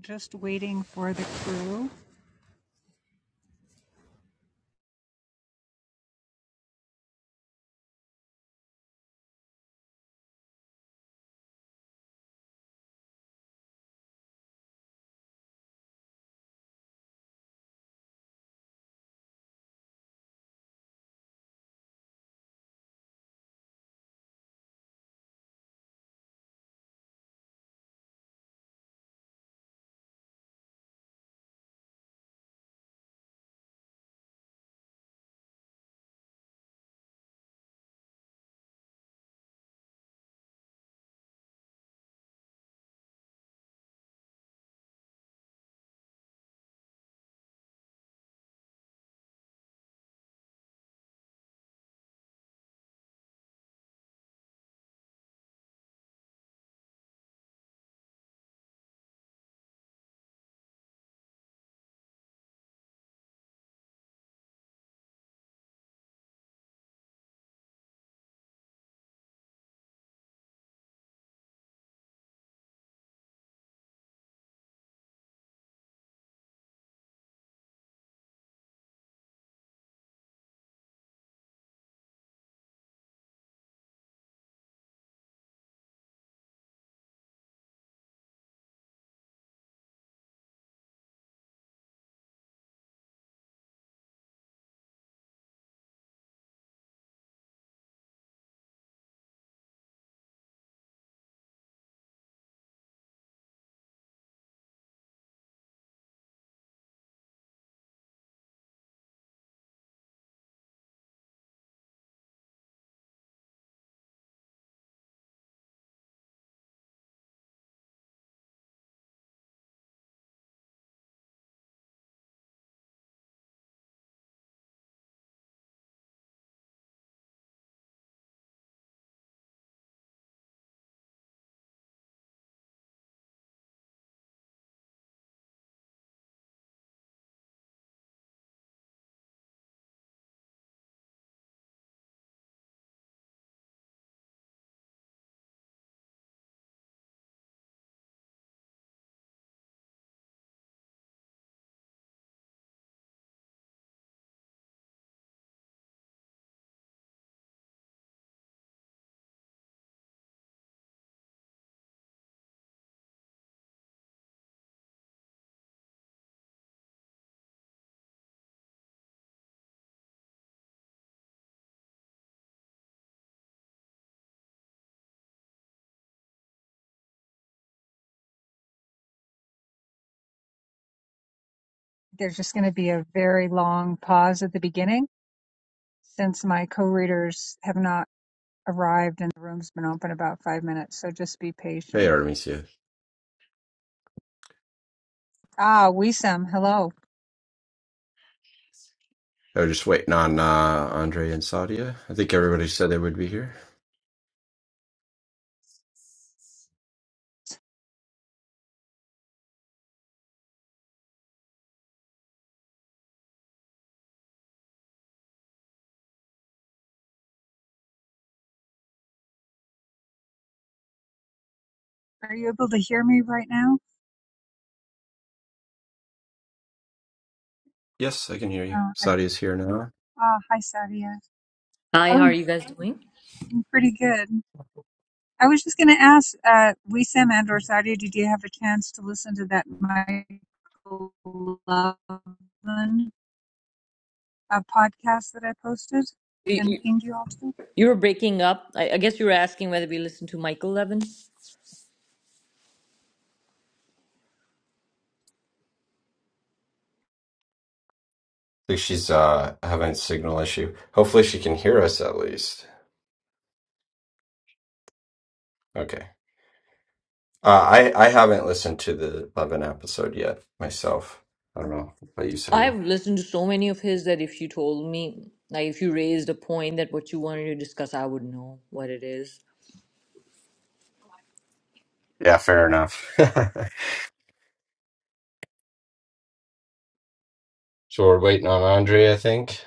Just waiting for the crew. There's just going to be a very long pause at the beginning since my co readers have not arrived and the room's been open about five minutes, so just be Hey, patient. Artemisia. Ah, Wisam, hello. I was just waiting on uh, Andre and Sadia. I think everybody said they would be here. Are you able to hear me right now? Yes, I can hear you. Uh, I, Sadia's here now. ah, hi, Sadia. Hi, how are Oh, you guys doing? I'm pretty good. I was just going to ask uh, Wisam and or Sadia, did you have a chance to listen to that Michael Loveland uh, podcast that I posted You, and you pinged you all to? you were breaking up. I, I guess you were asking whether we listened to Michael Levin. I think she's uh, having a signal issue. Hopefully, she can hear us at least. Okay. Uh, I I haven't listened to the Levin episode yet myself. I don't know about you, Sadia. I've listened to so many of his that if you told me, like if you raised a point that what you wanted to discuss, I would know what it is. Yeah, fair enough. so we're waiting on Andre. I think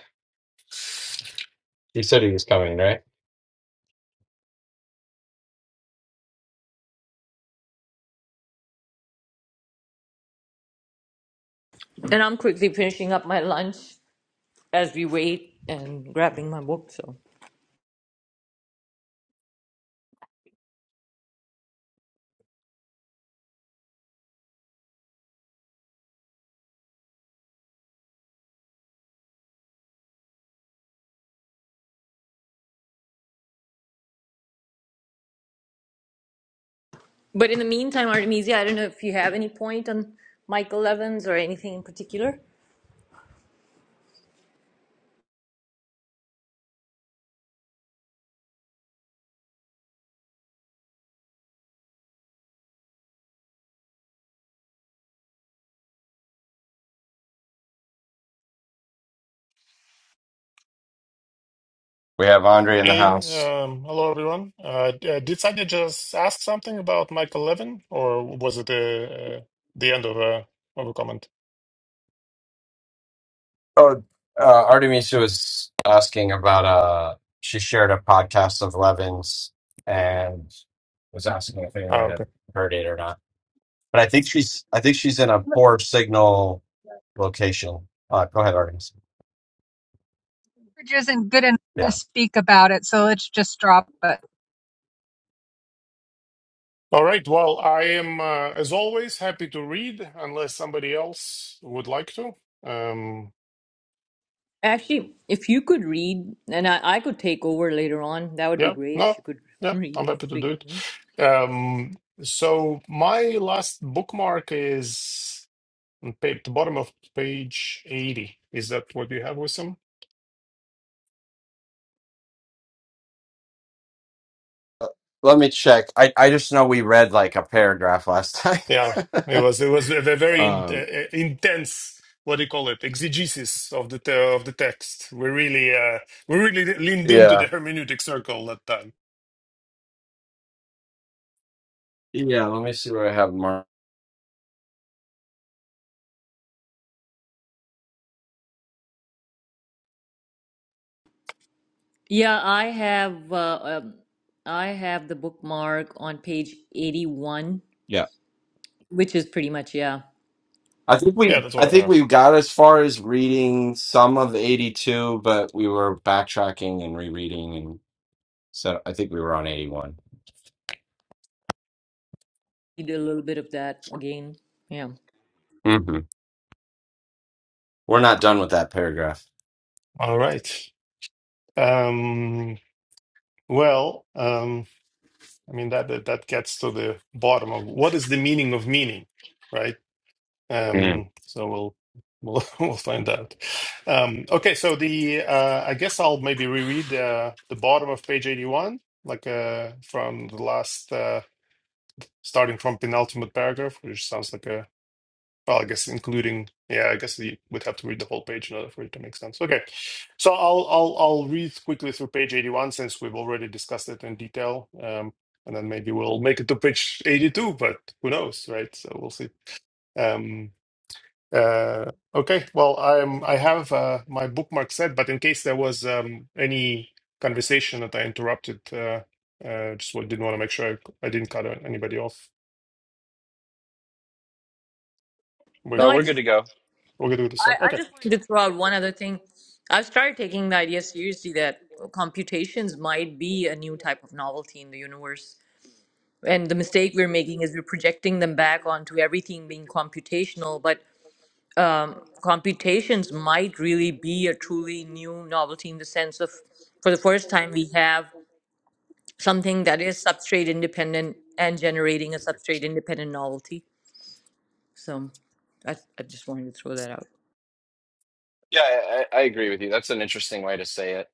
he said he was coming, right? And I'm quickly finishing up my lunch as we wait and grabbing my book. So, but in the meantime, Artemisia, I don't know if you have any point on Michael Levin's or anything in particular. We have Andre in the Hey, house. um, hello everyone. Uh, d- uh, did Sanya just ask something about Michael Levin, or was it uh, uh, the end of a of a comment? Oh, uh, Artemisia was asking about uh she shared a podcast of Levin's and was asking if anyone Ah, had okay. heard it or not. But I think she's I think she's in a poor signal location. Uh, go ahead, Artemisia. language isn't good enough to Yeah. speak about it, so let's just drop it All right. Well, I am, uh, as always, happy to read unless somebody else would like to. Um, Actually, if you could read, and I, I could take over later on, that would be yeah, great if no, you could yeah, I'm happy to read. do it. Um, so my last bookmark is on pa- the bottom of page 80. Is that what you have with them? Let me check. I, I just know we read like a paragraph last time. Yeah, it was it was a ve- very in, uh, um uh, intense. What do you call it? Exegesis of the te- of the text. We really uh, we really leaned into yeah. the hermeneutic circle that time. Yeah, let me see what I have marked. Yeah, I have uh, um, I have the bookmark on page 81, Yeah. which is pretty much yeah. I think we Yeah, that's I what I think have. we got as far as reading some of 82, but we were backtracking and rereading and so I think we were on 81. You did a little bit of that again. Yeah. hmm We're not done with that paragraph. All right. Um, well, um, I mean that, that that gets to the bottom of what is the meaning of meaning, right? Mm. Um, so we'll we'll we'll find out. Um, okay, so the uh, I guess I'll maybe reread uh, the bottom of page 81, like uh, from the last uh, starting from penultimate paragraph, which sounds like a well, I guess including yeah, I guess you would have to read the whole page in order for it to make sense. Okay, so I'll I'll I'll read quickly through page 81 since we've already discussed it in detail. Um, and then maybe we'll make it to page 82, but who knows, right? So we'll see. Um, uh, okay, well, I'm I have uh, my bookmark set, but in case there was um, any conversation that I interrupted, uh, uh, just wa- didn't want to make sure I, I didn't cut anybody off. We're No, No, I we're just good to go. we're good with the start. I, I Okay, just wanted to throw out one other thing. I've started taking the idea seriously that computations might be a new type of novelty in the universe. And the mistake we're making is we're projecting them back onto everything being computational, but computations might really be a truly new novelty in the sense of for the first time we have something that is substrate independent and generating a substrate independent novelty. So I, I just wanted to throw that out. Yeah, I, I I agree with you. That's an interesting way to say it.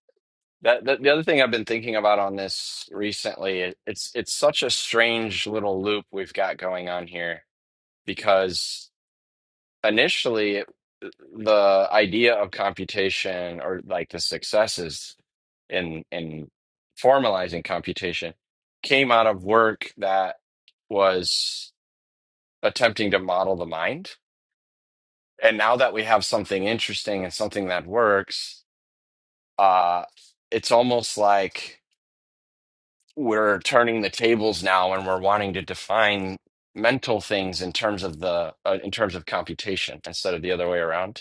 That, that the other thing I've been thinking about on this recently, it, it's it's such a strange little loop we've got going on here because. initially it- the idea of computation or like the successes in in formalizing computation came out of work that was attempting to model the mind and now that we have something interesting and something that works uh it's almost like we're turning the tables now and we're wanting to define mental things in terms of the uh, in terms of computation instead of the other way around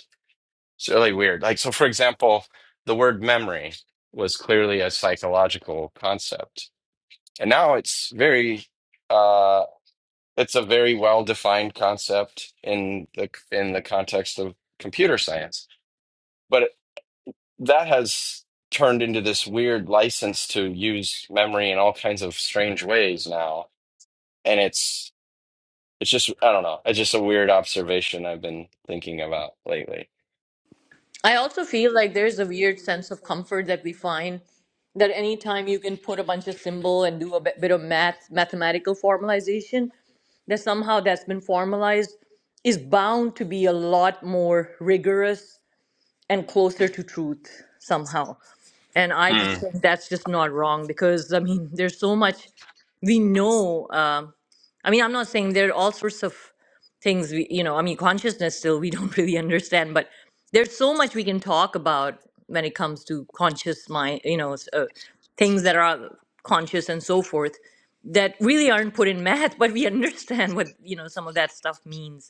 It's really weird. Like, so for example, the word memory was clearly a psychological concept. And now it's very uh it's a very well-defined concept in the in the context of computer science. But that has turned into this weird license to use memory in all kinds of strange ways now. And it's it's just I don't know. It's just a weird observation I've been thinking about lately. I also feel like there's a weird sense of comfort that we find that anytime you can put a bunch of symbol and do a bit, bit of math, mathematical formalization, that somehow that's been formalized is bound to be a lot more rigorous and closer to truth somehow. And I just Mm. think that's just not wrong because I mean, there's so much we know. Um I mean, I'm not saying there are all sorts of things we, you know, I mean, consciousness still we don't really understand, but there's so much we can talk about when it comes to conscious mind, you know, s- uh, things that are conscious and so forth that really aren't put in math, but we understand what, you know, some of that stuff means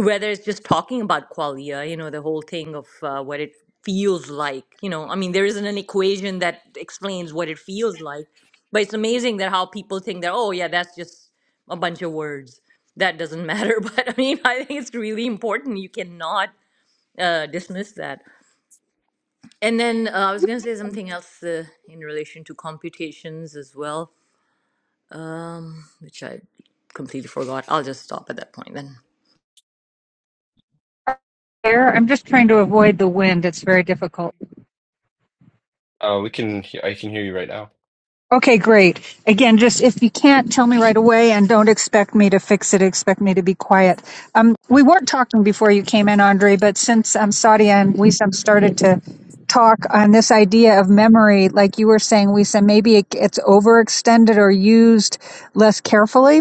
whether it's just talking about qualia, you know, the whole thing of uh, what it feels like, you know, I mean, there isn't an equation that explains what it feels like, but it's amazing that how people think that, oh, yeah, that's just a bunch of words. That doesn't matter. But I mean, I think it's really important. You cannot uh, dismiss that. And then uh, I was going to say something else uh, in relation to computations as well, which I completely forgot. I'll just stop at that point then. there. I'm just trying to avoid the wind. It's very difficult. Uh, we can I can hear you right now. Okay, great. Again, just if you can't, tell me right away and don't expect me to fix it. Expect me to be quiet. Um, we weren't talking before you came in, Andre, but since um, Sadia and Wisam started to talk on this idea of memory, like you were saying, Wisam, maybe it, it's overextended or used less carefully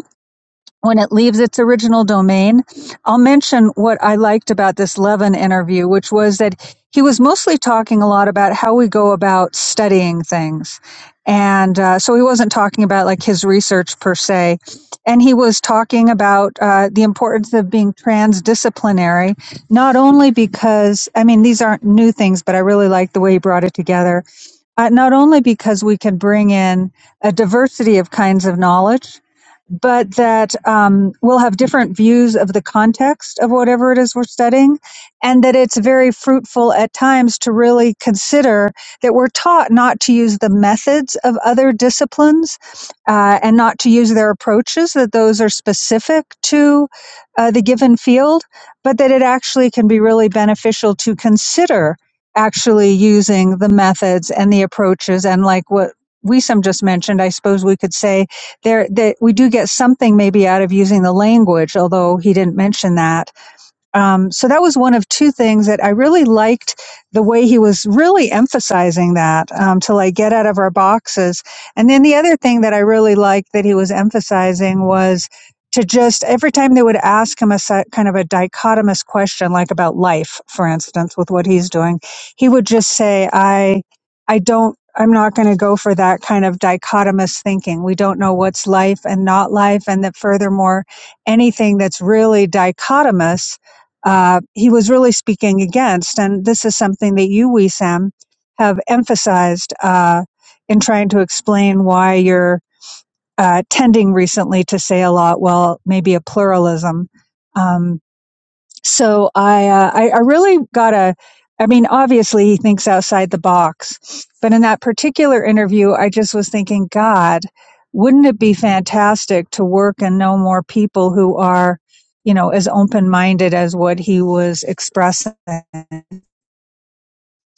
when it leaves its original domain. I'll mention what I liked about this Levin interview, which was that he was mostly talking a lot about how we go about studying things. And uh, so he wasn't talking about like his research per se. And he was talking about uh, the importance of being transdisciplinary, not only because, I mean, these aren't new things, but I really like the way he brought it together uh, not only because we can bring in a diversity of kinds of knowledge, but that um, we'll have different views of the context of whatever it is we're studying, and that it's very fruitful at times to really consider that we're taught not to use the methods of other disciplines uh, and not to use their approaches, that those are specific to uh, the given field, but that it actually can be really beneficial to consider actually using the methods and the approaches and like what we just mentioned i suppose we could say there that we do get something maybe out of using the language although he didn't mention that um, so that was one of two things that I really liked the way he was really emphasizing that um, to like get out of our boxes. And then the other thing that I really liked that he was emphasizing was to just every time they would ask him a si- kind of a dichotomous question, like about life, for instance, with what he's doing, he would just say, I, I don't, I'm not going to go for that kind of dichotomous thinking. We don't know what's life and not life. And that furthermore, anything that's really dichotomous uh, he was really speaking against. And this is something that you, we Sam, have emphasized uh, in trying to explain why you're uh, tending recently to say a lot, well, maybe a pluralism. Um, so I, uh, I, I really got a, I mean, obviously he thinks outside the box, but in that particular interview, I just was thinking, God, wouldn't it be fantastic to work and know more people who are, you know, as open minded as what he was expressing?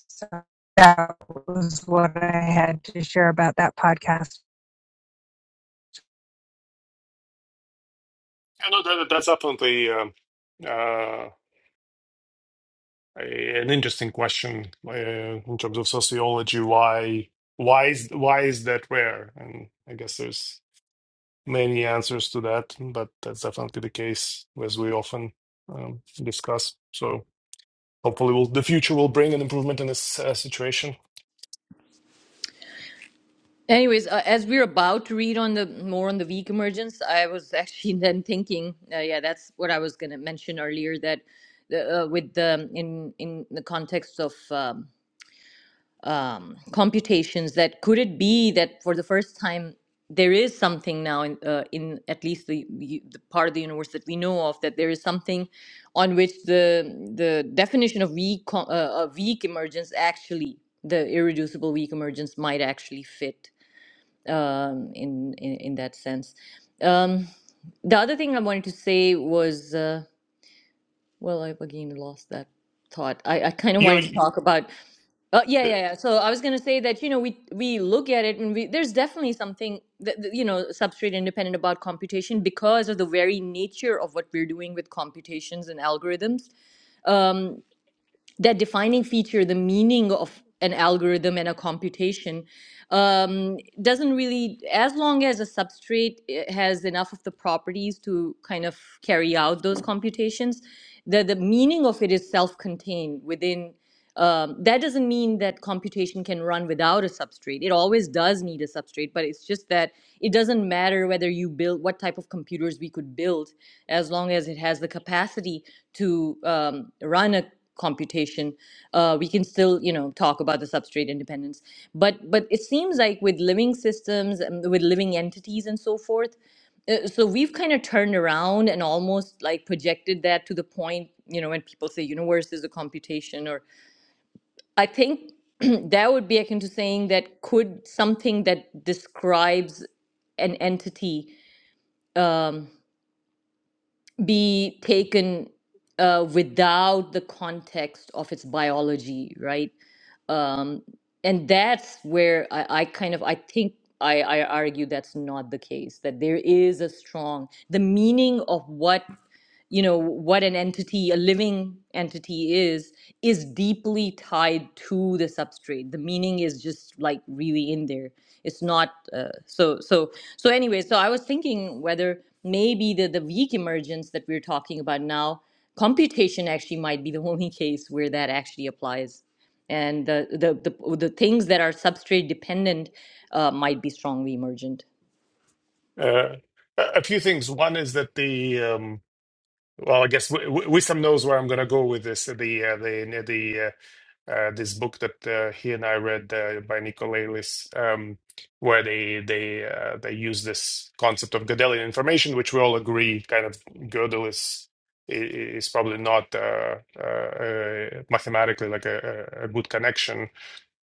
So that was what I had to share about that podcast. yeah, no, that, that's definitely um, uh, a, an interesting question uh, in terms of sociology. Why why is why is that rare? And I guess there's many answers to that, but that's definitely the case as we often um, discuss. So. Hopefully, will the future will bring an improvement in this uh, situation. Anyways, uh, as we're about to read on the more on the weak emergence, I was actually then thinking, uh, yeah, that's what I was going to mention earlier that the, uh, with the um, in in the context of um, um, computations, that could it be that for the first time there is something now in uh, in at least the, the the part of the universe that we know of that there is something on which the the definition of weak co- uh, uh, weak emergence actually the irreducible weak emergence might actually fit um, in, in in that sense. Um, the other thing I wanted to say was, uh, well, I've again lost that thought. I, I kind of You wanted to know, talk about, uh, yeah, yeah, yeah. So I was going to say that you know we we look at it and we there's definitely something that, that, you know substrate independent about computation because of the very nature of what we're doing with computations and algorithms. Um, that defining feature, the meaning of an algorithm and a computation, um, doesn't really, as long as a substrate eh, has enough of the properties to kind of carry out those computations, the, the meaning of it is self contained within. Um, that doesn't mean that computation can run without a substrate. It always does need a substrate, but it's just that it doesn't matter whether you build what type of computers we could build as long as it has the capacity to um, run a computation uh, we can still you know talk about the substrate independence but but it seems like with living systems and with living entities and so forth uh, so we've kind of turned around and almost like projected that to the point you know when people say universe is a computation or i think that would be akin to saying that could something that describes an entity um, be taken uh, without the context of its biology, right? Um, and that's where I, I kind of I think I, I argue that's not the case. That there is a strong the meaning of what you know what an entity a living entity is is deeply tied to the substrate the meaning is just like really in there it's not uh, so so so anyway so i was thinking whether maybe the the weak emergence that we're talking about now computation actually might be the only case where that actually applies and the the the, the things that are substrate dependent uh, might be strongly emergent Uh, a few things. One is that the um, well, I guess w w Wisdom knows where I'm going to go with this. The uh, the the uh, uh, this book that uh, he and I read uh, by Nicolelis, um, where they they uh, they use this concept of Gödelian information, which we all agree, kind of Gödel is is probably not uh, uh, uh, mathematically like a a good connection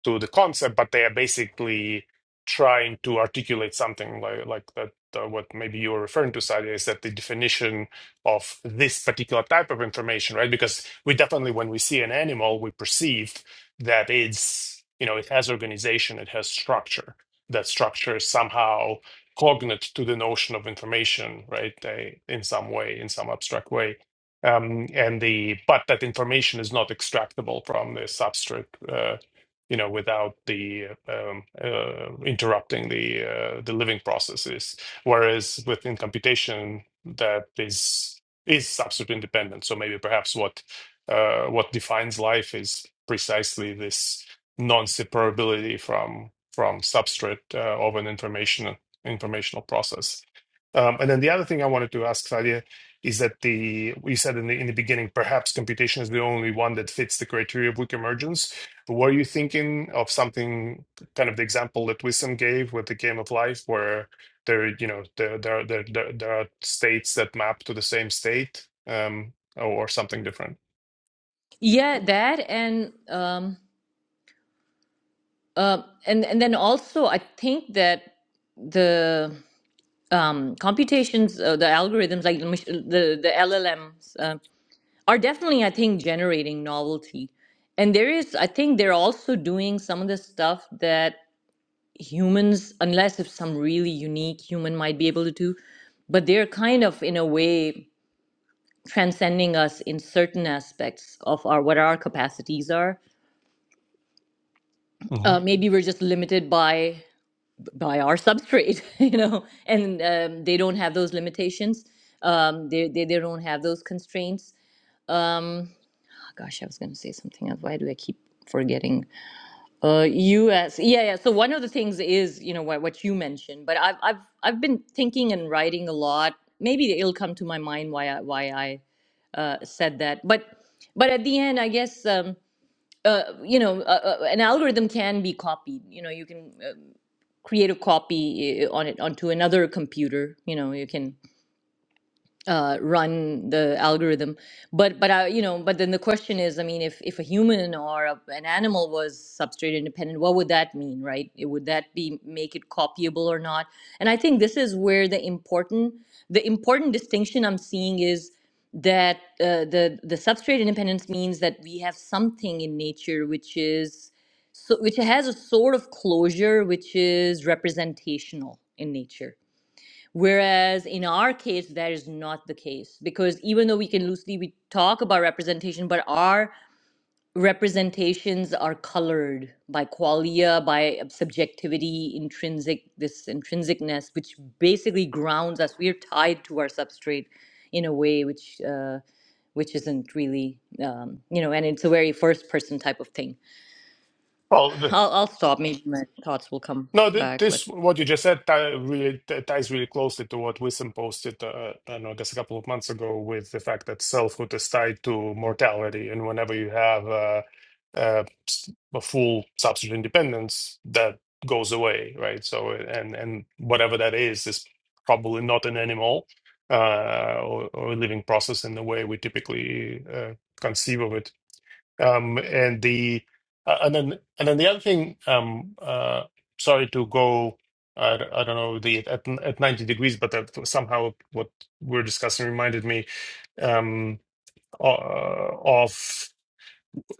to the concept, but they are basically trying to articulate something like like that. Uh, what maybe you were referring to, Sadia, is that the definition of this particular type of information, right? Because we definitely, when we see an animal, we perceive that it's you know it has organization, it has structure. That structure is somehow cognate to the notion of information, right? They, in some way, in some abstract way um, and the but that information is not extractable from the substrate. uh, you know, without the um, uh, interrupting the uh, the living processes. Whereas within computation, that is is substrate independent. So maybe perhaps what uh, what defines life is precisely this non-separability from from substrate uh, of an information informational process. Um, and then the other thing I wanted to ask Sadia is that the you said in the in the beginning perhaps computation is the only one that fits the criteria of weak emergence were you thinking of something kind of the example that Wissam gave with the game of life, where there, you know, there there there there, there are states that map to the same state, um, or, or something different? yeah that and um uh, and and then also i think that the um computations uh, the algorithms like the mach- the, the llms are definitely, I think, generating novelty. And there is, I think they're also doing some of the stuff that humans, unless if some really unique human might be able to do, but they're kind of in a way transcending us in certain aspects of our what our capacities are. hmm Uh, maybe we're just limited by by our substrate, you know, and um, they don't have those limitations. Um, they, they they don't have those constraints. Um, oh gosh, I was going to say something else. Why do I keep forgetting? Uh, U.S. Yeah, yeah. So one of the things is, you know, what what you mentioned, but I've I've I've been thinking and writing a lot. Maybe it'll come to my mind why I, why I uh, said that. But but at the end, I guess um, uh, you know, uh, uh, an algorithm can be copied. You know, you can uh, create a copy uh, on it onto another computer. You know, you can uh, run the algorithm. But but I, you know, but then the question is, I mean, if if a human or a, an animal was substrate independent, what would that mean, right? It, would that be make it copyable or not? And I think this is where the important the important distinction I'm seeing is that uh, the the substrate independence means that we have something in nature which is so which has a sort of closure which is representational in nature Whereas in our case, that is not the case because even though we can loosely we talk about representation, but our representations are colored by qualia, by subjectivity, intrinsic this intrinsicness, which basically grounds us. We are tied to our substrate in a way which uh, which isn't really um, you know, and it's a very first person type of thing. Well, the- I'll I'll stop. Maybe my thoughts will come No, thi- back, but. this what you just said tie- really t- ties really closely to what Wissam posted, uh, I don't know, I guess a couple of months ago, with the fact that selfhood is tied to mortality, and whenever you have uh, uh, s- a full substitute independence, that goes away, right? So, and and whatever that is is probably not an animal uh, or, or a living process in the way we typically uh, conceive of it. Um, and the uh, and then and then the other thing, um, uh, sorry to go, I, d- I don't know the at at 90 degrees, but that somehow what we're discussing reminded me um, uh, of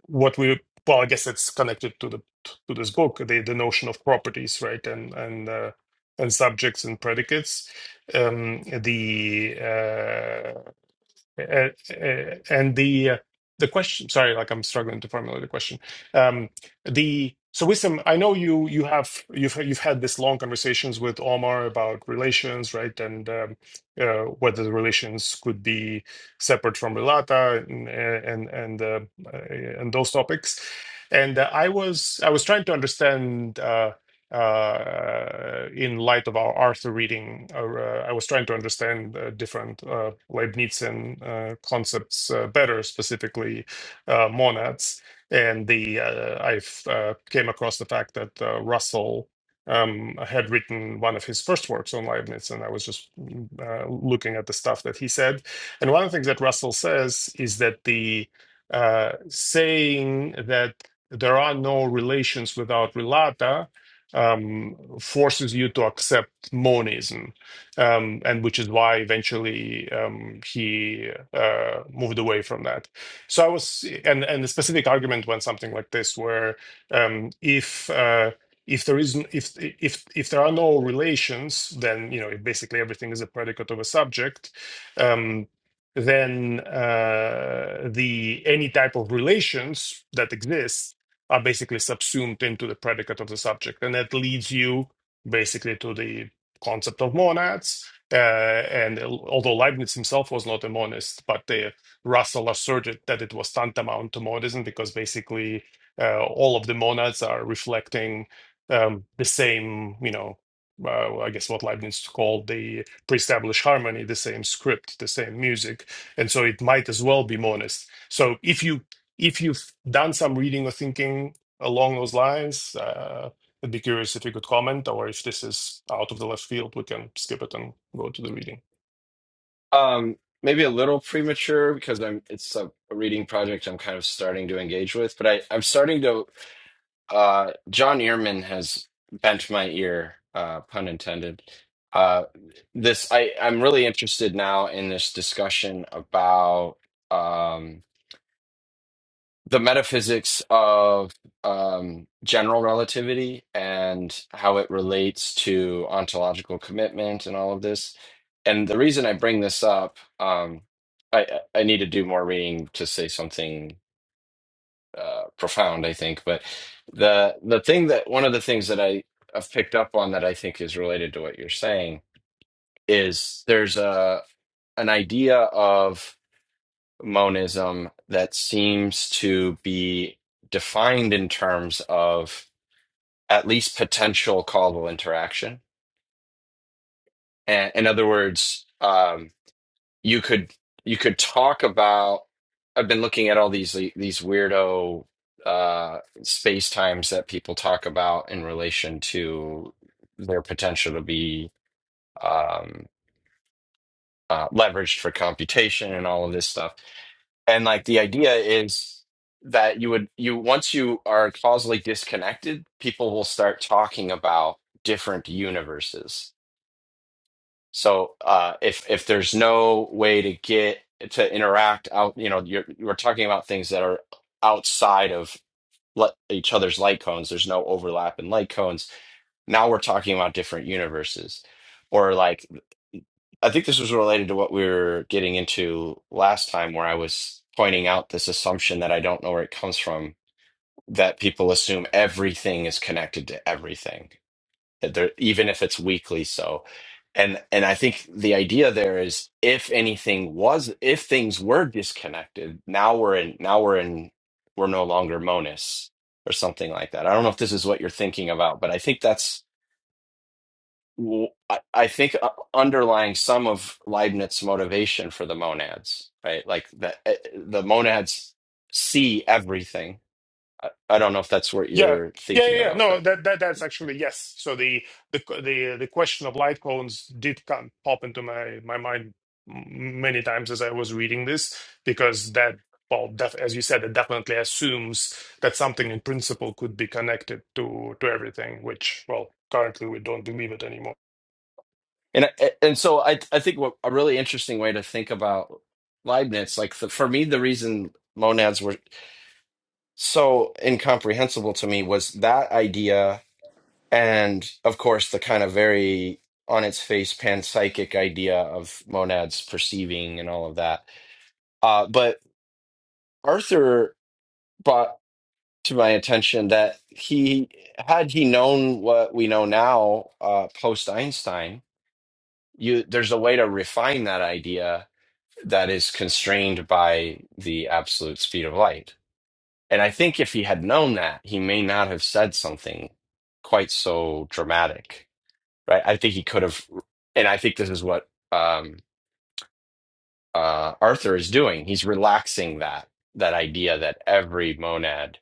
what we well, I guess it's connected to the to this book, the the notion of properties, right, and and uh, and subjects and predicates. Um, the uh, uh, uh, and the uh, the question, sorry, like I'm struggling to formulate the question. Um, the so Wissam, I know you you have you've you've had this long conversations with Omar about relations, right? And um, uh, whether the relations could be separate from Relata and and and, uh, uh, and those topics. And uh, I was I was trying to understand. Uh, uh, in light of our Arthur reading, uh, uh, I was trying to understand uh, different uh, Leibnizian uh, concepts uh, better, specifically uh, monads. And the uh, I've uh, came across the fact that uh, Russell um, had written one of his first works on Leibniz, and I was just mm, uh, looking at the stuff that he said. And one of the things that Russell says is that the uh, saying that there are no relations without relata um, forces you to accept monism, um, and which is why eventually um, he uh, moved away from that. So I was, and and the specific argument went something like this, where um, if uh, if there is if if if there are no relations, then you know if basically everything is a predicate of a subject. Um, then uh, the any type of relations that exist are basically subsumed into the predicate of the subject. And that leads you basically to the concept of monads. Uh, and although Leibniz himself was not a monist, but uh, Russell asserted that it was tantamount to monism because basically uh, all of the monads are reflecting um, the same, you know, uh, I guess what Leibniz called the pre-established harmony, the same script, the same music, and so it might as well be monist. So if you if you done some reading or thinking along those lines. Uh, I'd be curious if you could comment, or if this is out of the left field, we can skip it and go to the reading. Um, maybe a little premature because I'm it's a, a reading project I'm kind of starting to engage with, but I, I'm starting to uh John Ehrman has bent my ear, uh pun intended. Uh this I I'm really interested now in this discussion about um the metaphysics of um, general relativity and how it relates to ontological commitment and all of this. And the reason I bring this up, um, I, I need to do more reading to say something uh, profound, I think. But the the thing that one of the things that I have picked up on that I think is related to what you're saying is there's a an idea of monism that seems to be defined in terms of at least potential causal interaction. And in other words, um, you could you could talk about. I've been looking at all these these weirdo uh, space times that people talk about in relation to their potential to be um, uh, leveraged for computation and all of this stuff. and like the idea is that you would you once you are causally disconnected people will start talking about different universes so uh if if there's no way to get to interact out you know you're you're talking about things that are outside of le- each other's light cones there's no overlap in light cones now we're talking about different universes or like I think this was related to what we were getting into last time, where I was pointing out this assumption that I don't know where it comes from, that people assume everything is connected to everything, that there, even if it's weakly so. And and I think the idea there is if anything was if things were disconnected, now we're in now we're in we're no longer monists or something like that. I don't know if this is what you're thinking about, but I think that's w- I I think uh, underlying some of Leibniz's motivation for the monads, right? Like the eh, the monads see everything. I, I don't know if that's what Yeah, you're yeah, thinking yeah. yeah. about, No, but that, that that's actually yes. So the the the the question of light cones did come pop into my my mind m- many times as I was reading this because that. Well, def- as you said, it definitely assumes that something in principle could be connected to to everything, which, well, currently we don't believe it anymore. and and so I I think what a really interesting way to think about Leibniz, like the, for me, the reason monads were so incomprehensible to me was that idea, and of course the kind of very on its face panpsychic idea of monads perceiving and all of that. Uh, but Arthur brought to my attention that he had he known what we know now uh, post Einstein, you there's a way to refine that idea that is constrained by the absolute speed of light. And I think if he had known that, he may not have said something quite so dramatic, right? I think he could have, and I think this is what um, uh, Arthur is doing. He's relaxing that that idea that every monad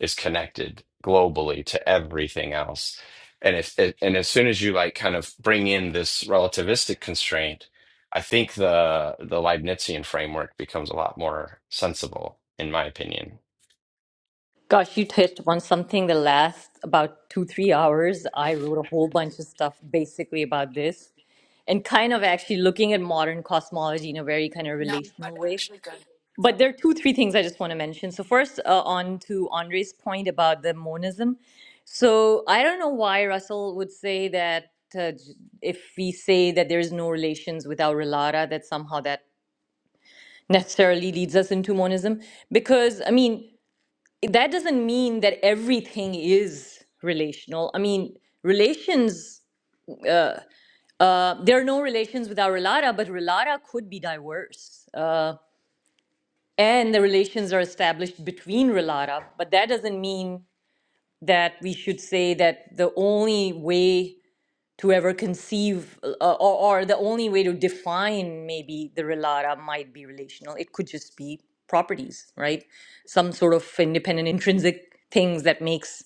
is connected globally to everything else. And if it, and as soon as you like kind of bring in this relativistic constraint, I think the the Leibnizian framework becomes a lot more sensible, in my opinion. Gosh, you touched upon something the last about two, three hours. I wrote a whole bunch of stuff basically about this and kind of actually looking at modern cosmology in a very kind of relational way. But there are two, three things I just want to mention. So, first, uh, on to Andre's point about the monism. So, I don't know why Russell would say that uh, j- if we say that there's no relations without relata, that somehow that necessarily leads us into monism because i mean that doesn't mean that everything is relational. I mean, relations, uh, there are no relations without relata, but relata could be diverse. Uh, and the relations are established between relata, but that doesn't mean that we should say that the only way to ever conceive uh, or, or the only way to define maybe the relata might be relational it could just be properties right some sort of independent intrinsic things that makes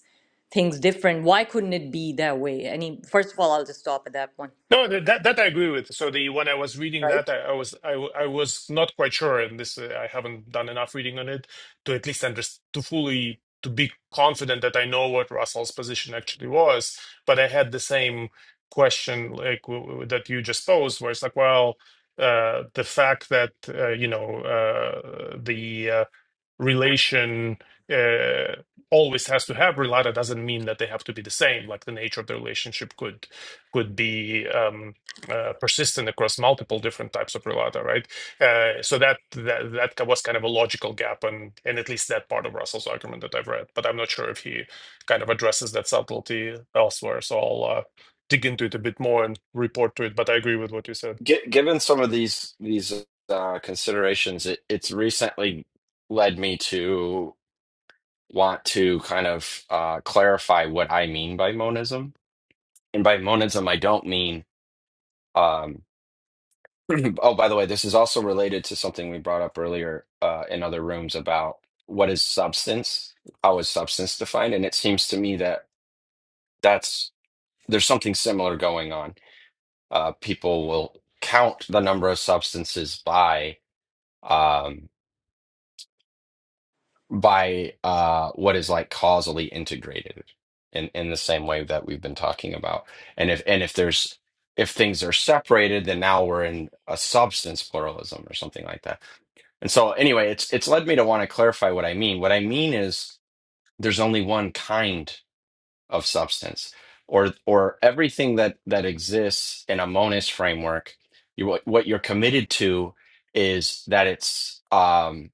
things different why couldn't it be that way any first of all i'll just stop at that one No, th- that that I agree with. So the when I was reading right? that, I, I was I, w- I was not quite sure, and this uh, I haven't done enough reading on it to at least understand to fully to be confident that I know what Russell's position actually was. But I had the same question like w- w- that you just posed, where it's like, well, uh, the fact that uh, you know uh, the uh, relation uh, always has to have relata doesn't mean that they have to be the same like the nature of the relationship could could be um, uh, persistent across multiple different types of relata right uh, so that, that that ki- was kind of a logical gap and and at least that part of russell's argument that i've read but i'm not sure if he kind of addresses that subtlety elsewhere so i'll uh, dig into it a bit more and report to it but i agree with what you said Gi- given some of these these uh, considerations, it, it's recently led me to want to kind of uh, clarify what I mean by monism And by monism, I don't mean, um, oh, by the way, this is also related to something we brought up earlier uh, in other rooms about what is substance, how is substance defined? And it seems to me that that's there's something similar going on. Uh, people will count the number of substances by. um, by uh, what is like causally integrated in, in the same way that we've been talking about. And if and if there's if things are separated, then now we're in a substance pluralism or something like that. And so anyway, it's it's led me to want to clarify what I mean. What I mean is there's only one kind of substance or or everything that that exists in a monist framework, you what, what you're committed to is that it's um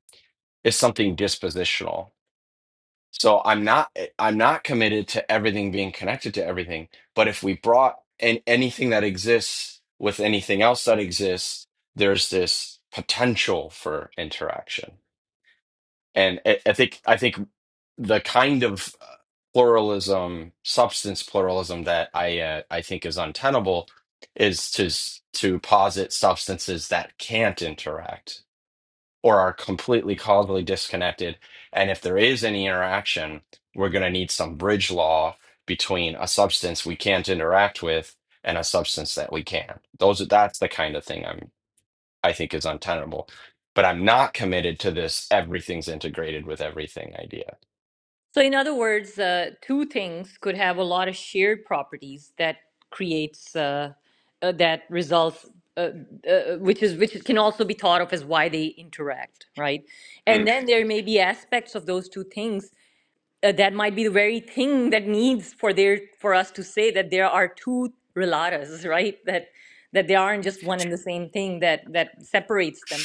is something dispositional so I'm not eh, I'm not committed to everything being connected to everything. But if we brought in anything that exists with anything else that exists, there's this potential for interaction. And I, I think I think the kind of uh, pluralism, substance pluralism that I uh, I think is untenable is to s- to posit substances that can't interact or are completely causally disconnected. And if there is any interaction, we're going to need some bridge law between a substance we can't interact with and a substance that we can. Those are that's the kind of thing I'm I think is untenable. But I'm not committed to this everything's integrated with everything idea. So, in other words, uh, two things could have a lot of shared properties that creates uh, uh, that results, uh, uh, which is which can also be thought of as why they interact, right? And Mm. then there may be aspects of those two things uh, that might be the very thing that needs for there for us to say that there are two relatas, right? That that they aren't just one and the same thing that that separates them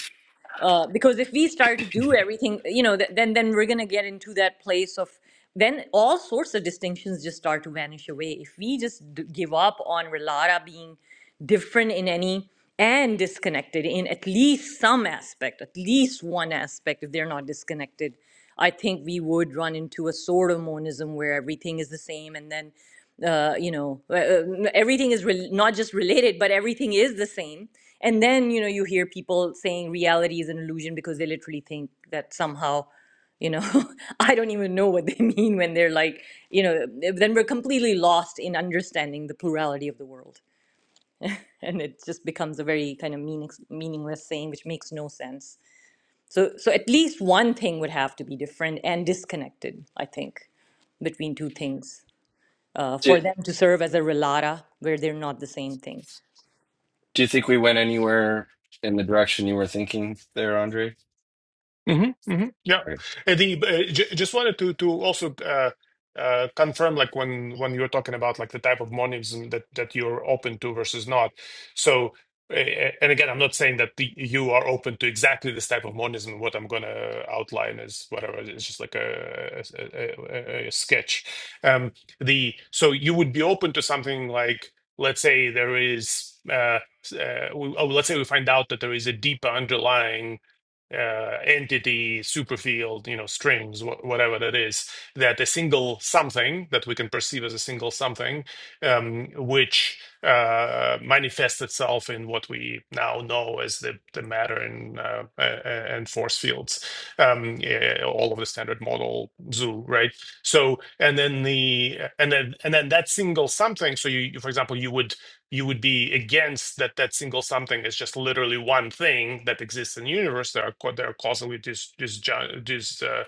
uh, because if we start to do everything, you know, th- then then we're gonna get into that place of then all sorts of distinctions just start to vanish away. If we just d- give up on Relara being different in any and disconnected in at least some aspect, at least one aspect, if they're not disconnected, I think we would run into a sort of monism where everything is the same, and then uh, you know uh, uh, everything is rel not just related but everything is the same and then you know you hear people saying reality is an illusion because they literally think that somehow you know i don't even know what they mean when they're like you know then we're completely lost in understanding the plurality of the world and it just becomes a very kind of meaning, meaningless saying which makes no sense so so at least one thing would have to be different and disconnected i think between two things uh, Do, for them to serve as a relata where they're not the same thing. do you think we went anywhere in the direction you were thinking there, Andre? hmm hmm Yeah. Or- Uh, The uh, j just wanted to to also uh, uh, confirm, like when when you're talking about like the type of monism that that you're open to versus not. So, uh, and again, I'm not saying that the, you are open to exactly this type of monism. What I'm gonna outline is whatever. It's just like a a, a, a sketch. Um, the so you would be open to something like let's say there is. Uh, uh, we, oh, let's say we find out that there is a deeper underlying uh, entity, superfield, you know, strings, wh- whatever that is, that a single something that we can perceive as a single something, um, which uh, manifests itself in what we now know as the, the matter and, uh, a- a- and force fields, um, eh, all of the standard model zoo, right? So, and then the, and then, and then that single something, so you, you- for example, you would you would be against that that single something is just literally one thing that exists in the universe. There are co- there are causally dis, disjo- dis, uh,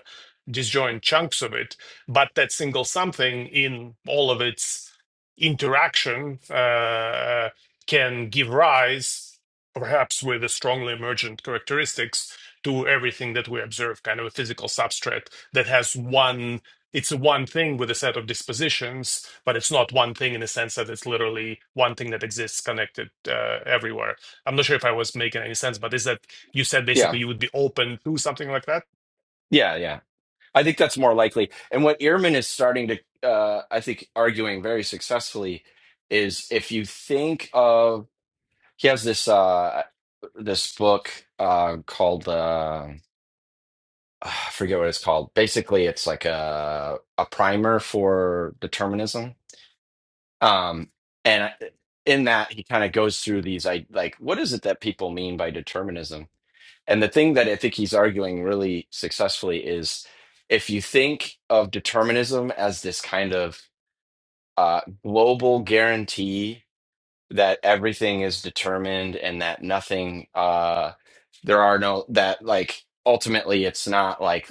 disjoint chunks of it, but that single something in all of its interaction uh, can give rise, perhaps with a strongly emergent characteristics, to everything that we observe, kind of a physical substrate that has one it's one thing with a set of dispositions, but it's not one thing in the sense that it's literally one thing that exists connected uh, everywhere. I'm not sure if I was making any sense, but is that you said Yeah. basically you would be open to something like that? Yeah, yeah. I think that's more likely. And what Ehrman is starting to, uh, I think, arguing very successfully is if you think of he has this uh, this book uh, called uh, I forget what it's called. Basically, it's like a a primer for determinism. Um, and in that, he kind of goes through these I like what is it that people mean by determinism? And the thing that I think he's arguing really successfully is if you think of determinism as this kind of uh, global guarantee that everything is determined and that nothing, uh, there are no, that like ultimately it's not like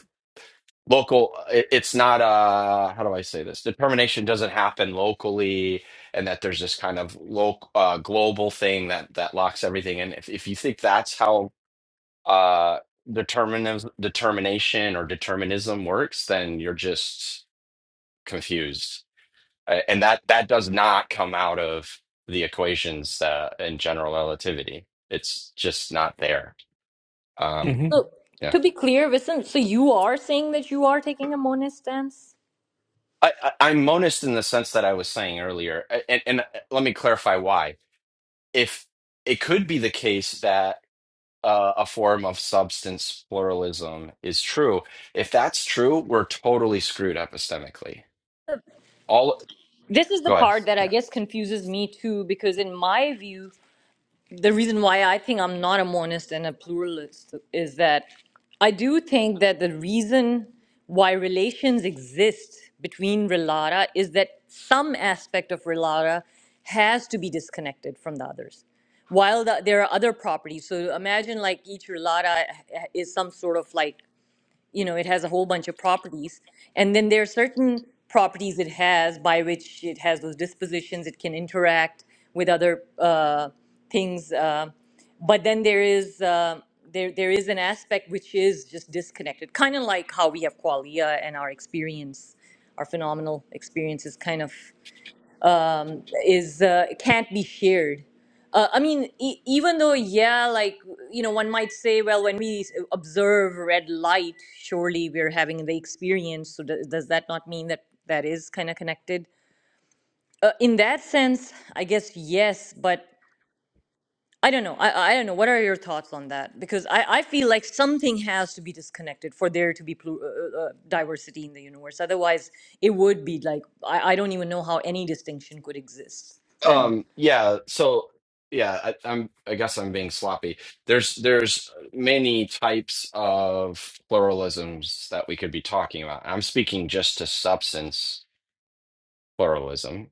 local, it, it's not, uh, how do I say this? Determination doesn't happen locally and that there's this kind of local, uh, global thing that, that locks everything in. If, if you think that's how uh determinism determination or determinism works then you're just confused A- and that that does not come out of the equations uh, in general relativity it's just not there um hmm So yeah to be clear, Vincent, so you are saying that you are taking a monist stance? I, I i'm monist in the sense that i was saying earlier A- and and uh, let me clarify why if it could be the case that uh, a form of substance pluralism is true if that's true we're totally screwed epistemically All This is the Go ahead. part that I Yeah. guess confuses me too, because in my view, the reason why I think I'm not a monist and a pluralist is that I do think that the reason why relations exist between relata is that some aspect of relata has to be disconnected from the others. While the, there are other properties, so imagine like each relata is some sort of like you know it has a whole bunch of properties and then there are certain properties it has by which it has those dispositions it can interact with other uh, things uh, but then there is uh, there there is an aspect which is just disconnected kind of like how we have qualia and our experience our phenomenal experience is kind of um, is uh, can't be shared. Uh, I mean, e- even though, yeah, like you know, one might say, well, when we s- observe red light, surely we're having the experience. So do- does that not mean that that is kind of connected? Uh, in that sense, I guess yes, but I don't know. I, I don't know. What are your thoughts on that? Because I, I feel like something has to be disconnected for there to be plu- uh, uh, uh, diversity in the universe. Otherwise, it would be like I, I don't even know how any distinction could exist then. Um, yeah, so yeah, I, I'm I guess I'm being sloppy. There's there's many types of pluralisms that we could be talking about. I'm speaking just to substance pluralism.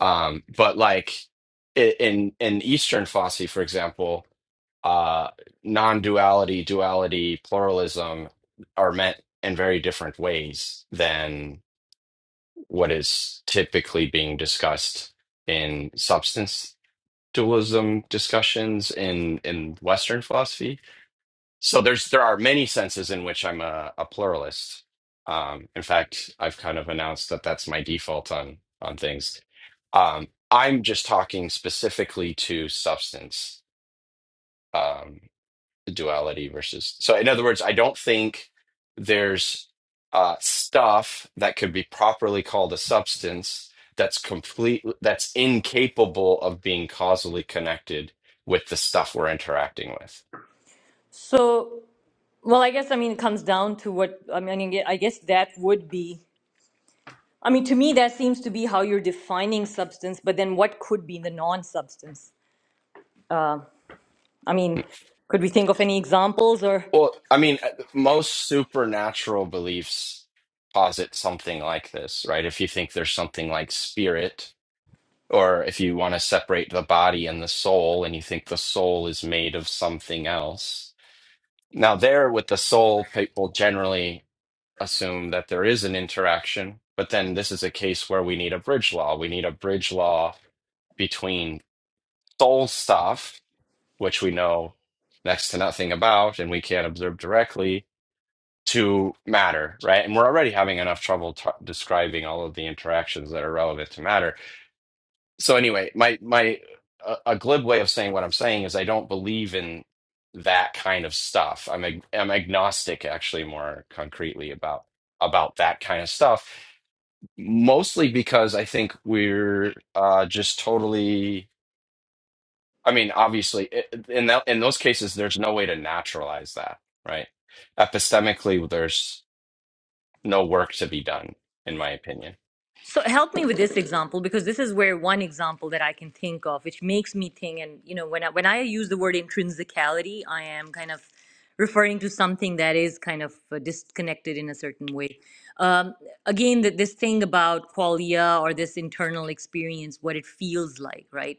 Um, but like i- in in Eastern Fosse, for example, uh, non-duality, duality, pluralism are meant in very different ways what is typically being discussed in substance dualism discussions in in Western philosophy. So there's there are many senses in which I'm a, a pluralist. Um, in fact, I've kind of announced that that's my default on on things. Um, I'm just talking specifically to substance. Um, the duality versus so in other words i don't think there's uh stuff that could be properly called a substance that's complete that's incapable of being causally connected with the stuff we're interacting with So, well, I guess I mean it comes down to what I mean. I guess that would be. I mean, to me, that seems to be how you're defining substance. But then, what could be the non-substance? I mean, could we think of any examples or? well i mean uh, most supernatural beliefs posit something like this right if you think there's something like spirit Or if you want to separate the body and the soul and you think the soul is made of something else. Now, there with the soul, people generally assume that there is an interaction, but then this is a case where we need a bridge law. We need a bridge law between soul stuff, which we know next to nothing about and we can't observe directly, to matter, right? And we're already having enough trouble t- describing all of the interactions that are relevant to matter. so anyway, my my a, a glib way of saying what I'm saying is I don't believe in that kind of stuff. I'm ag I'm agnostic actually more concretely about about that kind of stuff, mostly because I think we're uh, just totally. I mean, obviously, i- in that in those cases, there's no way to naturalize that, right? Epistemically, there's no work to be done, in my opinion. So help me with this example because this is where one example that I can think of, which makes me think. And you know, when I, when I use the word intrinsicality, I am kind of referring to something that is kind of uh, disconnected in a certain way. Um, again, that this thing about qualia or this internal experience, what it feels like, right?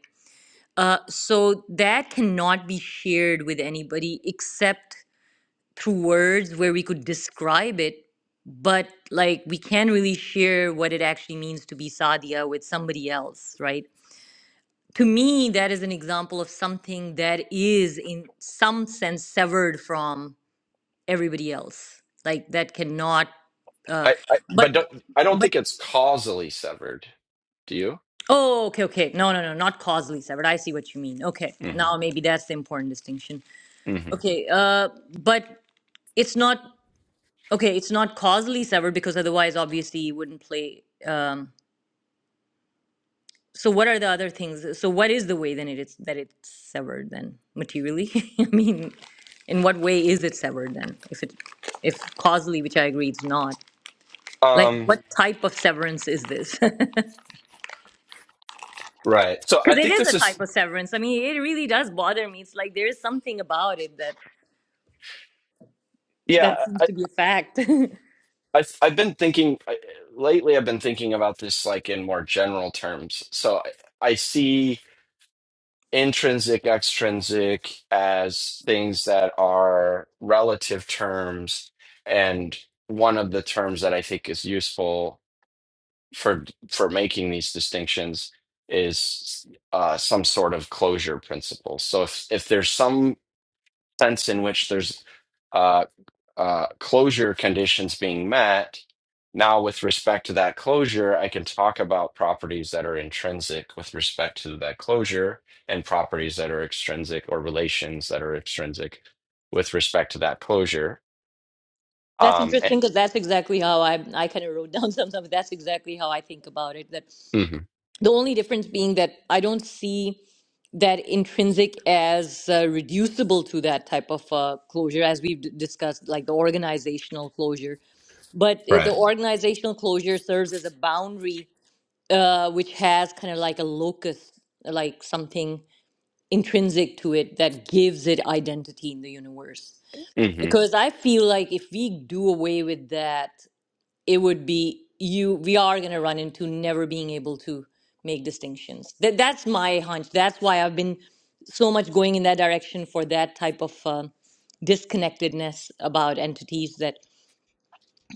Uh, so that cannot be shared with anybody except through words where we could describe it but like we can't really share what it actually means to be sadia with somebody else right to me that is an example of something that is in some sense severed from everybody else like that cannot uh I, I but but don't, I don't but think it's causally severed. Do you? oh okay okay no no no not causally severed i see what you mean okay Mm-hmm. now maybe that's the important distinction hmm okay uh but it's not okay it's not causally severed because otherwise obviously it wouldn't play um So what are the other things? So what is the way then it is that it's severed then materially? I mean, in what way is it severed then? If it, if causally, which I agree, it's not. Like Um, what type of severance is this? right. So I Because it think is this a is, type of severance. I mean, it really does bother me. It's like there is something about it that yeah, that seems I, to be a fact. I, I've been thinking I, lately, I've been thinking about this like in more general terms. So I, I see intrinsic, extrinsic as things that are relative terms. And one of the terms that I think is useful for, for making these distinctions is uh, some sort of closure principle. So if, if there's some sense in which there's uh, uh, closure conditions being met. Now, with respect to that closure, I can talk about properties that are intrinsic with respect to that closure and properties that are extrinsic or relations that are extrinsic with respect to that closure. that's Um, interesting because that's exactly how I I kind of wrote down sometimes. That's exactly how I think about it. That mhm, the only difference being that I don't see. that intrinsic as uh, reducible to that type of uh, closure, as we've d- discussed, like the organizational closure. But it, the Right. Mhm. organizational closure serves as a boundary, uh, which has kind of like a locus, like something intrinsic to it that gives it identity in the universe. mhm, Because I feel like if we do away with that, it would be you we are going to run into never being able to make distinctions that that's my hunch that's why i've been so much going in that direction for that type of um disconnectedness about entities that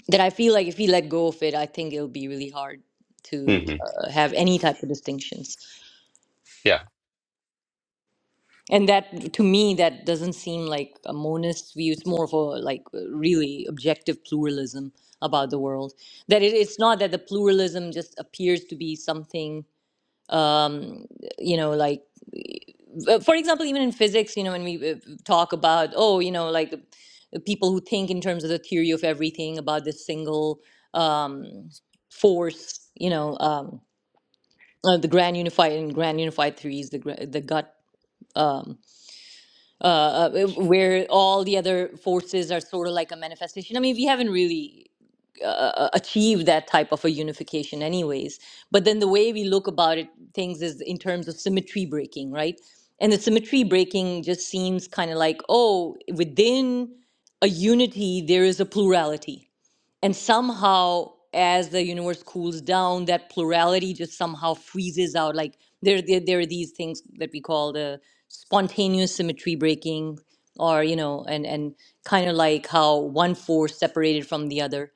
that i feel like if we let go of it i think it'll be really hard to mhm, uh, have any type of distinctions yeah. And that, to me, that doesn't seem like a monist view. It's more of a like really objective pluralism about the world. That it, it's not that the pluralism just appears to be something, um, you know, like uh, for example, even in physics, you know, when we uh, talk about oh, you know, like uh, people who think in terms of the theory of everything about this single um, force, you know, um, uh, the grand unified and grand unified theories, the gra- the gut. Um, uh, uh, where all the other forces are sort of like a manifestation. I mean, we haven't really uh, uh, achieved that type of a unification, anyways. But then the way we look about it, things is in terms of symmetry breaking, right? And the symmetry breaking just seems kind of like, oh, within a unity, there is a plurality and somehow as the universe cools down that plurality just somehow freezes out like there, there there are these things that we call the spontaneous symmetry breaking or you know and and kind of like how one force separated from the other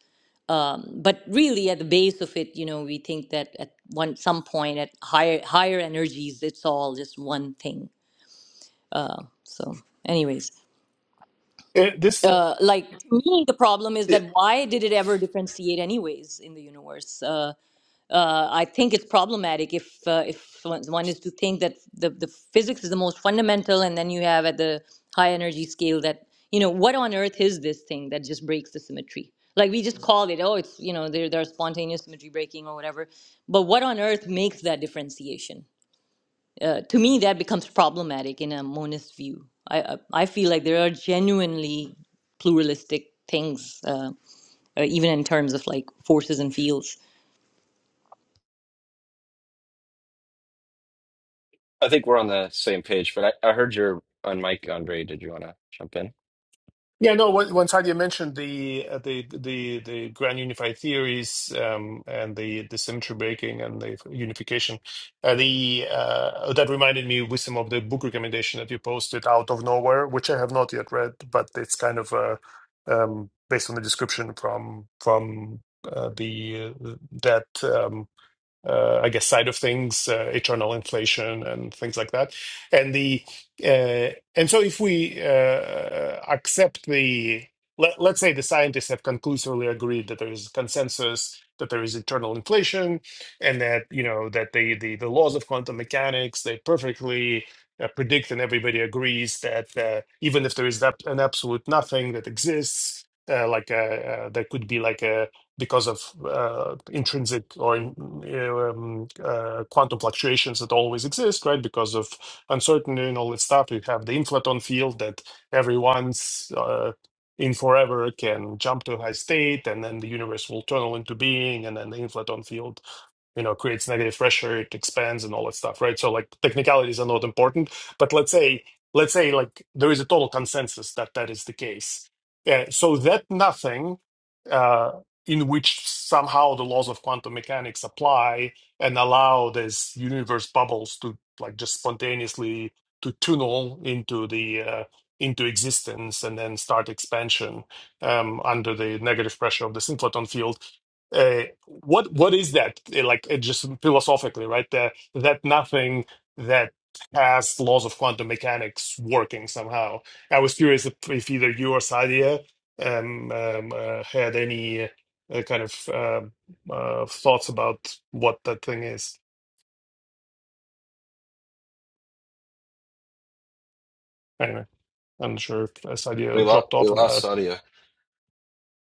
but really at the base of it you know we think that at one some point at higher higher energies it's all just one thing so anyways Uh, this uh like to me the problem is Yeah, that why did it ever differentiate anyways in the universe Uh, uh, I think it's problematic if uh, if one is to think that the, the physics is the most fundamental, and then you have at the high energy scale that you know what on earth is this thing that just breaks the symmetry? Like we just call it, oh, it's you know there there are spontaneous symmetry breaking or whatever, but what on earth makes that differentiation? Uh, to me, that becomes problematic in a monist view. I I I feel like there are genuinely pluralistic things, uh, uh, even in terms of like forces and fields. I think we're on the same page, but I, I heard your on mic, Andre. Did you want to jump in? Yeah, no. When, when you mentioned the uh, the the the grand unified theories um, and the the symmetry breaking and the unification, uh, the uh, that reminded me with some of the book recommendation that you posted out of nowhere, which I have not yet read, but it's kind of uh, um, based on the description from from uh, the uh, that. Um, uh, I guess, side of things, uh, eternal inflation and things like that. And the uh, and so if we uh, accept the let, let's say the scientists have conclusively agreed that there is consensus that there is eternal inflation and that you know that the the, the laws of quantum mechanics they perfectly uh, predict and everybody agrees that uh, even if there is that an absolute nothing that exists uh, like uh uh, there could be like a because of uh, intrinsic or um, uh, quantum fluctuations that always exist, right? Because of uncertainty and all that stuff, you have the inflaton field that everyone's uh, in forever can jump to a high state, and then the universe will tunnel into being, and then the inflaton field you know creates negative pressure it expands and all that stuff right so like technicalities are not important but let's say let's say like there is a total consensus that that is the case uh, so that nothing uh, in which somehow the laws of quantum mechanics apply and allow these universe bubbles to like just spontaneously to tunnel into the uh, into existence and then start expansion um, under the negative pressure of the synchrotron field uh, what what is that Uh, like uh, just philosophically right that that nothing that has laws of quantum mechanics working somehow i was curious if, if either you or sadia um, um, uh, had any uh, kind of um uh, thoughts about what that thing is anyway i'm not sure if uh, We sadia lost dropped we off on lost that Sadia.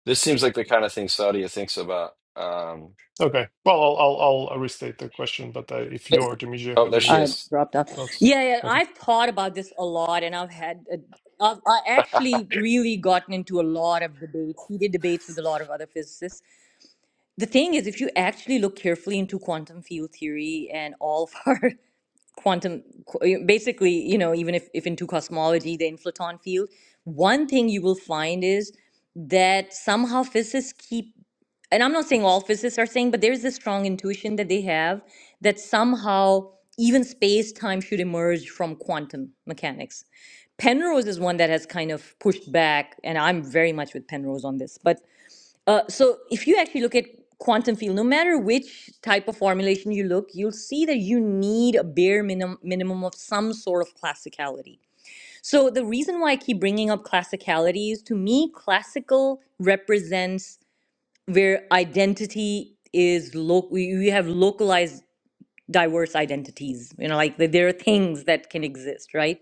This seems like the kind of thing Sadia thinks about. Um, okay well i'll i'll, I'll I'll restate the question but uh, if you or Demetria oh, have there she any I is. dropped off. thoughts Yeah, yeah, okay I've thought about this a lot, and I've had, a, I've I actually really gotten into a lot of debates, heated debates with a lot of other physicists. The thing is, if you actually look carefully into quantum field theory and all of our quantum qu- basically you know even if, if into cosmology the inflaton field one thing you will find is that somehow physicists keep and i'm not saying all physicists are saying but there's this strong intuition that they have that somehow even space-time should emerge from quantum mechanics penrose is one that has kind of pushed back and i'm very much with penrose on this but uh, so if you actually look at quantum field, no matter which type of formulation you look, you'll see that you need a bare minim- minimum of some sort of classicality. So the reason why I keep bringing up classicality is to me, classical represents where identity is local. We we have localized diverse identities. You know, like there there are things that can exist, right?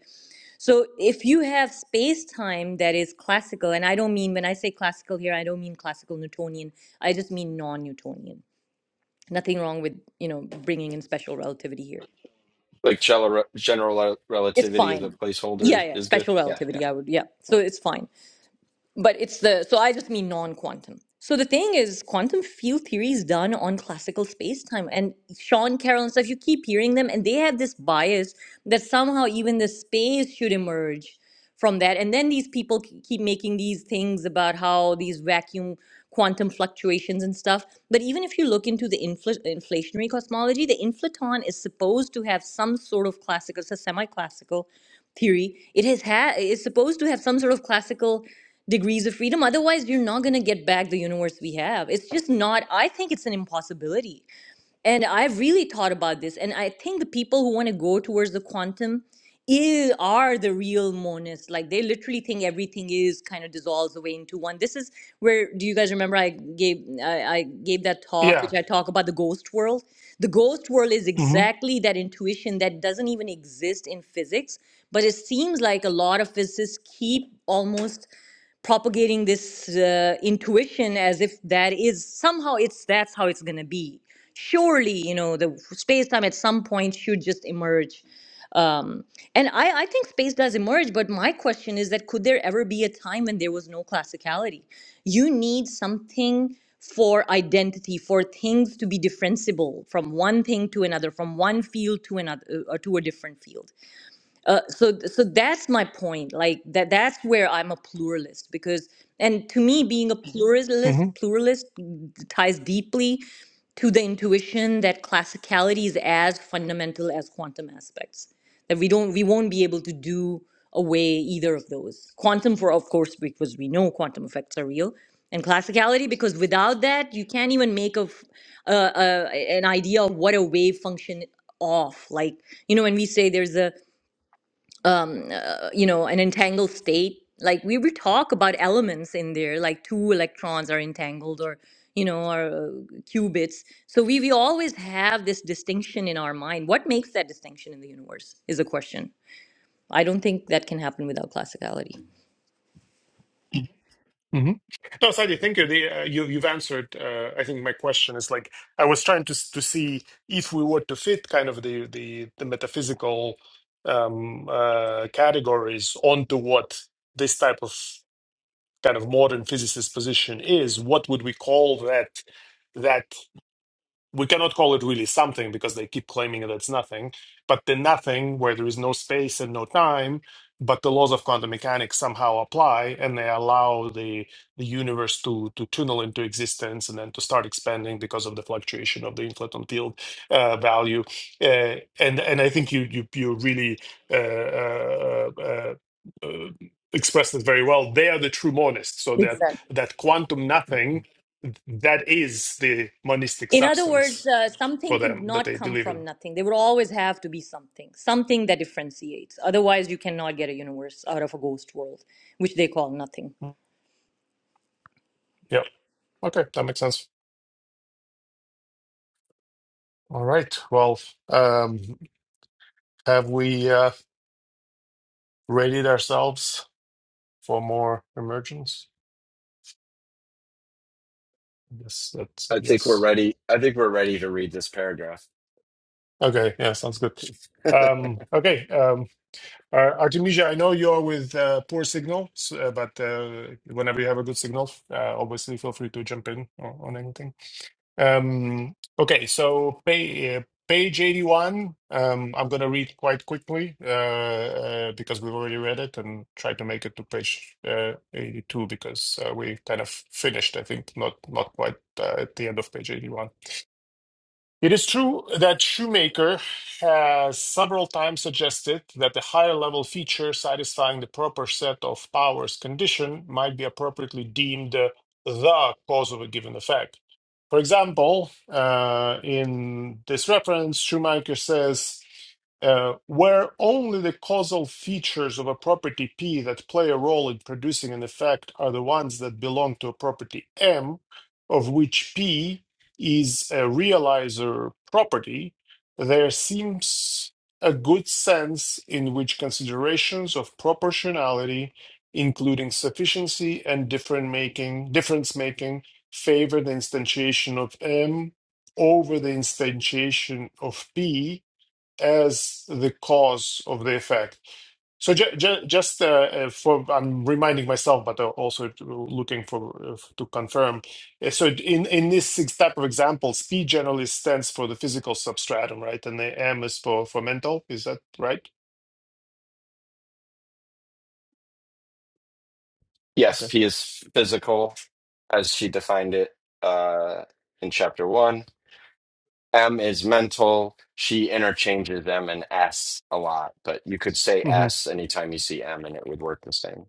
So if you have space time that is classical, and I don't mean when I say classical here, I don't mean classical Newtonian. I just mean non-Newtonian. Nothing wrong with, you know, bringing in special relativity here. Like general general It's relativity as a fine. placeholder Yeah, is yeah, good. special Yeah, yeah. relativity. I would, yeah. So it's fine. but it's the so i just mean non-quantum so the thing is quantum field theory is done on classical space-time and sean carroll and stuff you keep hearing them and they have this bias that somehow even the space should emerge from that and then these people k- keep making these things about how these vacuum quantum fluctuations and stuff but even if you look into the infl- inflationary cosmology the inflaton is supposed to have some sort of classical it's a semi-classical theory it has had is supposed to have some sort of classical degrees of freedom. Otherwise, we're not going to get back the universe we have. It's just not, I think it's an impossibility. And I've really thought about this. And I think the people who want to go towards the quantum i- are the real monists. Like they literally think everything is kind of dissolves away into one. This is where, do you guys remember I gave, I, I gave that talk, yeah which I talk about the ghost world. The ghost world is hmm exactly that intuition that doesn't even exist in physics, but it seems like a lot of physicists keep almost propagating this uh, intuition as if that is somehow it's that's how it's going to be surely you know the space time at some point should just emerge um, and I, I think space does emerge but my question is that could there ever be a time when there was no classicality you need something for identity for things to be differentiable from one thing to another from one field to another uh, to a different field uh, so so that's my point like that that's where i'm a pluralist because and to me being a Mhm. pluralist pluralist ties deeply to the intuition that classicality is as fundamental as quantum aspects that we don't we won't be able to do away either of those quantum for of course because we know quantum effects are real and classicality because without that you can't even make of uh, uh, an idea of what a wave function off like you know when we say there's a um, uh, you know, an entangled state. Like we would talk about elements in there, like two electrons are entangled, or you know, or uh, qubits. So we we always have this distinction in our mind. What makes that distinction in the universe is a question. I don't think that can happen without classicality. hmm No, Sadie, thank you. The, uh, you you've answered. Uh, I think my question is like I was trying to s- to see if we were to fit kind of the the, the metaphysical um, uh, categories onto what this type of kind of modern physicist position is. What would we call that? That we cannot call it really something because they keep claiming that it's nothing, but the nothing where there is no space and no time, but the laws of quantum mechanics somehow apply and they allow the the universe to to tunnel into existence and then to start expanding because of the fluctuation of the inflaton field uh, value. Uh, and and I think you you you really uh, uh, uh, uh, expressed it very well. They are the true monists, so that Exactly. that quantum nothing that is the monistic In other words, substance uh, something for could them that not they come believe from in. nothing. There would always have to be something, something that differentiates. Otherwise, you cannot get a universe out of a ghost world, which they call nothing. Yeah. Okay, that makes sense. All right. Well, um, have we uh, readied ourselves for more emergence? Yes, that's I think we're yes. ready. I think we're ready to read this paragraph. Okay, yeah, sounds good. Um, okay, um, uh, Artemisia, I know you're with uh, poor signal, s- uh, but uh, whenever you have a good signal, uh, obviously feel free to jump in on, on anything. Um, okay, so pay, uh, page 81, um, I'm going to read quite quickly uh, uh, because we've already read it and try to make it to page uh, 82 because uh, we kind of finished, I think, not not quite uh, at the end of page 81. It is true that Shoemaker has several times suggested that the higher level feature satisfying the proper set of powers condition might be appropriately deemed uh, the cause of a given effect. For example, uh, in this reference, Shoemaker says, uh, where only the causal features of a property P that play a role in producing an effect are the ones that belong to a property M, of which P is a realizer property, there seems a good sense in which considerations of proportionality, including sufficiency and different making, difference making, favor the instantiation of M over the instantiation of P as the cause of the effect. So ju ju just uh, uh, for I'm reminding myself, but uh, also to- looking for uh, to confirm. Uh, So in in this six type of examples, P generally stands for the physical substratum, right? And the M is for for mental. Is that right? Yes, Okay. P is physical, as she defined it uh, in chapter one. M is mental. She interchanges M and S a lot, but you could say Mm-hmm. S anytime you see M, and it would work the same.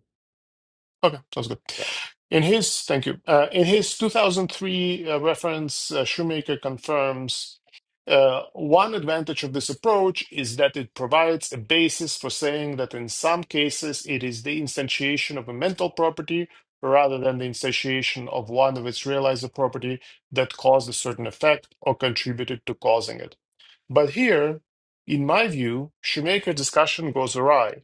Okay, sounds good. Yeah. In his, thank you. Uh, in his 2003 uh, reference, uh, Shoemaker confirms uh, one advantage of this approach is that it provides a basis for saying that in some cases it is the instantiation of a mental property rather than the instantiation of one of its realizer property that caused a certain effect or contributed to causing it. But here, in my view, Shoemaker discussion goes awry.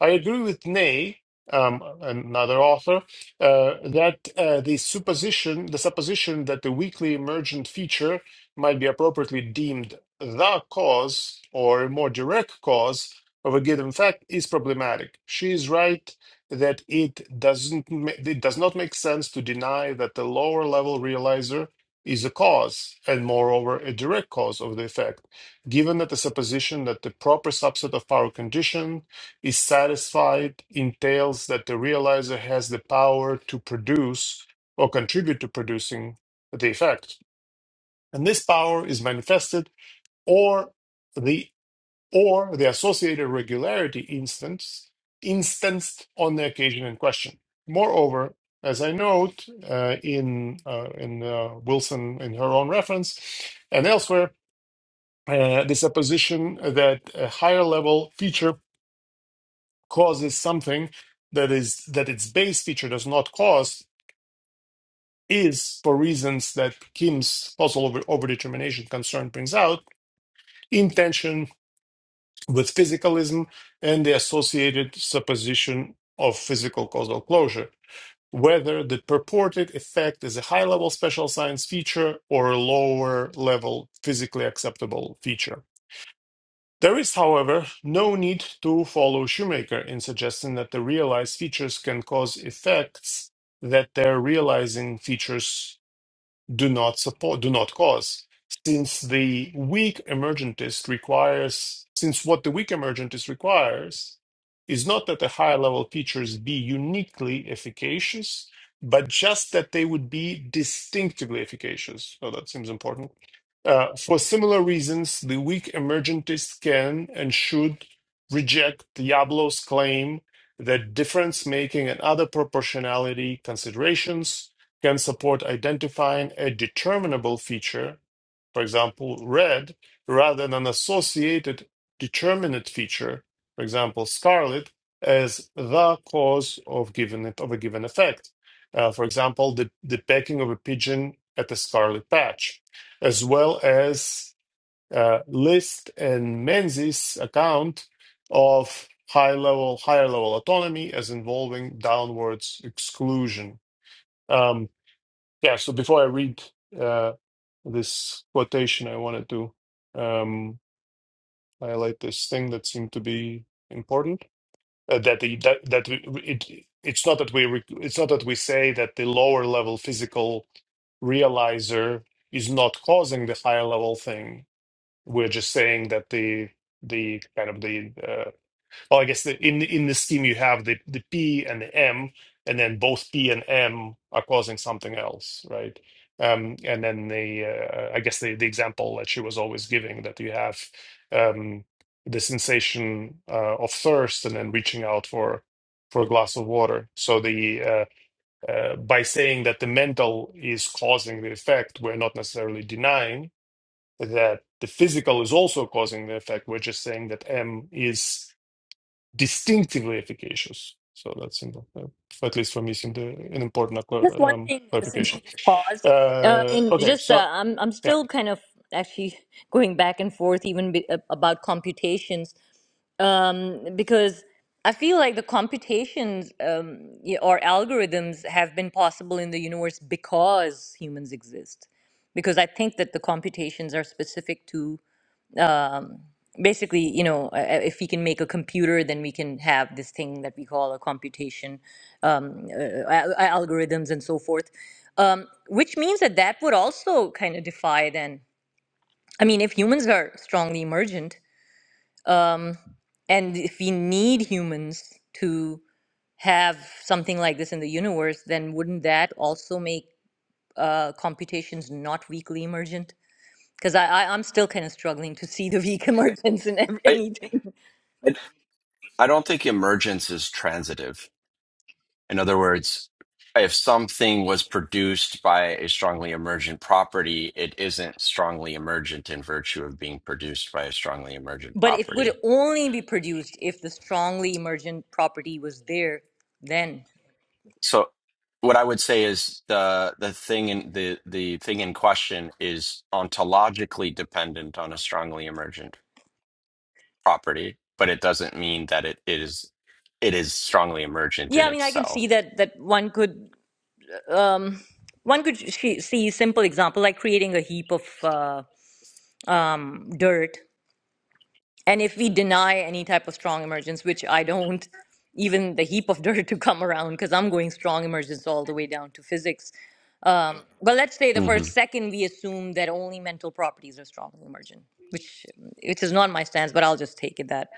I agree with Ney, um, another author, uh, that uh, the supposition, the supposition that the weakly emergent feature might be appropriately deemed the cause or a more direct cause of a given fact is problematic. She is right that it doesn't ma- it does not make sense to deny that the lower level realizer is a cause and moreover a direct cause of the effect given that the supposition that the proper subset of our condition is satisfied entails that the realizer has the power to produce or contribute to producing the effect. And this power is manifested or the or the associated regularity instance instanced on the occasion in question. Moreover, as I note uh, in uh, in uh, Wilson in her own reference and elsewhere, uh, the supposition that a higher level feature causes something that is that its base feature does not cause is for reasons that Kim's puzzle over overdetermination concern brings out in tension with physicalism and the associated supposition of physical causal closure. Whether the purported effect is a high level special science feature or a lower level physically acceptable feature. There is, however, no need to follow Shoemaker in suggesting that the realized features can cause effects that their realizing features do not support, do not cause. Since the weak emergentist requires, since what the weak emergentist requires is not that the higher level features be uniquely efficacious, but just that they would be distinctively efficacious. So that seems important. Uh, for similar reasons, the weak emergentist can and should reject Diablo's claim that difference making and other proportionality considerations can support identifying a determinable feature, for example, red, rather than an associated determinate feature, for example, scarlet, as the cause of given of a given effect. Uh, for example, the, the pecking of a pigeon at the scarlet patch, as well as uh, List and Menzies' account of high level, higher level autonomy as involving downwards exclusion. Um, yeah, so before I read uh, this quotation, I wanted to um, highlight this thing that seemed to be important. Uh, that the that, that we, we- it it's not that we re- it's not that we say that the lower level physical realizer is not causing the higher level thing. We're just saying that the the kind of the uh, Oh, I guess the, in in this scheme you have the the P and the M, and then both P and M are causing something else, right? Um, and then the uh, I guess the the example that she was always giving that you have um, the sensation uh, of thirst and then reaching out for for a glass of water. So the uh, uh, by saying that the mental is causing the effect, we're not necessarily denying that the physical is also causing the effect. We're just saying that M is distinctively efficacious. So that's in uh, at least for me, seemed uh, an important just acqua- one um, thing uh, since we clarification. just paused uh, Uh, and okay, just so uh, I'm, I'm yeah, still kind of actually going back and forth even be, ab- about computations um, because i feel like the computations um, y- or algorithms have been possible in the universe because humans exist because i think that the computations are specific to um, basically, you know, uh, uh, if we can make a computer, then we can have this thing that we call a computation, um, uh, al- al- algorithms and so forth. Um, which means that that would also kind of defy then. I mean, if humans are strongly emergent, and if we need humans to have something like this in the universe, then wouldn't that also make uh, computations not weakly emergent? Because I, I, I'm still kind of struggling to see the weak emergence in ev- I, anything. I I don't think emergence is transitive. In other words, if something was produced by a strongly emergent property, it isn't strongly emergent in virtue of being produced by a strongly emergent But it would property. only be produced if the strongly emergent property was there then. So what I would say is the the thing in the the thing in question is ontologically dependent on a strongly emergent property, but it doesn't mean that it is it is strongly emergent Yeah, in I mean, I can see itself. that that one could um, one could sh- see simple example like creating a heap of uh, um, dirt And if we deny any type of strong emergence, which I don't, even the heap of dirt to come around, because I'm going strong emergence all the way down to physics. Um, but let's say the Mhm. first second we assume that only mental properties are strongly emergent, which which is not my stance, but I'll just take it that.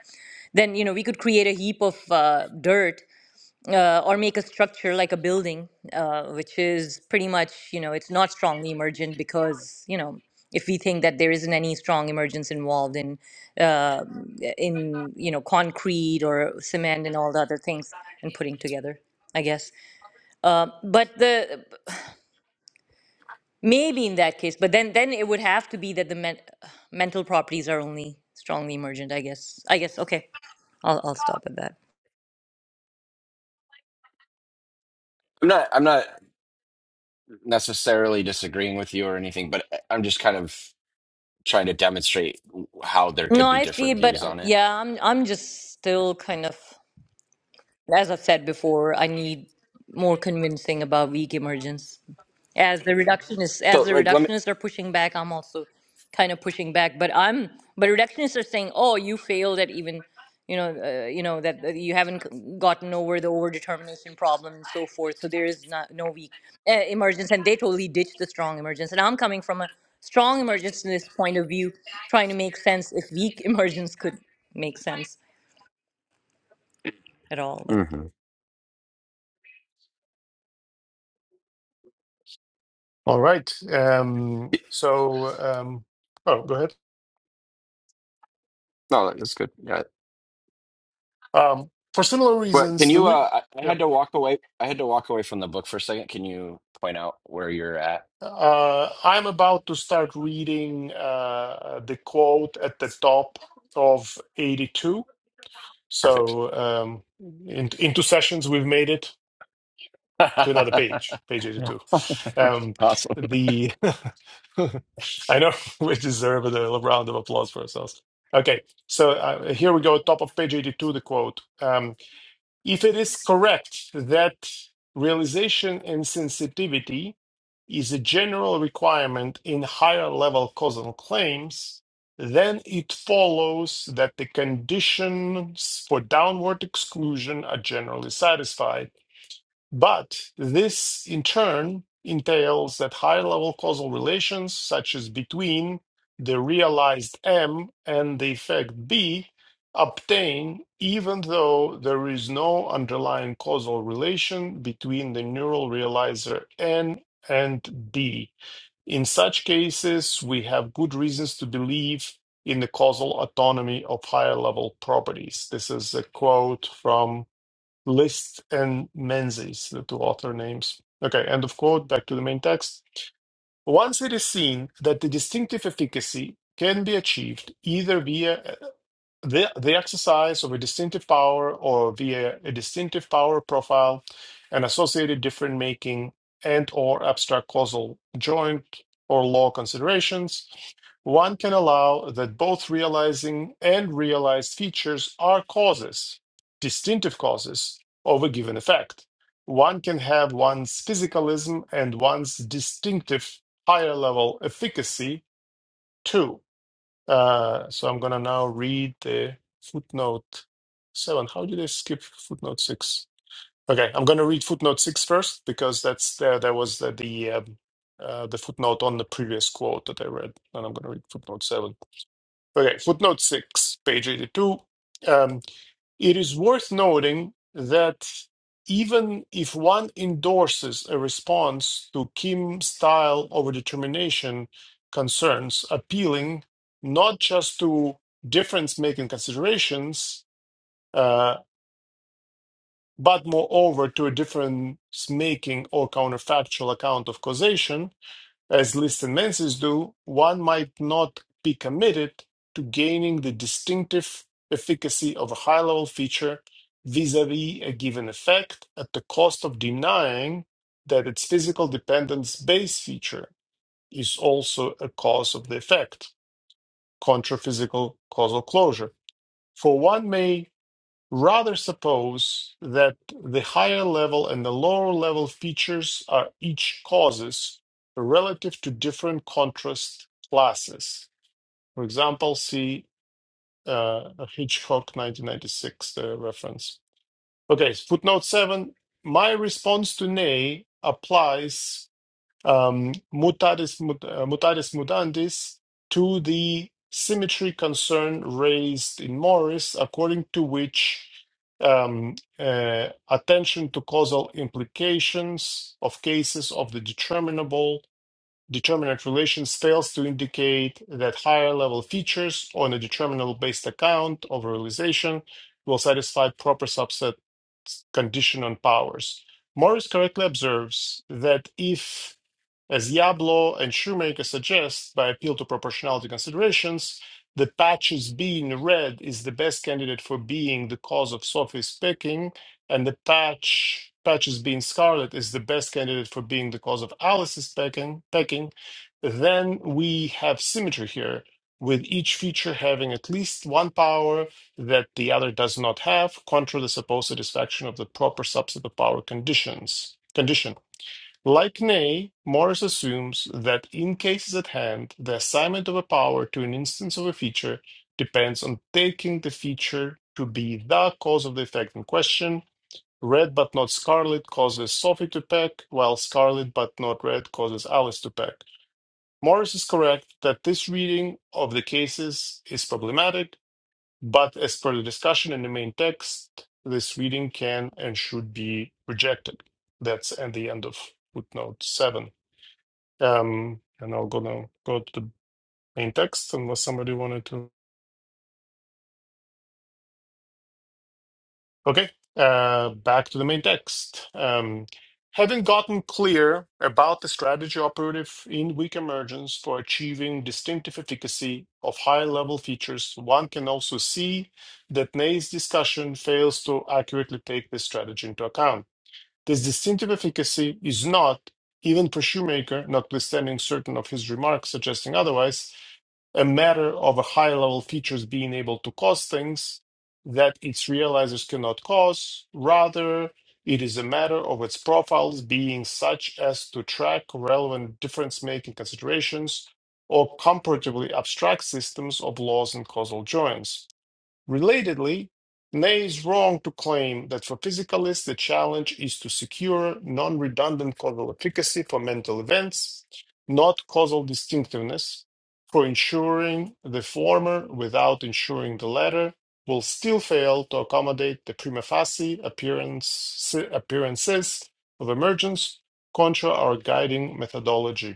Then you know we could create a heap of uh, dirt uh, or make a structure like a building, uh, which is pretty much, you know, it's not strongly emergent because, you know, if we think that there isn't any strong emergence involved in, uh, in you know, concrete or cement and all the other things and putting together, I guess. Uh, but the maybe in that case, but then then it would have to be that the men, mental properties are only strongly emergent. I guess. I guess. Okay, I'll I'll stop at that. I'm not. I'm not. necessarily disagreeing with you or anything, but eh, I'm just kind of trying to demonstrate how there No, could be I see, different but views um, on it. yeah, I'm I'm just Yeah. still kind of. As I've said before, I need more convincing about weak emergence. As the reductionists, So, as the like, let me. reductionists are pushing back, I'm also kind of pushing back. But I'm, but reductionists are saying, "Oh, you failed at even, you know, uh, you know that that you haven't c- gotten over the overdetermination problem and so forth." So there is not no weak uh, emergence, and they totally ditch the strong emergence. And I'm coming from a strong emergence in this point of view, trying to make sense if weak emergence could make sense at all. But hmm all right. Um, so um, oh, go ahead. No, that's good. Yeah, Um, for similar but can reasons, the you? we. Uh, I I had Yep. to walk away. I had to walk away from the book for a second. Can you point out where you're at? Uh, I'm about to start reading uh, the quote at the top of 82. Perfect. So um, in, into sessions, we've made it. to another page, page Yeah. 82. Um, awesome. the I know we deserve a little round of applause for ourselves. Okay, so uh, here we go, top of page 82, the quote. Um, if it is correct that realization and sensitivity is a general requirement in higher level causal claims, then it follows that the conditions for downward exclusion are generally satisfied but this, in turn, entails that higher level causal relations, such as between the realized M and the effect B, obtain even though there is no underlying causal relation between the neural realizer N and B. In such cases, we have good reasons to believe in the causal autonomy of higher level properties. This is a quote from List and Menzies, the two author names. Okay, end of quote, back to the main text. Once it is seen that the distinctive efficacy can be achieved either via they, they exercise of a distinctive power or via a distinctive power profile and associated different making and or abstract causal joint or law considerations one can allow that both realizing and realized features are causes, distinctive causes, of a given effect. One can have one's physicalism and one's distinctive higher level efficacy too. Uh, so I'm gonna now read the footnote seven. How did I skip footnote six? Okay, I'm gonna read footnote six first because that's there. There was the the, um, uh, the footnote on the previous quote that I read, and I'm gonna read footnote seven. Okay, footnote six, page 82. Um, It is worth noting that even if one endorses a response to Kim style overdetermination concerns, appealing not just to difference making considerations, uh, but moreover to a difference making or counterfactual account of causation, as listed menses do, one might not be committed to gaining the distinctive efficacy of a high level feature vis a vis a given effect at the cost of denying that its physical dependence base feature is also a cause of the effect, contra physical causal closure. For one may Rather, suppose that the higher level and the lower level features are each causes relative to different contrast classes. For example, see uh, Hitchcock 1996 uh, reference. Okay, footnote 7. My response to Ney applies um, mutatis, mut, uh, mutatis mutandis to the symmetry concern raised in Morris, according to which um, uh, attention to causal implications of cases of the determinable determinant relations fails to indicate that higher level features on a determinable based account of realization will satisfy proper subset condition on powers. Morris correctly observes that if as Yablo and Shoemaker suggest, by appeal to proportionality considerations, the patches being red is the best candidate for being the cause of sophist picking, and the patch patches being scarlet is the best candidate for being the cause of Alice's pecking, pecking, then we have symmetry here, with each feature having at least one power that the other does not have, contra the supposed satisfaction of the proper subset of power conditions condition. Like Ney, Morris assumes that in cases at hand, the assignment of a power to an instance of a feature depends on taking the feature to be the cause of the effect in question. Red but not scarlet causes Sophie to peck, while scarlet but not red causes Alice to peck. Morris is correct that this reading of the cases is problematic, but as per the discussion in the main text, this reading can and should be rejected. That's at the end of footnote 7. Um, and I'll go now, go to the main text unless somebody wanted to. Okay, uh, back to the main text. Um, having gotten clear about the strategy operative in weak emergence for achieving distinctive efficacy of high level features, one can also see that Ney's discussion fails to accurately take this strategy into account. This distinctive efficacy is not, even for Shoemaker, notwithstanding certain of his remarks suggesting otherwise, a matter of a higher level features being able to cause things that its realizers cannot cause. Rather, it is a matter of its profiles being such as to track relevant difference making considerations or comparatively abstract systems of laws and causal joins. Relatedly, Ney is wrong to claim that for physicalists the challenge is to secure non-redundant causal efficacy for mental events, not causal distinctiveness, for ensuring the former without ensuring the latter will still fail to accommodate the prima facie appearance, appearances of emergence contra our guiding methodology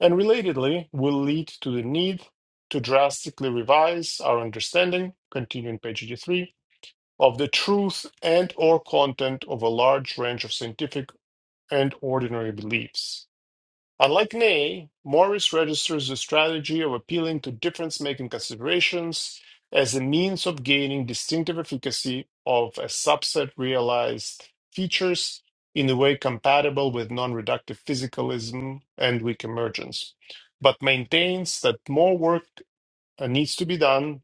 and relatedly will lead to the need to drastically revise our understanding, continuing page 83, of the truth and or content of a large range of scientific and ordinary beliefs. Unlike Ney, Morris registers the strategy of appealing to difference making considerations as a means of gaining distinctive efficacy of a subset realized features in a way compatible with non reductive physicalism and weak emergence, but maintains that more work uh, needs to be done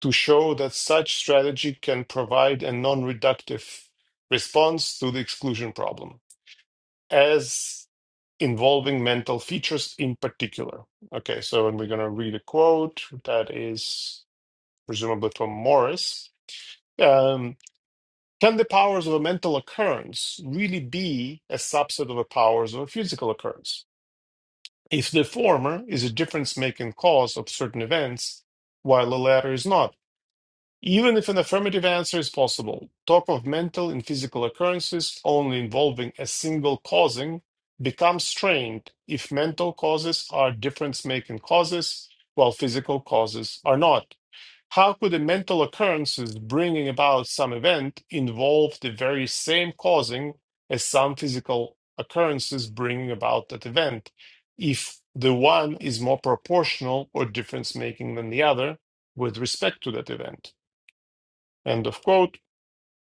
to show that such strategy can provide a non reductive response to the exclusion problem. As involving mental features in particular. Okay, so and we're going to read a quote that is presumably from Morris. Um, can the powers of a mental occurrence really be a subset of the powers of a physical occurrence? If the former is a difference making cause of certain events, while the latter is not, even if an affirmative answer is possible, talk of mental and physical occurrences only involving a single causing becomes strained if mental causes are difference making causes while physical causes are not. How could the mental occurrences bringing about some event involve the very same causing as some physical occurrences bringing about that event if the one is more proportional or difference making than the other with respect to that event? End of quote.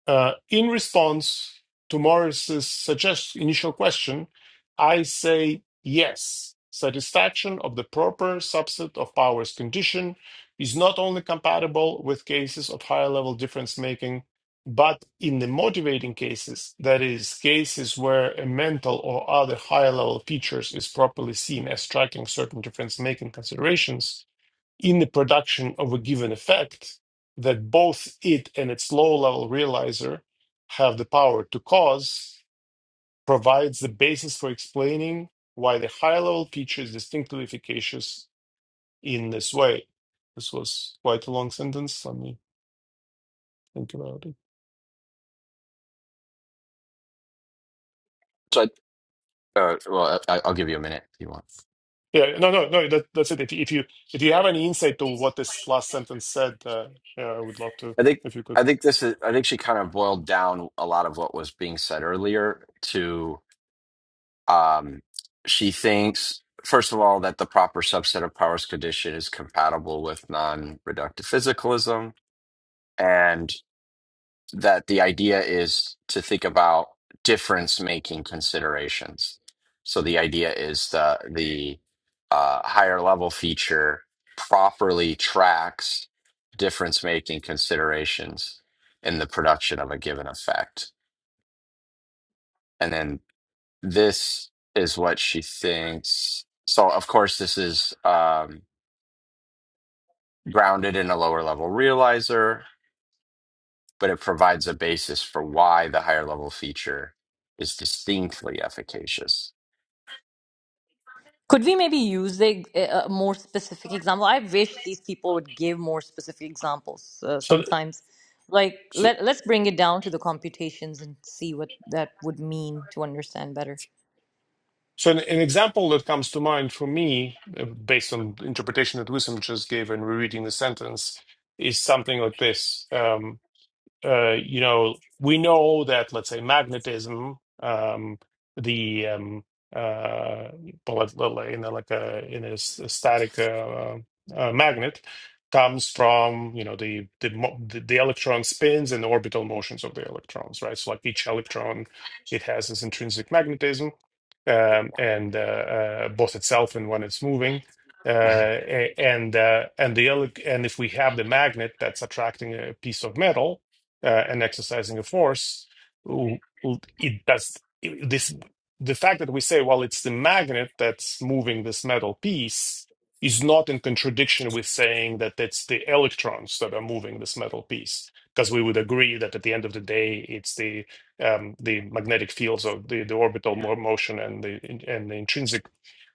Uh, in response to Morris's suggest- initial question, I say yes. Satisfaction of the proper subset of powers condition is not only compatible with cases of higher level difference making, but in the motivating cases, that is, cases where a mental or other higher level features is properly seen as striking certain difference making considerations, in the production of a given effect that both it and its low level realizer have the power to cause provides the basis for explaining why the high level feature is distinctly efficacious in this way. This was quite a long sentence. Let me think about it. So, I, uh, well, I, I'll give you a minute if you want. Yeah, no, no, no. That, that's it. If, you- if you if you have any insight to what this last sentence said, uh, yeah, I would love to I think. if you could. I think this is. I think she kind of boiled down a lot of what was being said earlier to. Um, she thinks, first of all, that the proper subset of powers condition is compatible with non reductive physicalism, and that the idea is to think about difference making considerations. So the idea is the the uh, higher level feature properly tracks difference making considerations in the production of a given effect. and then. this is what she thinks. So, of course, this is um, grounded in a lower level realizer, but it provides a basis for why the higher level feature is distinctly efficacious. Could we maybe use a, a more specific example? I wish these people would give more specific examples uh, So, sometimes. Like so let let's bring it down to the computations and see what that would mean to understand better. So an, an example that comes to mind for me, uh, based on interpretation that Wissam just gave and rereading the sentence, is something like this. Um, uh, you know, we know that, let's say, magnetism, um, the um, uh, well, it's little- in a, like a in a s- a static uh, uh, magnet, comes from you know the the, mo- the the electron spins and the orbital motions of the electrons, right? So like each electron, it has this intrinsic magnetism, um, and uh, uh, both itself and when it's moving. Uh, a- and uh, and the ele- and if we have the magnet that's attracting a piece of metal, uh, and exercising of force, w- w- it does this. The fact that we say, well, it's the magnet that's moving this metal piece is not in contradiction with saying that it's the electrons that are moving this metal piece, because we would agree that at the end of the day, it's the um, the magnetic fields of the, the orbital mo- motion and the and the intrinsic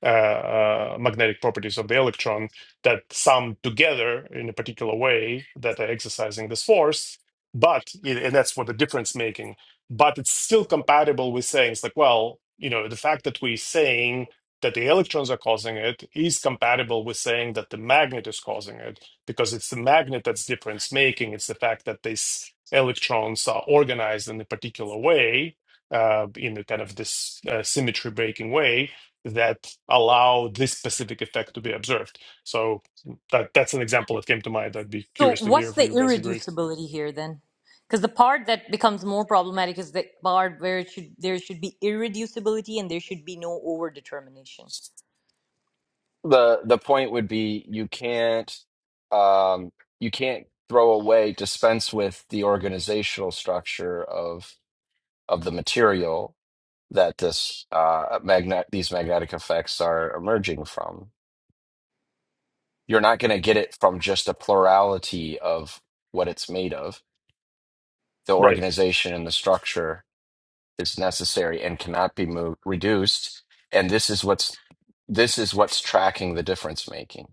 uh, uh, magnetic properties of the electron that sum together in a particular way that are exercising this force but it- and that's what the difference making but it's still compatible with saying it's like well you know the fact that we're saying that the electrons are causing it is compatible with saying that the magnet is causing it because it's the magnet that's difference making it's the fact that these electrons are organized in a particular way uh, in a kind of this uh, symmetry breaking way that allow this specific effect to be observed so that that's an example that came to mind i'd be So curious to hear what's if the you guys agree irreducibility here then? Because the part that becomes more problematic is the part where it should there should be irreducibility and there should be no overdetermination. The the point would be you can't um, you can't throw away dispense with the organizational structure of of the material that this uh, magnet these magnetic effects are emerging from You're not going to get it from just a plurality of what it's made of. The right organization and the structure is necessary and cannot be moved, reduced. And this is what's this is what's tracking the difference making.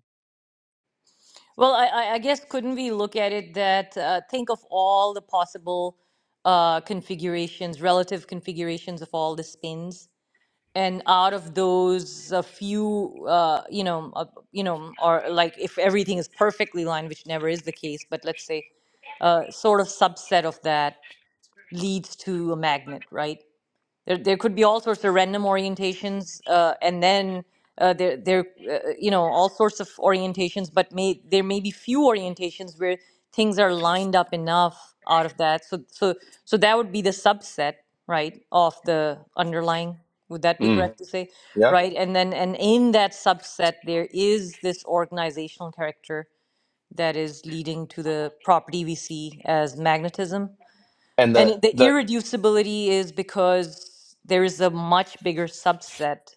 Well, I, I I guess couldn't we look at it that uh, think of all the possible uh, configurations, relative configurations of all the spins, and out of those, a few, uh, you know, uh, you know, or like if everything is perfectly lined, which never is the case, but let's say a sort of subset of that leads to a magnet, right? There, there could be all sorts of random orientations, uh, and then uh, there, there, uh, you know, all sorts of orientations. But may there may be few orientations where things are lined up enough out of that. So, so, so that would be the subset, right, of the underlying. Would that be Mm, correct to say, yeah. right? And then, and in that subset, there is this organizational character that is leading to the property we see as magnetism And and the it- the the irreducibility is because there is a much bigger subset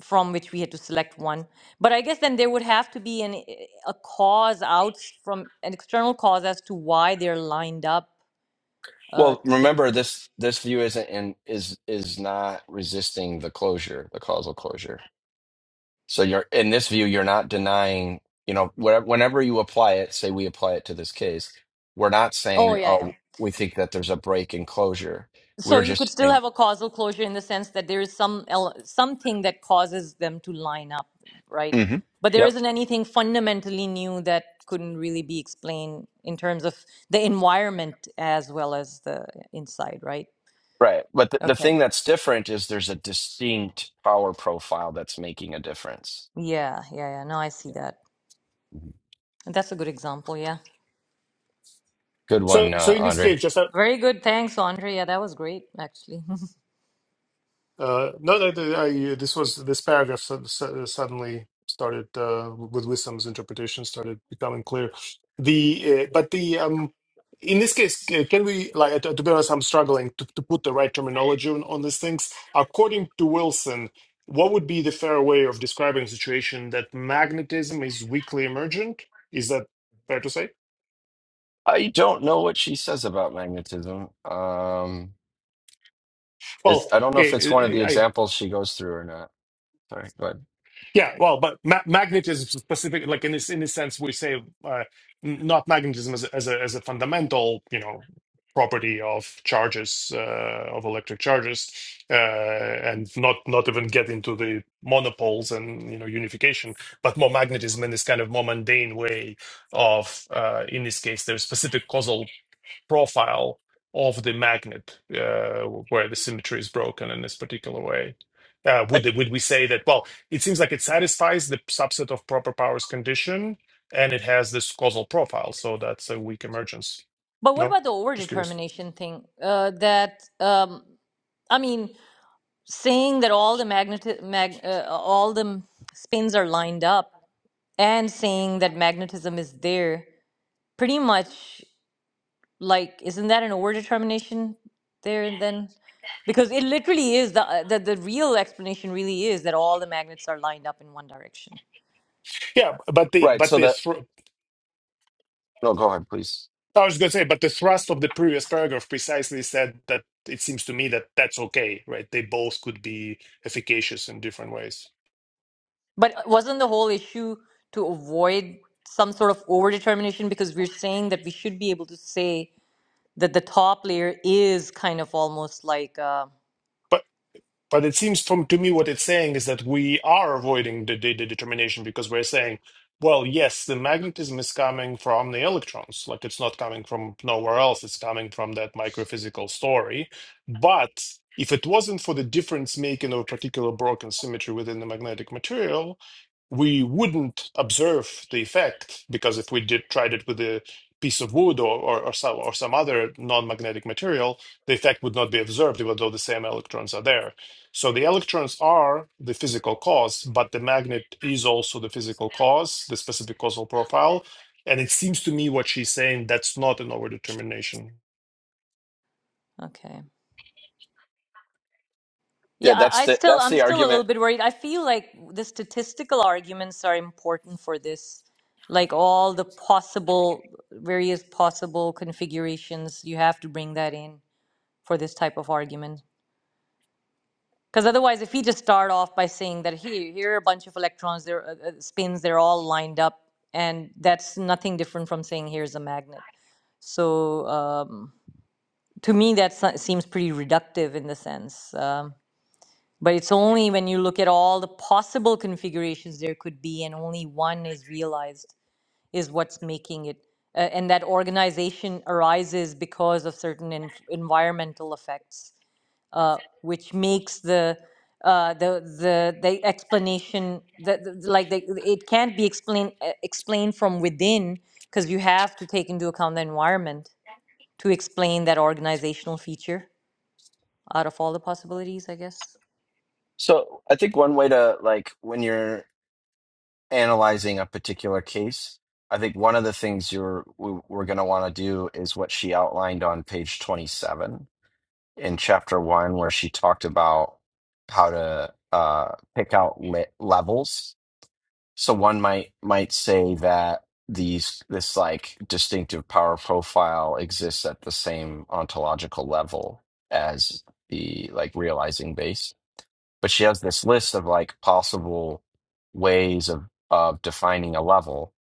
from which we had to select one. But I guess then there would have to be an, i- a cause out s- from an external cause as to why they're lined up uh, well, to begin remember with. this this view isn't in is is not resisting the closure, the causal closure. So you're in this view, you're not denying, you know, wherever, whenever you apply it, say we apply it to this case, we're not Oh, saying, yeah, yeah. oh, we think that there's a break in closure. So We're you could just still saying, have a causal closure in the sense that there is some ele- something that causes them to line up, right? Mhm. But there yep, isn't anything fundamentally new that couldn't really be explained in terms of the environment as well as the inside, right? right. But the, the Okay. thing that's different is there's a distinct power profile that's making a difference. Yeah, yeah, yeah. No, I see Yeah. that. That's a good example, yeah. Good one, So, so uh, in this Andre. case, just uh, Very good. Thanks, Andre. Yeah, that was great, actually. uh, no, no, the- I, uh, this was this paragraph sud- sud- suddenly started uh, with Wisdom's interpretation started becoming clear. The uh, but the um, in this case, uh, can we like to, to be honest, I'm struggling to, to put the right terminology on, on these things. According to Wilson, what would be the fair way of describing a situation that magnetism is weakly emergent? Is that fair to say? I don't know what she says about magnetism. Um, Well, it's, I don't know if it's one of the examples she goes through or not. Sorry, go ahead. Yeah, well, but ma- magnetism specific, like in this in this sense, we say uh, n- not magnetism as a, as a as a fundamental, you know, property of charges uh, of electric charges, uh, and not not even get into the monopoles and you know unification, but more magnetism in this kind of more mundane way of, uh, in this case, their specific causal profile of the magnet uh, where the symmetry is broken in this particular way? Uh, Eh, would would we say that? Well, it seems like it satisfies the subset of proper powers condition, and it has this causal profile, so that's a weak emergence. But what No, about the just curious. overdetermination thing? Uh, that um, I mean, seeing that all the magnet mag, uh, all the spins are lined up and seeing that magnetism is there pretty much like isn't that an overdetermination there and then because it literally is the, uh, the the real explanation really is that all the magnets are lined up in one direction Yeah, but the Right. but So the that, thr- no, go ahead, please. I was going to say, but the thrust of the previous paragraph precisely said that it seems to me that that's okay, right? They both could be efficacious in different ways. but wasn't the whole issue to avoid some sort of overdetermination because we're saying that we should be able to say that the top layer is kind of almost like uh, but. But it seems from to me what it's saying is that we are avoiding the, the, the determination because we're saying, well, yes, the magnetism is coming from the electrons, like it's not coming from nowhere else, it's coming from that microphysical story. But if it wasn't for the difference making of a particular broken symmetry within the magnetic material, we wouldn't observe the effect because if we did tried it with a piece of wood or, or, or, some, or some other non-magnetic material, the effect would not be observed even though the same electrons are there. So the electrons are the physical cause, but the magnet is also the physical cause, the specific causal profile. And it seems to me what she's saying, that's not an overdetermination. okay Yeah, Yeah, that's I, I the still, that's I'm the still a argument. little bit worried. I feel like the statistical arguments are important for this, like all the possible, various possible configurations. You have to bring that in for this type of argument, because otherwise, if you just start off by saying that here, here are a bunch of electrons, they're uh, uh, spins, they're all lined up, and that's nothing different from saying here's a magnet. So um, to me, that se- seems pretty reductive in the sense. Um, But it's only when you look at all the possible configurations there could be, and only one is realized, is what's making it. Uh, and that organization arises because of certain env- environmental effects, uh, which makes the uh, the the the explanation that like the, it can't be explained uh, explained from within because you have to take into account the environment to explain that organizational feature out of all the possibilities, I guess. So I think one way to like when you're analyzing a particular case, I think one of the things you're we, we're going to want to do is what she outlined on page 27 in chapter one, where she talked about how to uh, pick out le- levels. So one might might say that these this like distinctive power profile exists at the same ontological level as the like realizing base but she has this list of like possible ways of of defining a level,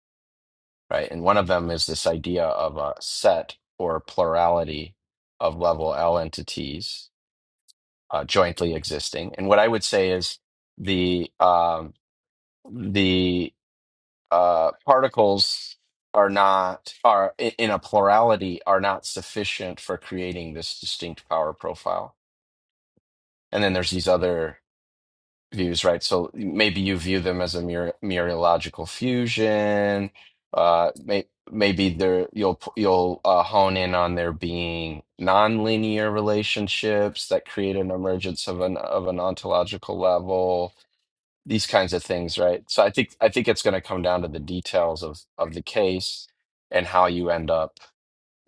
right? And one of them is this idea of a set or plurality of level L entities uh, jointly existing. And what I would say is the um, the uh, particles are not are i- in a plurality are not sufficient for creating this distinct power profile. And then there's these other views, right? So maybe you view them as a mur mereological fusion. Uh, may maybe they're you'll you'll uh, hone in on there being nonlinear relationships that create an emergence of an of an ontological level. These kinds of things, right? So I think I think it's going to come down to the details of of the case and how you end up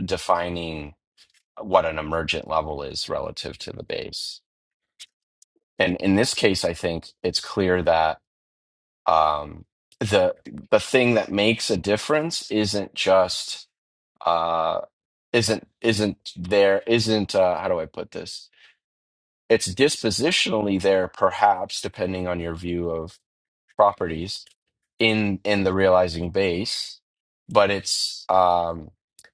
defining what an emergent level is relative to the base. And in this case, I think it's clear that um, the the thing that makes a difference isn't just uh, isn't isn't there isn't uh, how do I put this? It's dispositionally there, perhaps depending on your view of properties in in the realizing base, but it's um,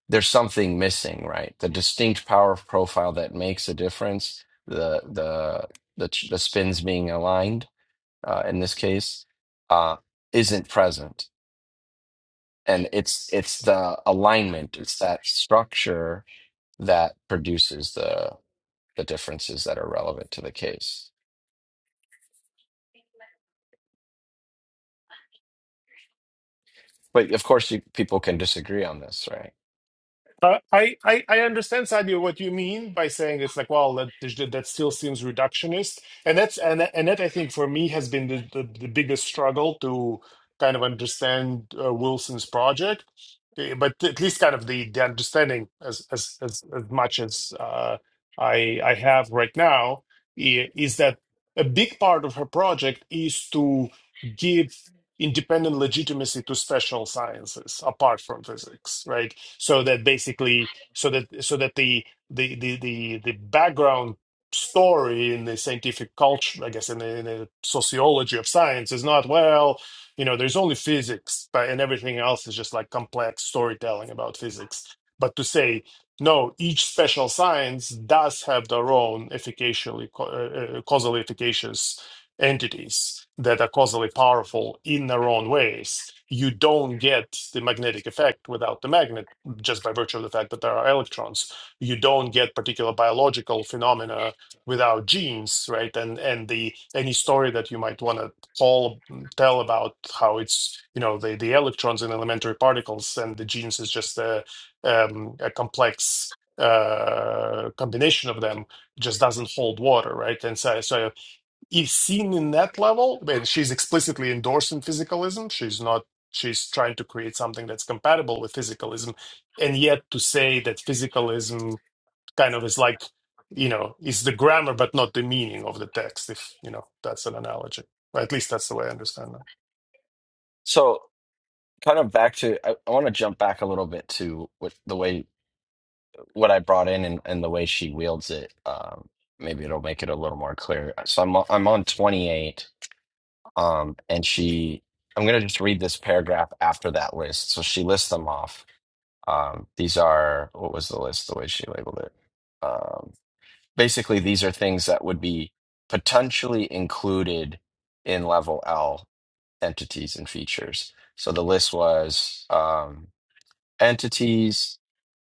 there's something missing, right? The distinct power profile that makes a difference, the the the, the spins being aligned uh, in this case uh, isn't present and it's it's the alignment it's that structure that produces the the differences that are relevant to the case but of course you, people can disagree on this right Uh, I, I I understand, Sadio, what you mean by saying it's like, well, that that still seems reductionist, and that's and that- and that I think for me has been the the, the biggest struggle to kind of understand uh, Wilson's project, Uh, but at least kind of the the understanding as as as, as much as uh, I I have right now i- is that a big part of her project is to give independent legitimacy to special sciences apart from physics right so that basically so that so that the the the the, the background story in the scientific culture i guess in the, in the sociology of science is not well you know there's only physics but and everything else is just like complex storytelling about physics but to say no each special science does have their own efficaciously co- uh, uh, causally efficacious entities that are causally powerful in their own ways, you don't get the magnetic effect without the magnet just by virtue of the fact that there are electrons. You don't get particular biological phenomena without genes, right? And and the any story that you might want to all tell about how it's you know the the electrons and elementary particles and the genes is just a um, a complex uh combination of them just doesn't hold water right and so so if seen in that level, when she's explicitly endorsing physicalism, she's not, she's trying to create something that's compatible with physicalism. And yet to say that physicalism kind of is like, you know, is the grammar but not the meaning of the text, if, you know, that's an analogy. Or at least that's the way I understand that. so kind of back to i, I want to jump back a little bit to what the way what i brought in and, and the way she wields it um, maybe it'll make it a little more clear so i'm, on- I'm on 28 Um, and she, I'm going to just read this paragraph after that list. So she lists them off. Um, these are, what was the list, the way she labeled it? Um, basically, these are things that would be potentially included in level L entities and features. So the list was um, entities,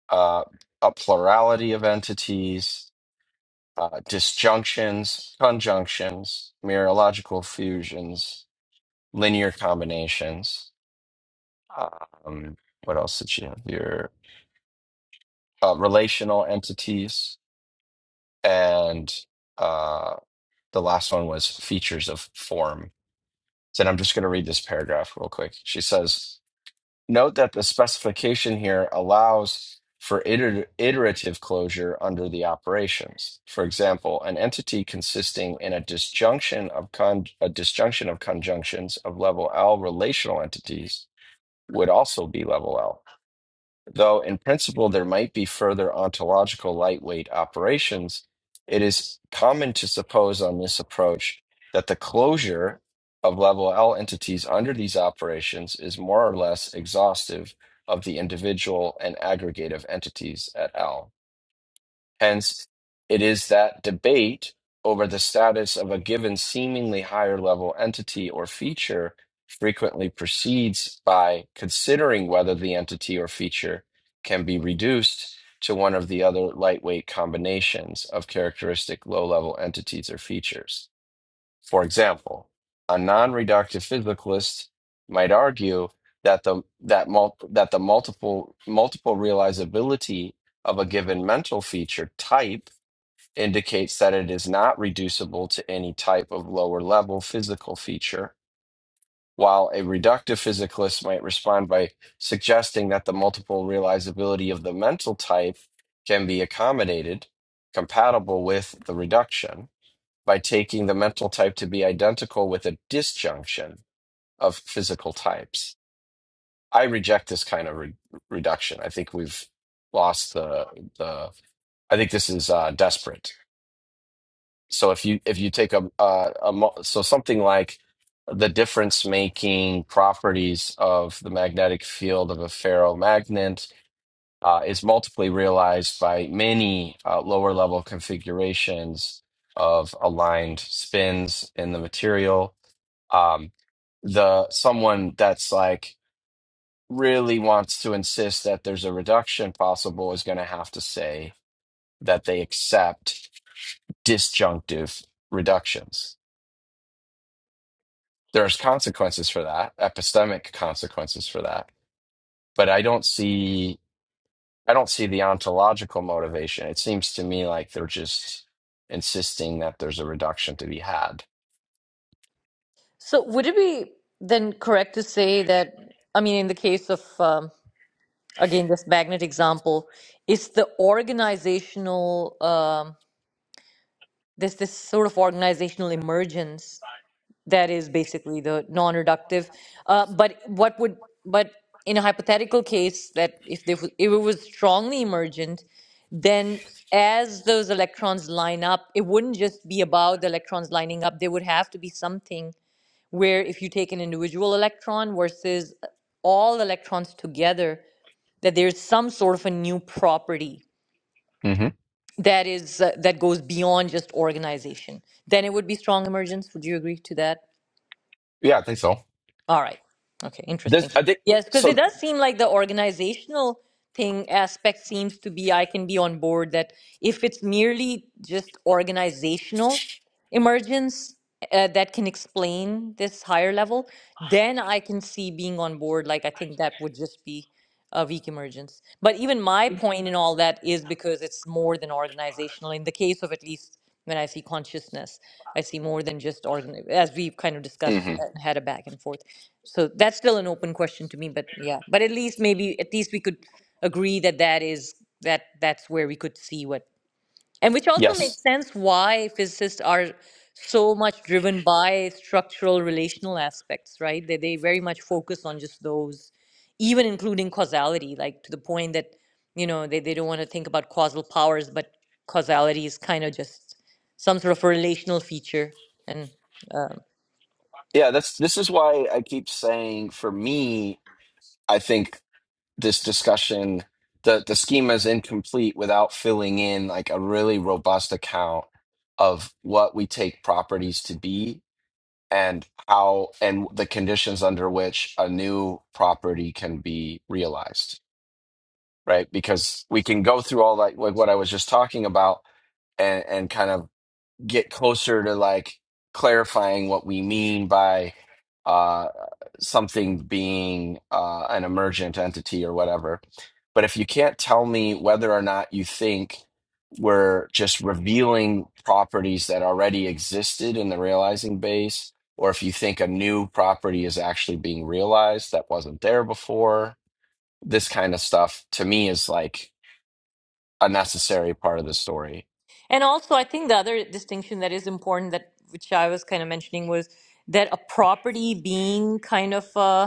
uh, a plurality of entities, uh, disjunctions, conjunctions, mereological fusions, linear combinations. Um, what else did you have here? Uh, relational entities, and uh, the last one was features of form. Then I'm just going to read this paragraph real quick. She says, "Note that the specification here allows." For iter- iterative closure under the operations, for example, an entity consisting in a disjunction of con- a disjunction of conjunctions of level L relational entities would also be level L. Though in principle there might be further ontological lightweight operations, it is common to suppose on this approach that the closure of level L entities under these operations is more or less exhaustive of the individual and aggregate of entities at L. Hence, it is that debate over the status of a given seemingly higher level entity or feature frequently proceeds by considering whether the entity or feature can be reduced to one of the other lightweight combinations of characteristic low level entities or features. For example, a non-reductive physicalist might argue that the that mul- that the multiple multiple realizability of a given mental feature type indicates that it is not reducible to any type of lower level physical feature, while a reductive physicalist might respond by suggesting that the multiple realizability of the mental type can be accommodated compatible with the reduction by taking the mental type to be identical with a disjunction of physical types. I reject this kind of re- reduction. I think we've lost the the. I think this is uh, desperate. So if you if you take a, a, a mo- so something like the difference making properties of the magnetic field of a ferromagnet uh, is multiply realized by many uh, lower level configurations of aligned spins in the material um, the someone that's like really wants to insist that there's a reduction possible is going to have to say that they accept disjunctive reductions. There's consequences for that, epistemic consequences for that, but I don't see I don't see the ontological motivation. It seems to me like they're just insisting that there's a reduction to be had. So would it be then correct to say that, I mean, in the case of, um, again, this magnet example, it's the organizational, um, there's this sort of organizational emergence that is basically the non-reductive. Uh, but what would, but in a hypothetical case that if, they, w- if it was strongly emergent, then as those electrons line up, it wouldn't just be about the electrons lining up. There would have to be something where if you take an individual electron versus all electrons together that there's some sort of a new property hmm that is uh, that goes beyond just organization then it would be strong emergence would you agree to that Yeah, I think so. all right okay This interesting I think yes because it so. does seem like the organizational thing aspect seems to be i can be on board that if it's merely just organizational emergence uh, that can explain this higher level, then I can see being on board. Like, I think that would just be a weak emergence. But even my point in all that is because it's more than organizational. In the case of at least when I see consciousness, I see more than just organ, as we've kind of discussed mhm. and had a back and forth. So that's still an open question to me, but yeah, but at least maybe, at least we could agree that that is, that that's where we could see what and which also Yes. makes sense why physicists are so much driven by structural relational aspects, right? They, they very much focus on just those, even including causality, like to the point that, you know, they, they don't want to think about causal powers, but causality is kind of just some sort of a relational feature. And um, Yeah, that's this is why I keep saying for me, I think this discussion, the the schema is incomplete without filling in like a really robust account of what we take properties to be and how and the conditions under which a new property can be realized, right? Because we can go through all that like what I was just talking about and and kind of get closer to like clarifying what we mean by uh, something being uh, an emergent entity or whatever. But if you can't tell me whether or not you think we're just revealing properties that already existed in the realizing base, or if you think a new property is actually being realized that wasn't there before, this kind of stuff to me is like a necessary part of the story. and also, I think the other distinction that is important that which I was kind of mentioning was that a property being kind of a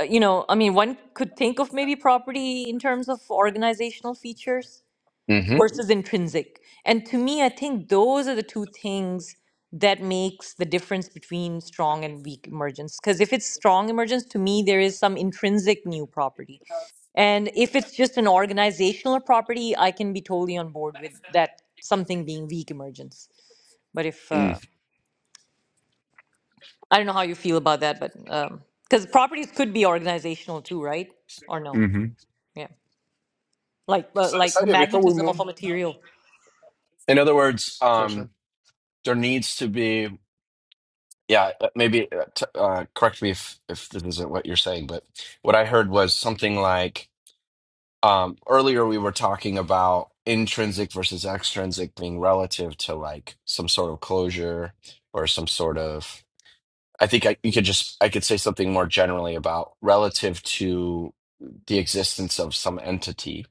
uh, you know, I mean, one could think of maybe property in terms of organizational features hmm versus intrinsic. And to me, I think those are the two things that makes the difference between strong and weak emergence. Because if it's strong emergence, to me, there is some intrinsic new property. And if it's just an organizational property, I can be totally on board with that something being weak emergence. But if uh, I don't know how you feel about that, but because properties could be organizational too, right? Or no? Yeah. like uh, So, like the Sadia, before we magnetism move, of a material In other words, sorry, sorry. um, there needs to be, yeah, uh, maybe uh, t uh, correct me if if this isn't what you're saying, but what I heard was something like um, earlier we were talking about intrinsic versus extrinsic being relative to like some sort of closure or some sort of. I think I, you could just I could say something more generally about relative to the existence of some entity.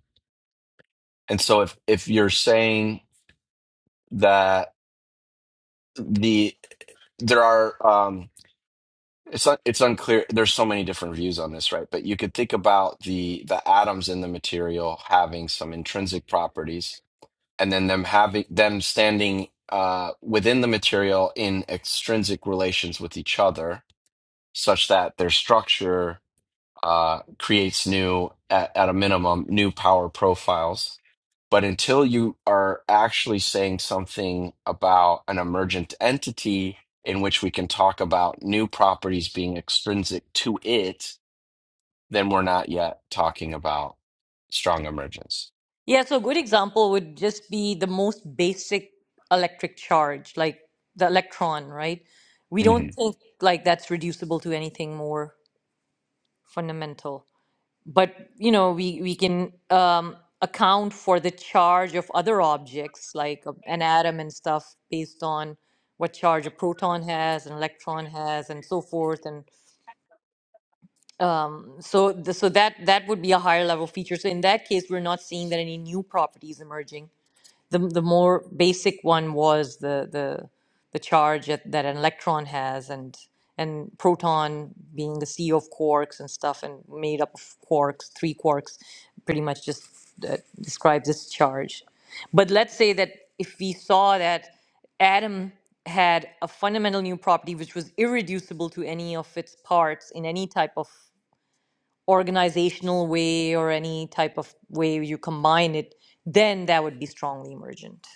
And so if if you're saying that the there are. Um, It's un it's unclear. There's so many different views on this, right? But you could think about the the atoms in the material having some intrinsic properties, and then them having them standing uh, within the material in extrinsic relations with each other, such that their structure uh, creates new, at, at a minimum, new power profiles but until you are actually saying something about an emergent entity in which we can talk about new properties being extrinsic to it, then we're not yet talking about strong emergence. yeah so a good example would just be the most basic electric charge like the electron right we hmm don't think like that's reducible to anything more fundamental but you know we we can um account for the charge of other objects like a- an atom and stuff based on what charge a proton has an electron has and so forth and. so the, so that that would be a higher level feature so in that case we're not seeing that any new properties emerging the the more basic one was the the the charge that, that an electron has and and proton being the sea of quarks and stuff and made up of quarks three quarks pretty much just uh, describes its charge but let's say that if we saw that atom had a fundamental new property which was irreducible to any of its parts in any type of organizational way or any type of way you combine it, then that would be strongly emergent.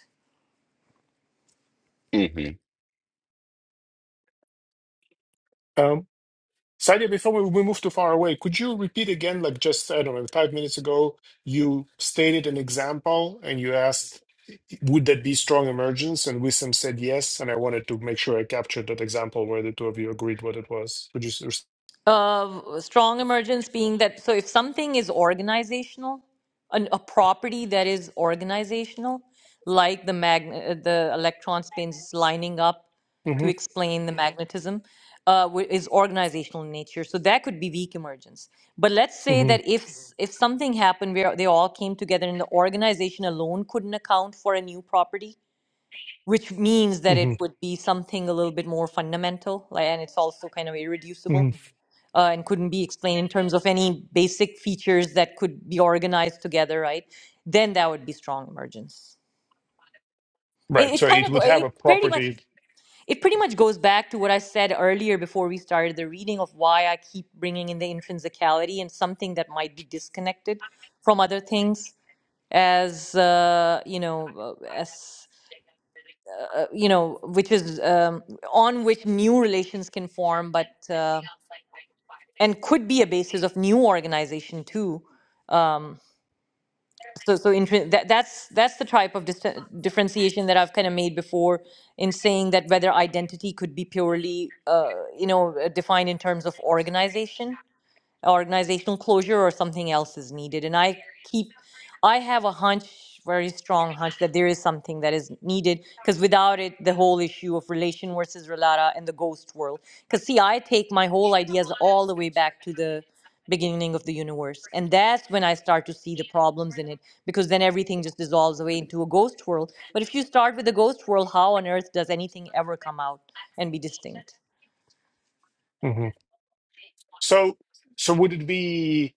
hmm Um, Sadia, before we we move too far away, could you repeat again, like just, I don't know, five minutes ago, you stated an example and you asked, would that be strong emergence? And Wissam said yes. And I wanted to make sure I captured that example where the two of you agreed what it was. Could you? Uh, strong emergence being that, so if something is organizational, an, a property that is organizational, like the mag- the electron spins lining up to Mm-hmm, explain the magnetism, uh, wh- is organizational in nature. So that could be weak emergence. But let's say that mm-hmm, if s- if something happened where they all came together and the organization alone couldn't account for a new property, which means that it mm-hmm, would be something a little bit more fundamental like, and it's also kind of irreducible hmm uh, and couldn't be explained in terms of any basic features that could be organized together right then that would be strong emergence it, Right. it So kind it of would go- have it a pretty much property. it pretty much goes back to what i said earlier before we started the reading of why i keep bringing in the intrinsicality and something that might be disconnected from other things as uh, you know uh, as you know, which is um, on which new relations can form, but uh, and could be a basis of new organization too. Um, so, so intrin- that, that's that's the type of dis- differentiation that I've kind of made before in saying that whether identity could be purely, uh, you know, uh, defined in terms of organization organizational closure or something else is needed. And I keep, I have a hunch, very strong hunch, that there is something that is needed because without it, the whole issue of relation versus relata and the ghost world. Because see, I take my whole ideas all the way back to the beginning of the universe, and that's when I start to see the problems in it because then everything just dissolves away into a ghost world. But if you start with the ghost world, how on earth does anything ever come out and be distinct? hmm So, so would it be?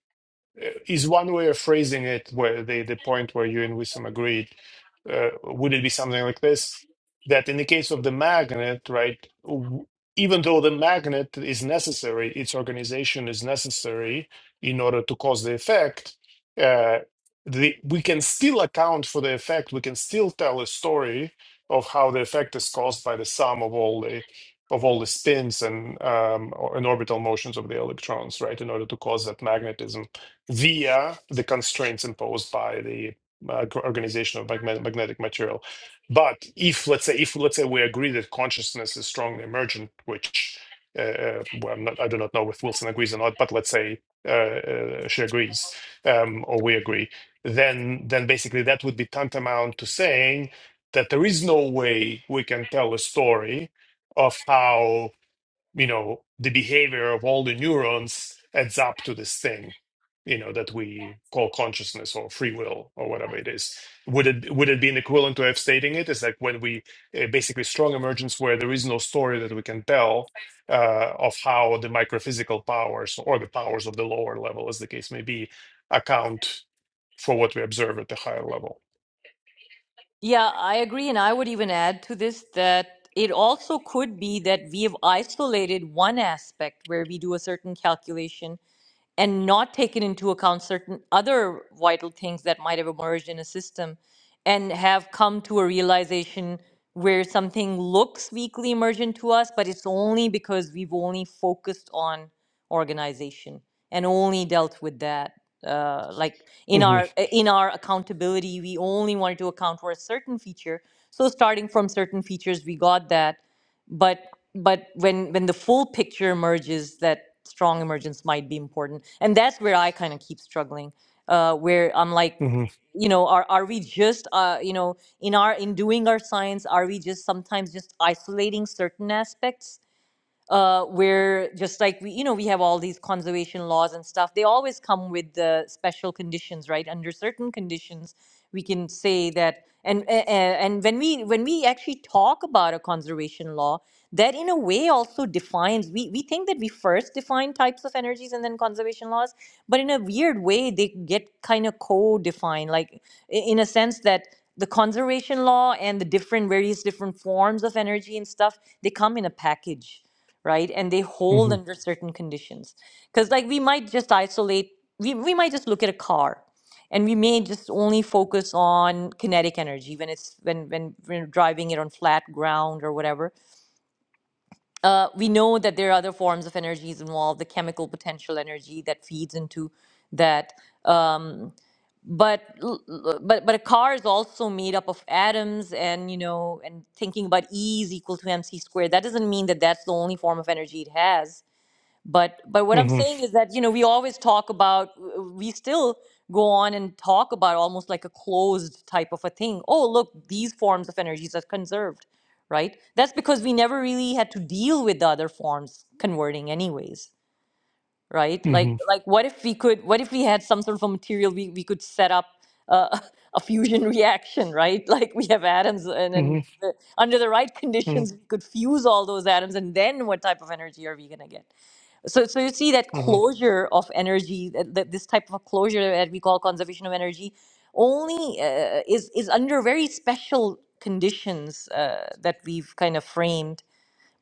is one way of phrasing it where the, the point where you and Wissam agreed uh, would it be something like this that in the case of the magnet right w- even though the magnet is necessary its organization is necessary in order to cause the effect uh, the, we can still account for the effect we can still tell a story of how the effect is caused by the sum of all the of all the spins and um, or- and orbital motions of the electrons right in order to cause that magnetism via the constraints imposed by the uh, gr- organization of magne- magnetic material. But if let's say if let's say we agree that consciousness is strongly emergent, which uh, uh, well, I'm not, I do not know if Wilson agrees or not, but let's say uh, uh, she agrees um, or we agree, then then basically that would be tantamount to saying that there is no way we can tell a story of how you know the behavior of all the neurons adds up to this thing you know that we call consciousness or free will or whatever it is would it would it be an equivalent to f stating it? it is like when we uh, basically strong emergence where there is no story that we can tell uh, of how the microphysical powers or the powers of the lower level as the case may be account for what we observe at the higher level Yeah, I agree. And I would even add to this that it also could be that we have isolated one aspect where we do a certain calculation and not taken into account certain other vital things that might have emerged in a system and have come to a realization where something looks weakly emergent to us, but it's only because we've only focused on organization and only dealt with that. Uh, like in hmm our uh, in our accountability, we only wanted to account for a certain feature. So starting from certain features, we got that but but when when the full picture emerges that strong emergence might be important and that's where i kind of keep struggling uh where i'm like hmm you know are are we just uh you know in our in doing our science are we just sometimes just isolating certain aspects uh, where just like we, you know, we have all these conservation laws and stuff. They always come with the special conditions, right? Under certain conditions, we can say that. And a- a- and when we when we actually talk about a conservation law, that in a way also defines. We we think that we first define types of energies and then conservation laws, but in a weird way, they get kind of co-defined, like i- in a sense that the conservation law and the different various different forms of energy and stuff they come in a package right? And they hmm hold under certain conditions. Because, like, we might just isolate, we, we might just look at a car and we may just only focus on kinetic energy when it's when when we're driving it on flat ground or whatever uh, we know that there are other forms of energies involved the chemical potential energy that feeds into that um, but l- l- but but a car is also made up of atoms and you know and thinking about e is equal to mc squared that doesn't mean that that's the only form of energy it has but but what I'm hmm saying is that you know we always talk about we still go on and talk about almost like a closed type of a thing. Oh, look, these forms of energies are conserved, right? That's because we never really had to deal with the other forms converting anyways, right? hmm Like hmm like what if we could what if we had some sort of a material we we could set up uh, a fusion reaction, right? Like we have atoms and hmm then the, under the right hmm conditions we could fuse all those atoms and then what type of energy are we going to get? so so you see that closure of energy that, that this type of closure that we call conservation of energy only uh, is is under very special conditions uh, that we've kind of framed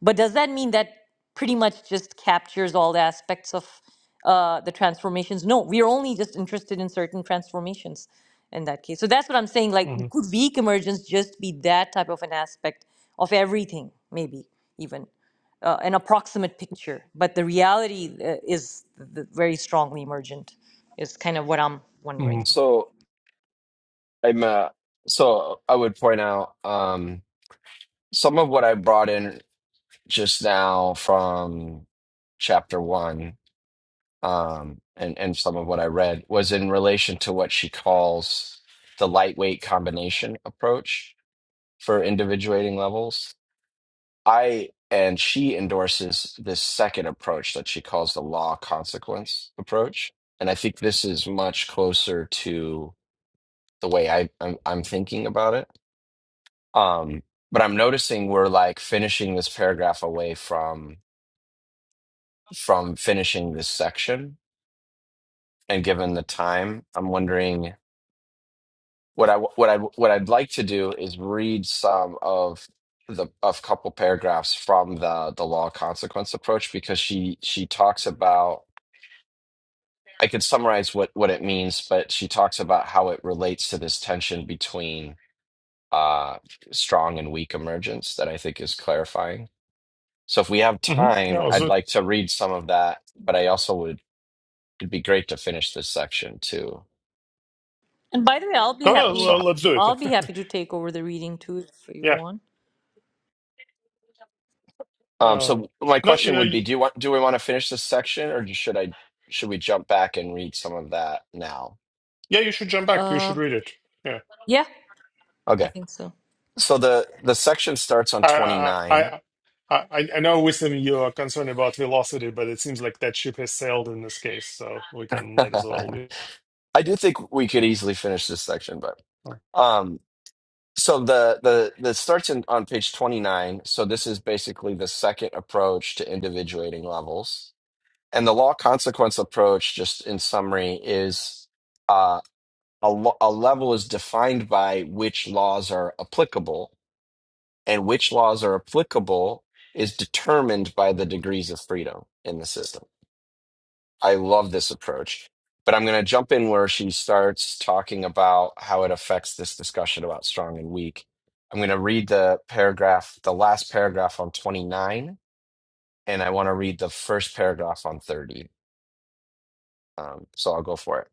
but does that mean that pretty much just captures all the aspects of uh, the transformations? No, we are only just interested in certain transformations in that case. So that's what I'm saying. Like, hmm could weak emergence just be that type of an aspect of everything, maybe even uh, an approximate picture? But the reality uh, is th- very strongly emergent, is kind of what I'm hmm wondering. So I'm uh, so I would point out um, some of what I brought in just now from chapter one um, and and some of what I read was in relation to what she calls the lightweight combination approach for individuating levels. I and she endorses this second approach that she calls the law consequence approach, and I think this is much closer to the way I I'm, I'm thinking about it. Um, but I'm noticing we're like finishing this paragraph away from from finishing this section, and given the time, I'm wondering What I what I what I'd like to do is read some of the of couple paragraphs from the the law of consequence approach because she she talks about I could summarize what what it means, but she talks about how it relates to this tension between uh strong and weak emergence that I think is clarifying. So if we have hmm time, Yeah, so I'd like to read some of that, but I also would it'd be great to finish this section too. And by the way, I'll be No, Um, no, happy. so le- let's do it. I'll be happy to take over the reading too if you yeah. want. Um, Uh, so my no, question yeah, would be, y- do you want, do we want to finish this section or should I, should we jump back and read some of that now? yeah, you should jump back. You Uh, should read it. Yeah. yeah, I Okay. think so. So the, the section starts on I, I, 29. I, I I know, Wisdom, you are concerned about velocity, but it seems like that ship has sailed in this case, so we can might as well I be do think we could easily finish this section, but, uh, um, so the, the, the starts in, on page 29. So this is basically the second approach to individuating levels and the law consequence approach, just in summary is, uh, a, lo- a level is defined by which laws are applicable and which laws are applicable is determined by the degrees of freedom in the system. I love this approach, but I'm going to jump in where she starts talking about how it affects this discussion about strong and weak. I'm going to read the paragraph, the last paragraph on 29, and I want to read the first paragraph on 30. Um, so I'll go for it.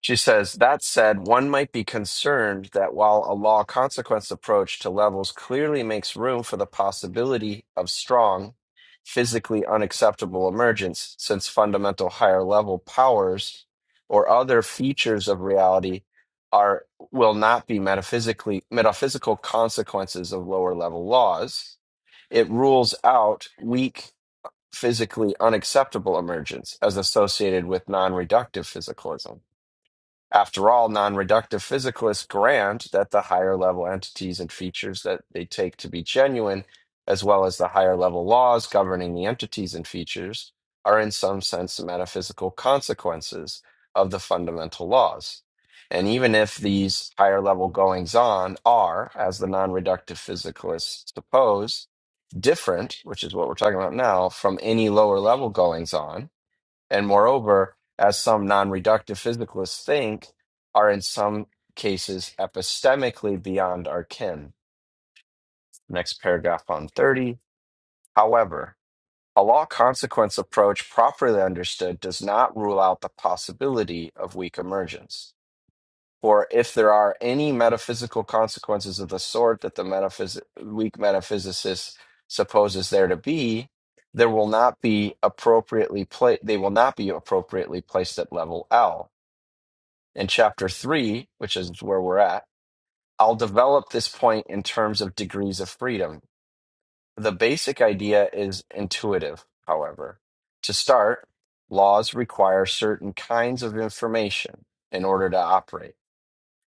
She says, that said, one might be concerned that while a law consequence approach to levels clearly makes room for the possibility of strong, physically unacceptable emergence, since fundamental higher level powers or other features of reality are will not be metaphysically metaphysical consequences of lower level laws, it rules out weak, physically unacceptable emergence as associated with non-reductive physicalism. After all, non reductive physicalists grant that the higher level entities and features that they take to be genuine, as well as the higher level laws governing the entities and features, are in some sense the metaphysical consequences of the fundamental laws. And even if these higher level goings on are, as the non reductive physicalists suppose, different, which is what we're talking about now, from any lower level goings on, and moreover, as some non reductive physicalists think, are in some cases epistemically beyond our ken. Next paragraph on 30. However, a law consequence approach properly understood does not rule out the possibility of weak emergence. For if there are any metaphysical consequences of the sort that the metaphys- weak metaphysicist supposes there to be, there will not be appropriately pla- they will not be appropriately placed at level L in chapter three, which is where we're at, I'll develop this point in terms of degrees of freedom. The basic idea is intuitive, however. To start, laws require certain kinds of information in order to operate.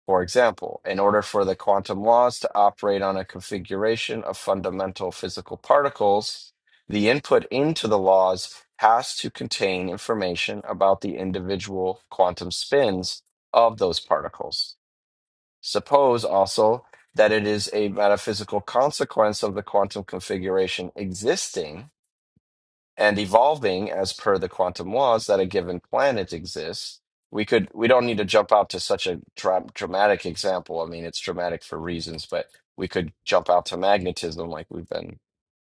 For example, in order for the quantum laws to operate on a configuration of fundamental physical particles, the input into the laws has to contain information about the individual quantum spins of those particles. Suppose also that it is a metaphysical consequence of the quantum configuration existing and evolving as per the quantum laws that a given planet exists. We could we don't need to jump out to such a dra- dramatic example. I mean, it's dramatic for reasons, but we could jump out to magnetism like we've been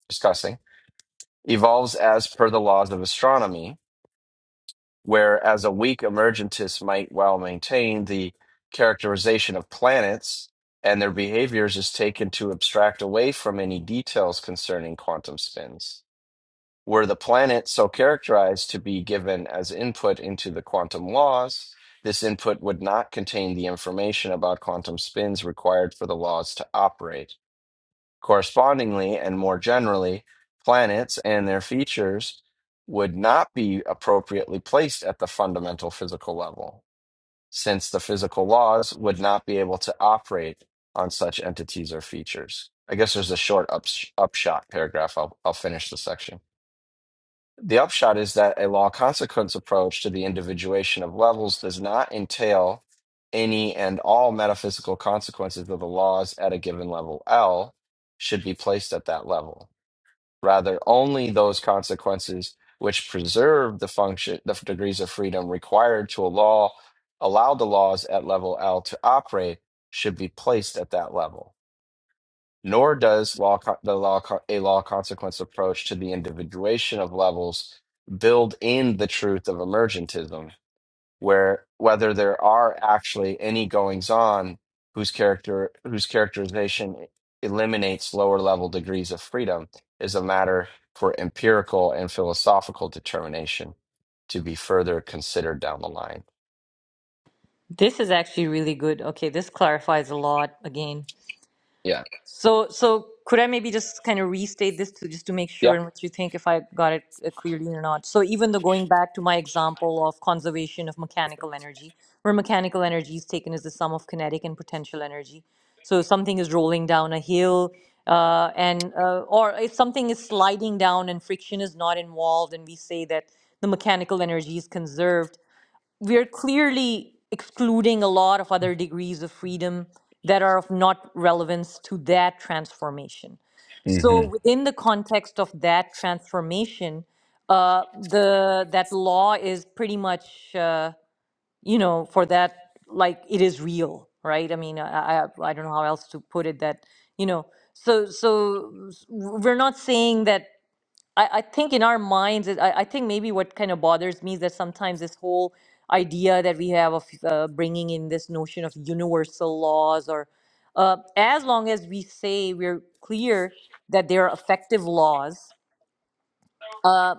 discussing. Evolves as per the laws of astronomy whereas a weak emergentist might well maintain the characterization of planets and their behaviors is taken to abstract away from any details concerning quantum spins. Were the planet so characterized to be given as input into the quantum laws, this input would not contain the information about quantum spins required for the laws to operate Correspondingly, and more generally, planets and their features would not be appropriately placed at the fundamental physical level, since the physical laws would not be able to operate on such entities or features. I guess there's a short ups- upshot paragraph. I'll, I'll finish the section. The upshot is that a law consequence approach to the individuation of levels does not entail any and all metaphysical consequences of the laws at a given level L should be placed at that level. Rather, only those consequences which preserve the function, the degrees of freedom required to a allow the laws at level L to operate should be placed at that level nor does law co- the law co- a law consequence approach to the individuation of levels build in the truth of emergentism where whether there are actually any goings on whose character whose characterization eliminates lower level degrees of freedom is a matter for empirical and philosophical determination to be further considered down the line This is actually really good. Okay, this clarifies a lot again. yeah So, so could I maybe just kind of restate this to just to make sure yeah and what you think if I got it uh, clearly or not? So, even though going back to my example of conservation of mechanical energy, where mechanical energy is taken as the sum of kinetic and potential energy. So, if something is rolling down a hill, uh, and uh, or if something is sliding down and friction is not involved, and we say that the mechanical energy is conserved we're clearly excluding a lot of other degrees of freedom that are of not relevance to that transformation. So mhm within the context of that transformation, uh, the that law is pretty much uh, you know for that like it is real, right? I mean, I, I I don't know how else to put it that you know. So so s- we're not saying that I, I think in our minds, it- I, I think maybe what kind of bothers me is that sometimes this whole idea that we have of uh, bringing in this notion of universal laws, or uh, as long as we say we're clear that there are effective laws, uh,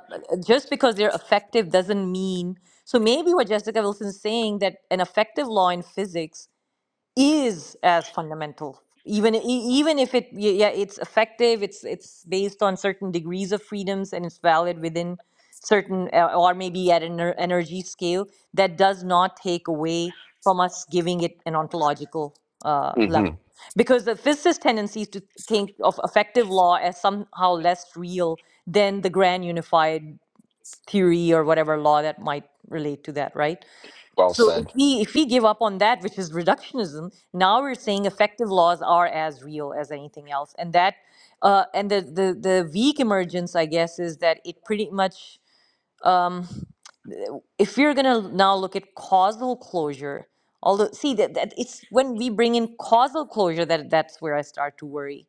just because they're effective doesn't mean. So maybe what Jessica Wilson's saying that an effective law in physics is as fundamental even i- even if it y- yeah it's effective it's it's based on certain degrees of freedoms and it's valid within certain uh, or maybe at an ener- energy scale that does not take away from us giving it an ontological uh, level mhm because the physicist tendency is to think of effective law as somehow less real than the grand unified theory or whatever law that might relate to that right well so said if we if we give up on that, which is reductionism, now we're saying effective laws are as real as anything else, and that uh, and the, the the weak emergence, I guess, is that it pretty much um, if we're going to now look at causal closure, although see that, that it's when we bring in causal closure that that's where I start to worry,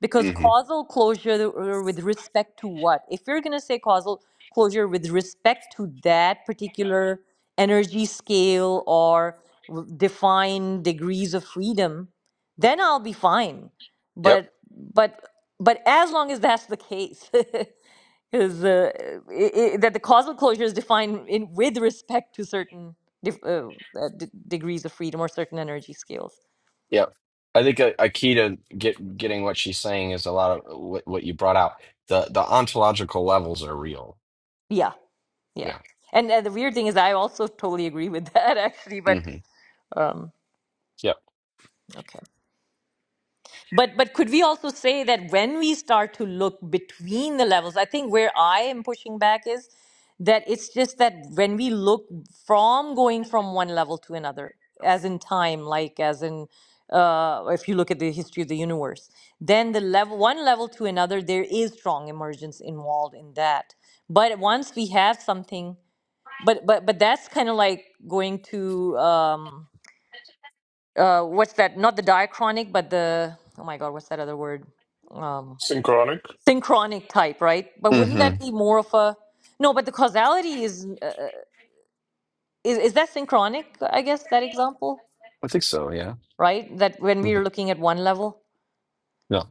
because mhm causal closure th- uh, with respect to what? If you're going to say causal closure with respect to that particular energy scale or r- defined degrees of freedom, then I'll be fine. But but but as long as that's the case, Because uh, i i that the causal closure is defined in with respect to certain dif- uh, uh, d- degrees of freedom or certain energy scales. Yeah, I think a, a key to get getting what she's saying is a lot of what, what you brought out. The the ontological levels are real. Yeah, yeah. Yeah. And uh, the weird thing is, I also totally agree with that actually. But Mm-hmm. um, Yep. okay. But but could we also say that when we start to look between the levels, I think where I am pushing back is that it's just that when we look from going from one level to another, as in time, like as in uh, if you look at the history of the universe, then the level one level to another, there is strong emergence involved in that. But once we have something, but but but that's kind of like going to. Um, uh, what's that? Not the diachronic, but the oh my god, what's that other word? Um, synchronic. synchronic type, right? But wouldn't Mm-hmm. that be more of a no? But the causality is uh, is is that synchronic? I guess that example, I think so. Yeah. right? That when we hmm are looking at one level. Yeah.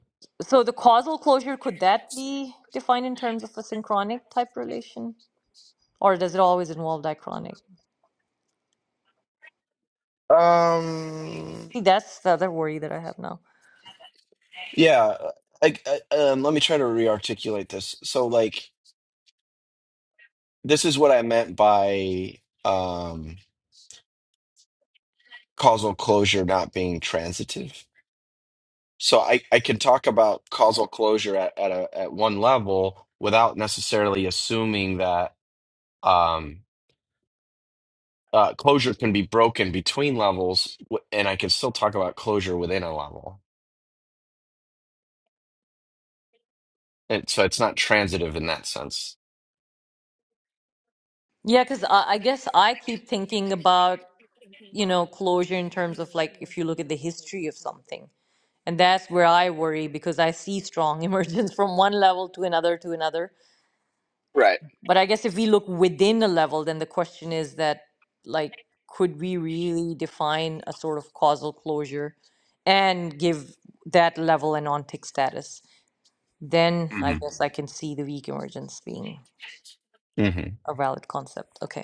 So the causal closure could that be defined in terms of a synchronic type relation, or does it always involve diachronic? Um. See, that's the other worry that I have now. Yeah. I, I, um. Let me try to re-articulate this. So, like, this is what I meant by um causal closure not being transitive. So I, I can talk about causal closure at, at a at one level without necessarily assuming that. um, uh, closure can be broken between levels, w- and I can still talk about closure within a level. And so it's not transitive in that sense. Yeah, because I, I guess I keep thinking about you know, closure in terms of like if you look at the history of something. And that's where I worry because I see strong emergence from one level to another to another. Right. But I guess if we look within a level, then the question is that, like, could we really define a sort of causal closure and give that level an ontic status? Then I hmm guess I can see the weak emergence being hmm a valid concept. Okay.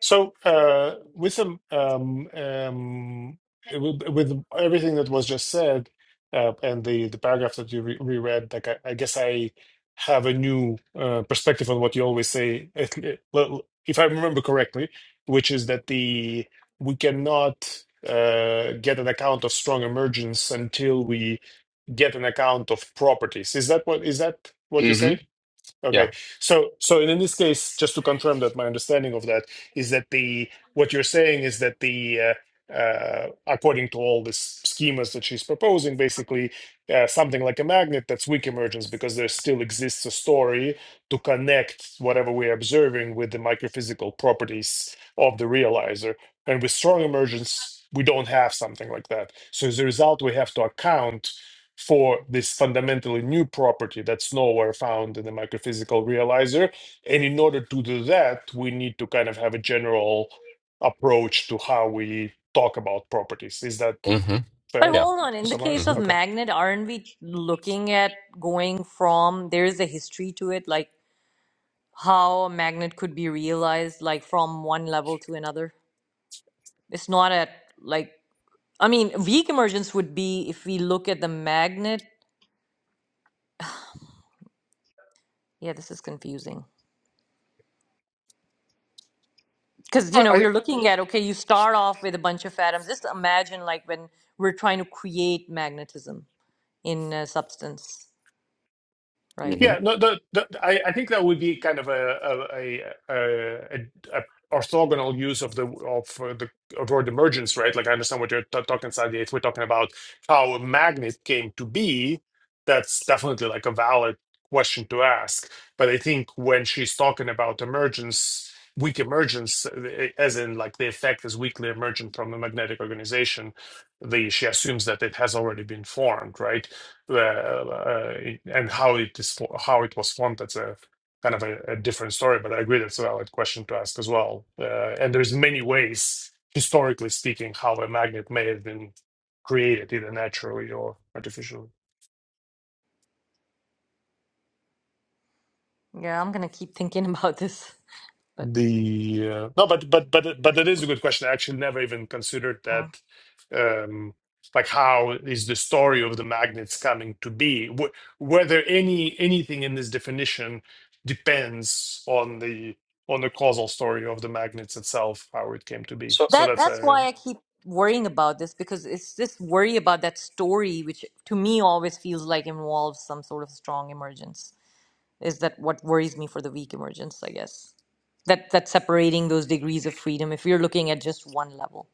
So, uh, with some, um, um, with, with everything that was just said, uh, and the the paragraph that you re reread, like I, I guess I have a new uh, perspective on what you always say, if, eh, well, if I remember correctly, which is that the we cannot uh, get an account of strong emergence until we get an account of properties. Is that what is that what you hmm say? Okay. Yeah. So so in this case, just to confirm that my understanding of that is that the what you're saying is that the uh, uh, according to all these schemas that she's proposing, basically uh, something like a magnet that's weak emergence because there still exists a story to connect whatever we're observing with the microphysical properties of the realizer. And with strong emergence, we don't have something like that. So as a result, we have to account for this fundamentally new property that's nowhere found in the microphysical realizer. And in order to do that, we need to kind of have a general approach to how we talk about properties. Is that hmm But fair Yeah. hold on, to in the hmm case summarize? of Okay. Magnet, aren't we looking at going from there is a history to it, like how a magnet could be realized, like from one level to another? It's not at like I mean, weak emergence would be if we look at the magnet. Yeah, this is confusing. Because, you I, know, I we're looking at, okay, you start off with a bunch of atoms. Just imagine like when we're trying to create magnetism in a substance, right? hmm Yeah, no, the, the, I, I think that would be kind of a a, a, a, a a orthogonal use of the of uh, the of word emergence, right? Like I understand what you're t- talking about. If we're talking about how a magnet came to be, that's definitely like a valid question to ask. But I think when she's talking about emergence, weak emergence, uh, eh, as in like the effect is weakly emergent from the magnetic organization, the she assumes that it has already been formed, right? uh, uh, and how it is fo- how it was formed that's a kind of a, a different story but i agree that's a valid question to ask as well uh, and there's many ways historically speaking how a magnet may have been created either naturally or artificially Yeah, I'm gonna keep thinking about this, but. The uh, no, but but but it- but it is a good question. I actually never even considered uh, that. Um, like, how is the story of the magnets coming to be? Wh- whether any anything in this definition depends on the on the causal story of the magnets itself, how it came to be. So, So That that's that's a why I keep worrying about this because it's this worry about that story, which to me always feels like involves some sort of strong emergence. Is that what worries me for the weak emergence? I guess that that separating those degrees of freedom. If you're looking at just one level,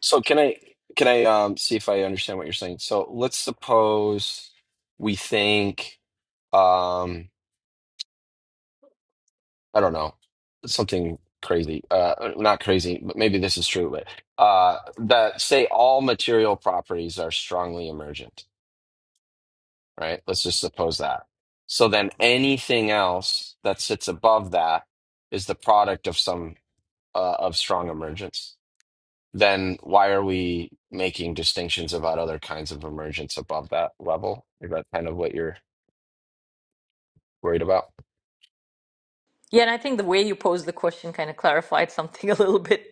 so can I can I um, see if I understand what you're saying? So let's suppose we think. Um, I don't know, something crazy. Uh, not crazy, but maybe this is true. But uh, that say all material properties are strongly emergent, right? Let's just suppose that. So then anything else that sits above that is the product of some uh, of strong emergence. Then why are we making distinctions about other kinds of emergence above that level? Is that kind of what you're worried about? yeah. And I think the way you posed the question kind of clarified something a little bit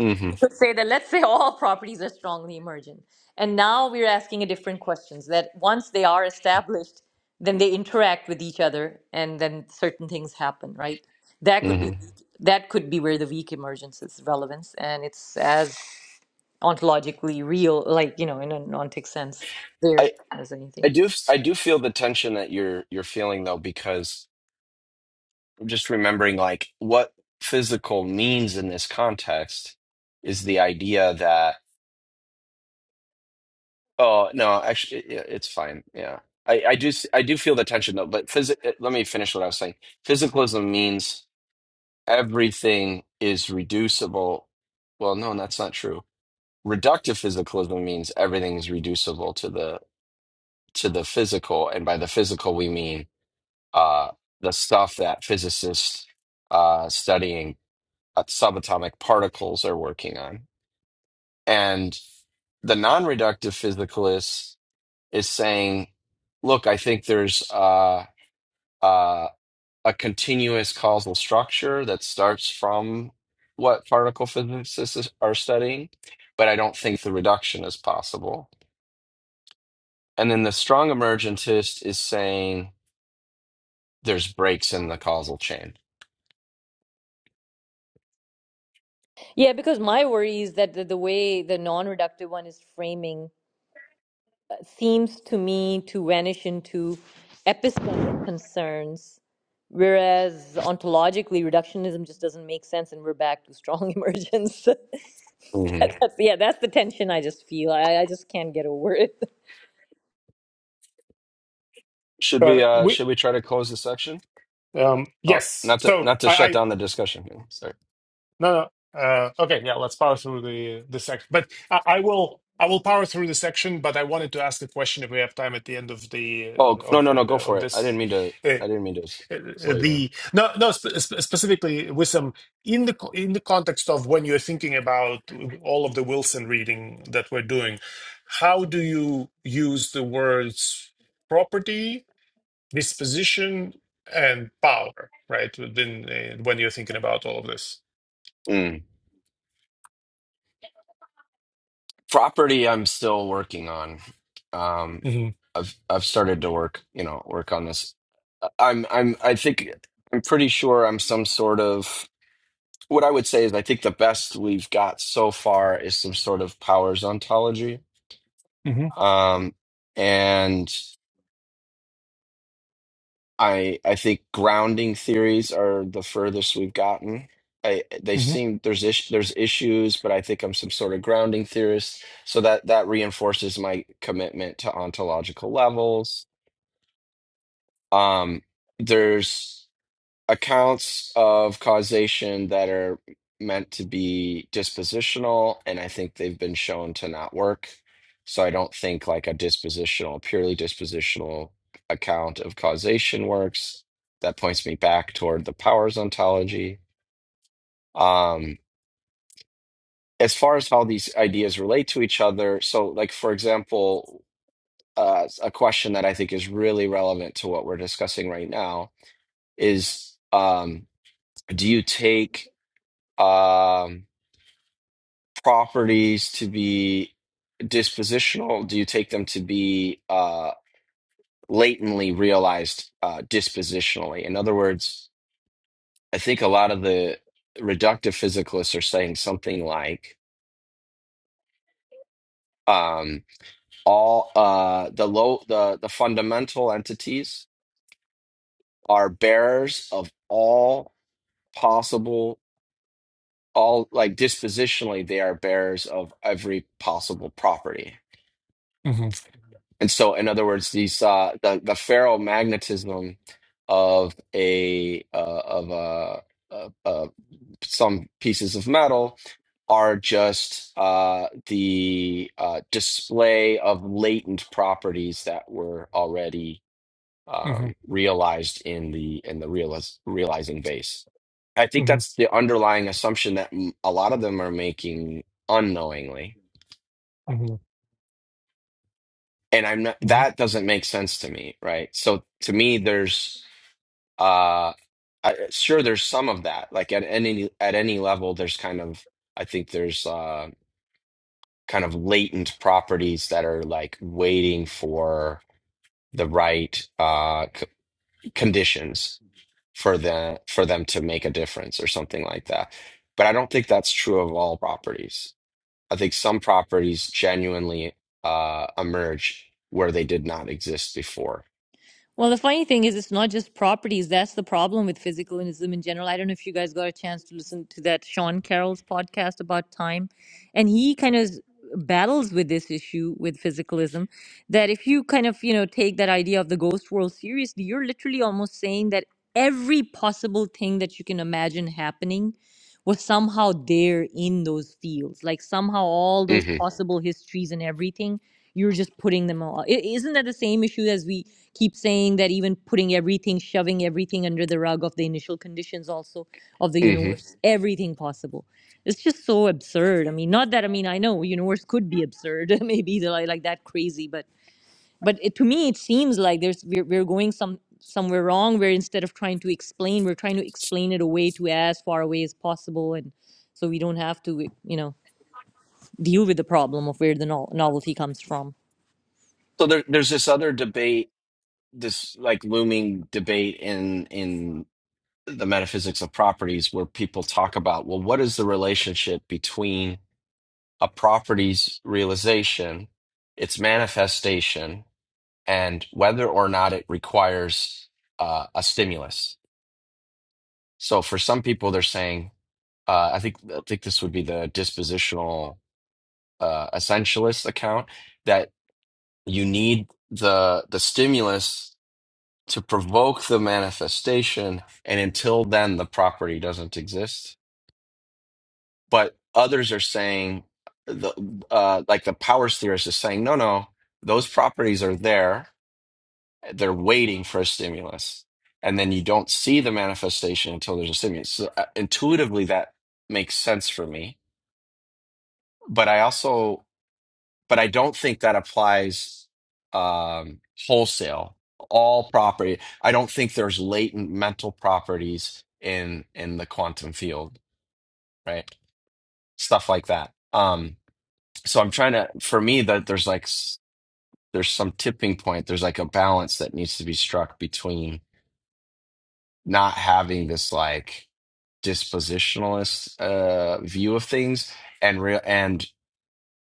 hmm to say that let's say all properties are strongly emergent and now we're asking a different questions that once they are established then they interact with each other and then certain things happen right that could be hmm that could be where the weak emergence is relevance and it's as ontologically real like you know in a nontic sense there as I anything do I do feel the tension that you're you're feeling though because I'm just remembering like what physical means in this context is the idea that oh no actually it, it- it's fine yeah I I do s- I do feel the tension though but phys- let me finish what I was saying physicalism means everything is reducible well no that's not true reductive physicalism means everything is reducible to the to the physical and by the physical we mean uh, the stuff that physicists uh, studying uh, subatomic particles are working on. And the non reductive physicalist is saying, look, I think there's uh, uh, a continuous causal structure that starts from what particle physicists are studying, but I don't think the reduction is possible. And then the strong emergentist is saying there's breaks in the causal chain. yeah because my worry is that the, the way the non-reductive one is framing seems to me to vanish into epistemic concerns, whereas ontologically reductionism just doesn't make sense, and we're back to strong emergence. that, that's, yeah, that's the tension I just feel. I, I just can't get over it. Should uh, we uh we should we try to close the section? um, Oh, yes. not to So not to shut I, down the discussion here. Sorry. No, no. Uh, okay, yeah, let's power through the the section. But I, I will I will power through the section. But I wanted to ask the question if we have time at the end of the Oh, of no, of no, no, of, go for of it. I didn't this. mean to Uh, I didn't mean to s- uh, slow you down. the no no sp sp- specifically with some in the co- in the context of when you're thinking about all of the Wilson reading that we're doing, how do you use the words property, disposition, and power, right? Within uh, when you're thinking about all of this. Mm. Property I'm still working on. Um hmm I've I've started to work, you know, work on this. I- I'm I'm I think I'm pretty sure I'm some sort of what I would say is I think the best we've got so far is some sort of powers ontology. Um and I I think grounding theories are the furthest we've gotten. I they Mhm, seem there's is, there's issues, but I think I'm some sort of grounding theorist, so that that reinforces my commitment to ontological levels. Um, there's accounts of causation that are meant to be dispositional, and I think they've been shown to not work. So I don't think like a dispositional, purely dispositional account of causation works. That points me back toward the powers ontology. Um, as far as how these ideas relate to each other, so like for example, uh, a question that I think is really relevant to what we're discussing right now is um, do you take um, properties to be dispositional? Do you take them to be uh, latently realized uh, dispositionally? In other words, I think a lot of the reductive physicalists are saying something like um, all uh, the low the the fundamental entities are bearers of all possible all like dispositionally they are bearers of every possible property mhm, And so, in other words, these uh, the the ferromagnetism of a uh, of uh, uh, uh, some pieces of metal are just uh, the uh, display of latent properties that were already um, mhm, realized in the in the realiz realizing base. I think mhm, that's the underlying assumption that m- a lot of them are making unknowingly mhm, and I'm not mhm. that doesn't make sense to me, right? So to me, there's uh, I, sure there's some of that. Like at any at any level, there's kind of I think there's uh, kind of latent properties that are like waiting for the right uh, c- conditions for the for them to make a difference or something like that. But I don't think that's true of all properties. I think some properties genuinely uh, emerge where they did not exist before. Well, the funny thing is, it's not just properties. That's the problem with physicalism in general. I don't know if you guys got a chance to listen to that Sean Carroll's podcast about time. And he kind of battles with this issue with physicalism that if you kind of, you know, take that idea of the ghost world seriously, you're literally almost saying that every possible thing that you can imagine happening was somehow there in those fields. Like somehow all those Mm-hmm. Mhm. possible histories and everything, you're just putting them all. i- Isn't that the same issue as we? keep saying that even putting everything, shoving everything under the rug of the initial conditions also of the hmm universe, everything possible. It's just so absurd. I mean, not that I mean I know universe could be absurd, maybe they're like, like that crazy, but but it, to me it seems like there's we're, we're going some somewhere wrong where instead of trying to explain, we're trying to explain it away to as far away as possible, and so we don't have to you know deal with the problem of where the no- novelty comes from. So there, there's this other debate, this like looming debate in in the metaphysics of properties, where people talk about, well, what is the relationship between a property's realization, its manifestation, and whether or not it requires uh, a stimulus? So for some people, they're saying, uh, I think I think this would be the dispositional uh, essentialist account that you need the the stimulus to provoke the manifestation. And until then, the property doesn't exist. But others are saying, the, uh, like the powers theorist is saying, no, no, those properties are there. They're waiting for a stimulus. And then you don't see the manifestation until there's a stimulus. So uh, intuitively, that makes sense for me. But I also but I don't think that applies um, wholesale. All property. I don't think there's latent mental properties in in the quantum field, right? Stuff like that. Um, so I'm trying to. For me, that there's like s- there's some tipping point. There's like a balance that needs to be struck between not having this like dispositionalist uh, view of things and real and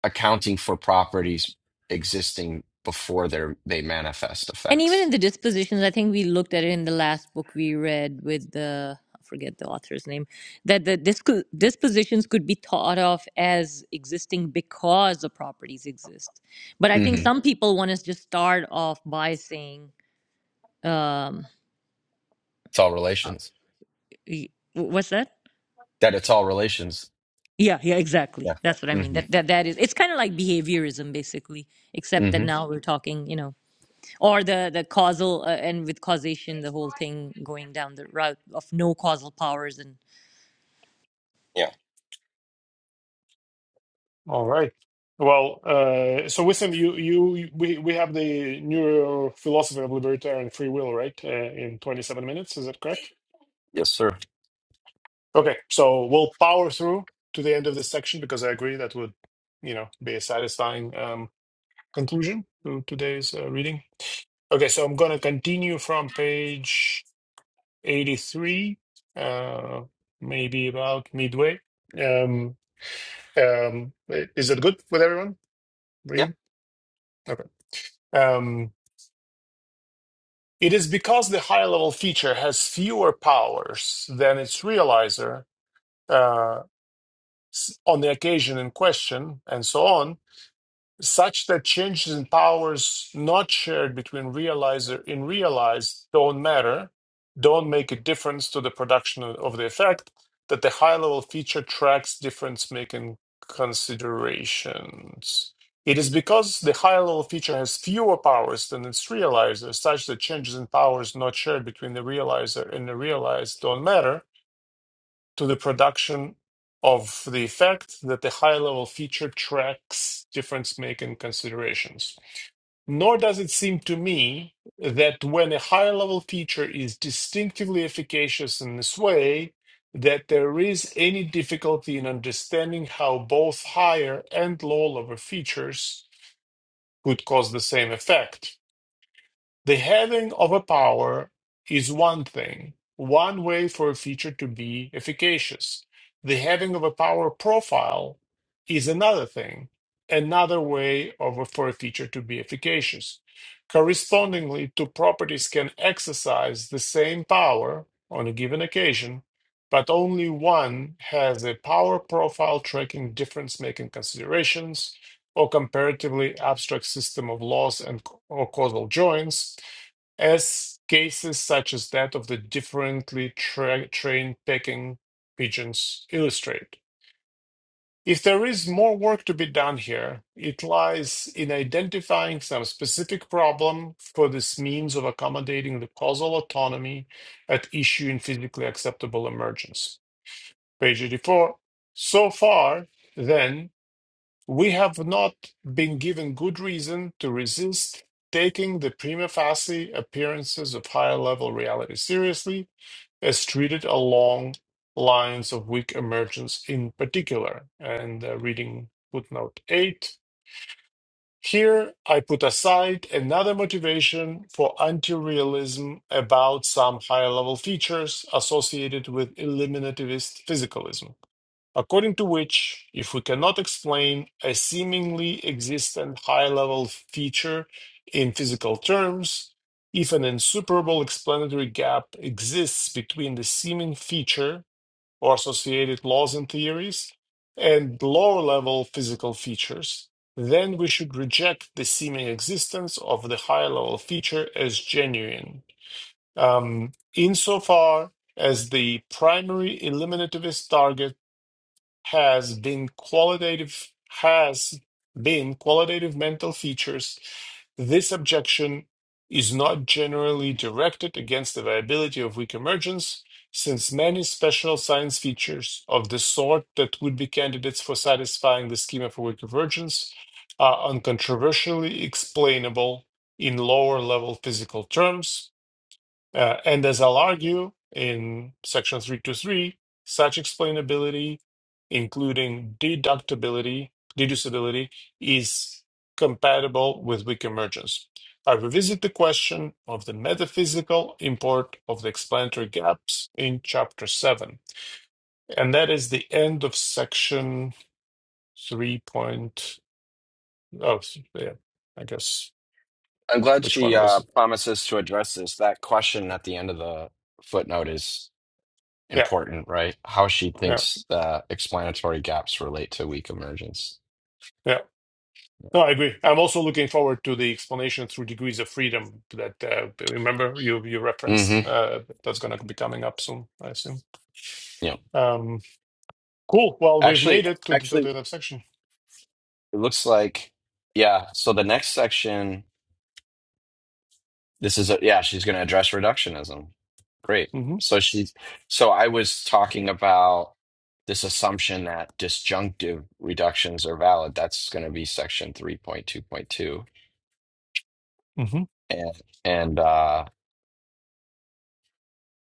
accounting for properties existing before they they manifest And even in effects. the dispositions, I think we looked at it in the last book we read with the I forget the author's name that the disco- dispositions could be thought of as existing because the properties exist. But I think hmm some people want us to just start off by saying, um, It's all uh, relations. y- "What's that?" That it's all relations. Yeah, yeah, Yeah. exactly. That's what I mean. hmm That that that is. It's kind of like behaviorism, basically, except that hmm now we're talking. You know or the the causal uh, and with causation the whole thing going down the route of no causal powers and Yeah. All right. Well, uh, so with him, you you we we have the neuro philosophy of libertarian free will, right? Uh, in 27 minutes, is that correct? Yes, sir. Okay, so we'll power through to the end of this section because I agree that would, you know, be a satisfying um, conclusion to today's uh, reading. Okay, so I'm going to continue from page 83, uh, maybe about midway. um. Um, is it good with everyone? Yeah. Really? Okay. Um, it is because the high level feature has fewer powers than its realizer uh, s- on the occasion in question, and so on. such that changes in powers not shared between realizer and realized don't matter, don't make a difference to the production of the effect, that the high level feature tracks difference making considerations. It is because the high level feature has fewer powers than its realizer, such that changes in powers not shared between the realizer and the realized don't matter, to the production of the effect that the high level feature tracks difference making considerations. Nor does it seem to me that when a high level feature is distinctively efficacious in this way, that there is any difficulty in understanding how both higher and low level features could cause the same effect the having of a power is one thing, one way for a feature to be efficacious. The having of a power profile is another thing, another way of a, for a feature to be efficacious. Correspondingly, two properties can exercise the same power on a given occasion, but only one has a power profile tracking difference making considerations or comparatively abstract system of laws and or causal joints, as cases such as that of the differently tra- trained pecking pigeons illustrate. If there is more work to be done here, it lies in identifying some specific problem for this means of accommodating the causal autonomy at issue in physically acceptable emergence. Page 84. So far, then, we have not been given good reason to resist taking the prima facie appearances of higher level reality seriously as treated along lines of weak emergence in particular. And uh, reading footnote 8. Here, I put aside another motivation for anti realism about some higher level features associated with eliminativist physicalism according to which, if we cannot explain a seemingly existent high level feature in physical terms, if an insuperable explanatory gap exists between the seeming feature or associated laws and theories and lower level physical features, then we should reject the seeming existence of the high level feature as genuine. Um, insofar as the primary eliminativist target has been qualitative has been qualitative mental features this objection is not generally directed against the viability of weak emergence since many special science features of the sort that would be candidates for satisfying the schema for weak emergence are uncontroversially explainable in lower level physical terms uh, and as I'll argue in section 323, such explainability, including deductibility, deducibility, is compatible with weak emergence. I revisit the question of the metaphysical import of the explanatory gaps in chapter 7. And that is the end of section 3. Point, oh, yeah, I guess I'm glad which she one was uh, it? promises to address this. That question at the end of the footnote is Yeah, important, right? How she yeah, thinks the explanatory gaps relate to weak emergence. yeah. No, I agree. I'm also looking forward to the explanation through degrees of freedom that uh, remember you you hmm referenced uh, that's going to be coming up soon, I assume. Yeah. Um, cool. Well, we've Actually, made it to the, to actually, the other section. it looks like, yeah. So the next section. This is a, yeah, she's going to address reductionism. Great. hmm So she, so I was talking about this assumption that disjunctive reductions are valid. That's going to be section 3.2.2. hmm And, and, uh,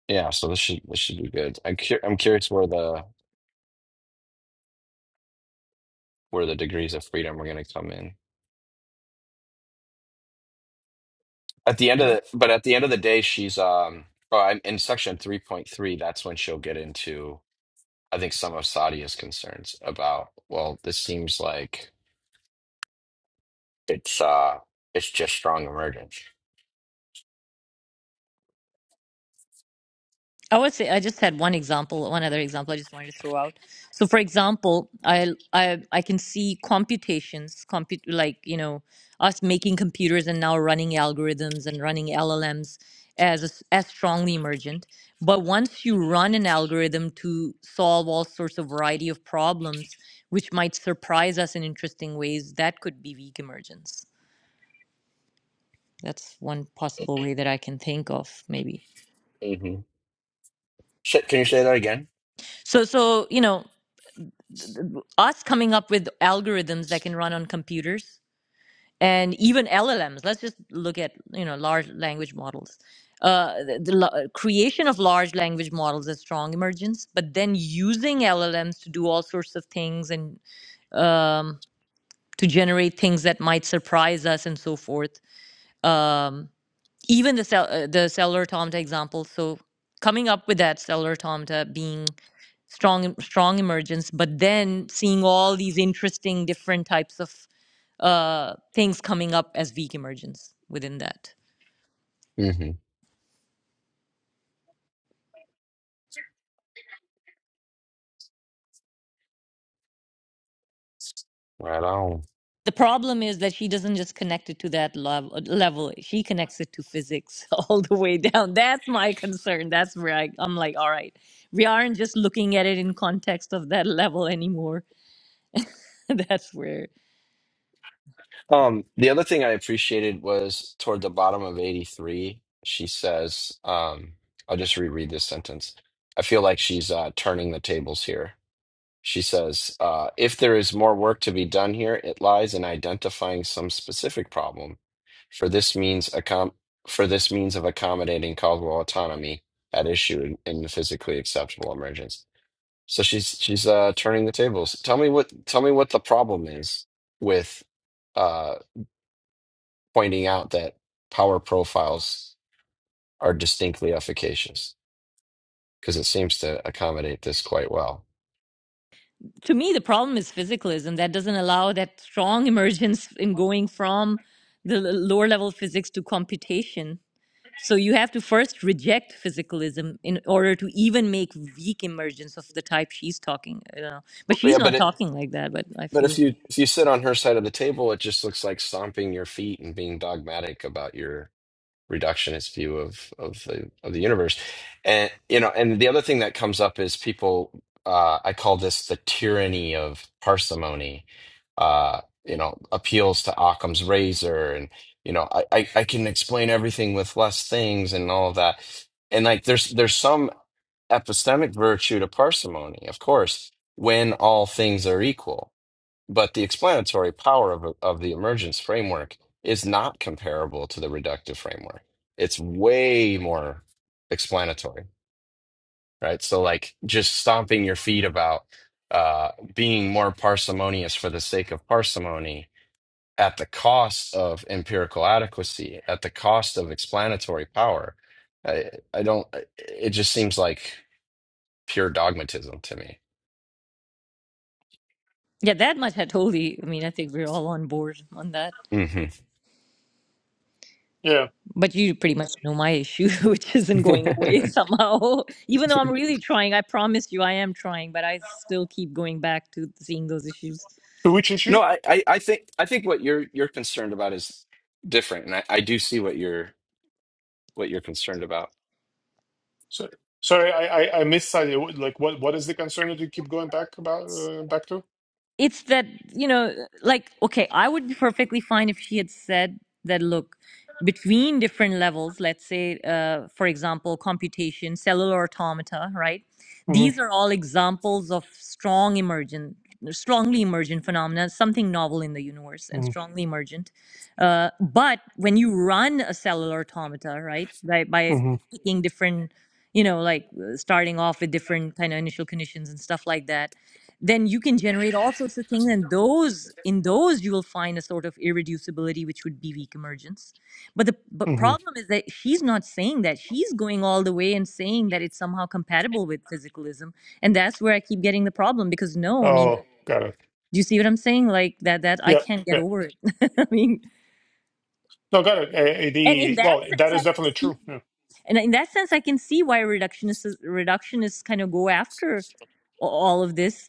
yeah, so this should, this should be good. I'm cur I'm curious where the, where the degrees of freedom are going to come in at the end of Yeah. the, but at the end of the day, she's, um, oh, I'm in section 3.3. That's when she'll get into, I think some of Sadia's concerns about, well, this seems like It's uh, it's just strong emergence. i would say i just had one example one other example i just wanted to throw out so for example i i, I can see computations compute like you know us making computers and now running algorithms and running llms as as as strongly emergent but once you run an algorithm to solve all sorts of variety of problems which might surprise us in interesting ways that could be weak emergence that's one possible way that i can think of maybe hmm Shit, can you say that again? so so you know th- th- us coming up with algorithms that can run on computers and even llms let's just look at you know large language models uh, the, the la- uh, creation of large language models is strong emergence but then using llms to do all sorts of things and um, to generate things that might surprise us and so forth Um, even the cell uh, the cellular automata example so coming up with that cellular automata being strong strong emergence but then seeing all these interesting different types of uh, things coming up as weak emergence within that hmm Right on. the problem is that she doesn't just connect it to that lev- uh, level she connects it to physics all the way down that's my concern that's where I, i'm like all right we aren't just looking at it in context of that level anymore that's where Um, the other thing I appreciated was toward the bottom of 83, she says, um, I'll just reread this sentence. I feel like she's uh, turning the tables here. She says, uh, if there is more work to be done here, it lies in identifying some specific problem. For this means accom- for this means of accommodating Caldwell autonomy at issue in, in the physically acceptable emergence. So she's she's uh, turning the tables. Tell me what tell me what the problem is with uh, pointing out that power profiles are distinctly efficacious because it seems to accommodate this quite well. to me the problem is physicalism that doesn't allow that strong emergence in going from the lower level physics to computation so you have to first reject physicalism in order to even make weak emergence of the type she's talking you know but she's Yeah, but not it talking like that but i but if feel you if you sit on her side of the table, it just looks like stomping your feet and being dogmatic about your reductionist view of of the of the universe. And you know, and the other thing that comes up is people uh I call this the tyranny of parsimony. Uh, you know, appeals to Occam's razor and you know, I, I, I can explain everything with less things and all of that. And like there's there's some epistemic virtue to parsimony, of course, when all things are equal but the explanatory power of, of the emergence framework is not comparable to the reductive framework. It's way more explanatory, right? So, like just stomping your feet about uh, being more parsimonious for the sake of parsimony at the cost of empirical adequacy, at the cost of explanatory power. I, I don't, it just seems like pure dogmatism to yeah that much i totally i mean i think we're all on board on that me. Yeah. but you pretty much know my issue which isn't hmm going away somehow even though i'm really trying i promise you i am trying but i still keep going back to seeing those issues To which No, issue? I, I, I think I think what you're you're concerned about is different, and I, I do see what you're what you're concerned about. So, sorry, I I, I missed that. Like, what what is the concern that you keep going back about uh, back to? it's that you know like okay i would be perfectly fine if she had said that look between different levels let's say uh, for example computation cellular automata right hmm these are all examples of strong emergent strongly emergent phenomena something novel in the universe and hmm strongly emergent uh, but when you run a cellular automata right right by hmm picking different you know like uh, starting off with different kind of initial conditions and stuff like that then you can generate all sorts of things and those in those you will find a sort of irreducibility which would be weak emergence but the but hmm problem is that she's not saying that she's going all the way and saying that it's somehow compatible with physicalism and that's where i keep getting the problem because no i mean Oh, got it. do you see what i'm saying like that that i Yeah. can't get Yeah. over it i mean No, got it. Uh, and in the that well, that sense i is can definitely see true. Yeah. and in that sense, I can see why reductionists reductionists kind of go after all of this.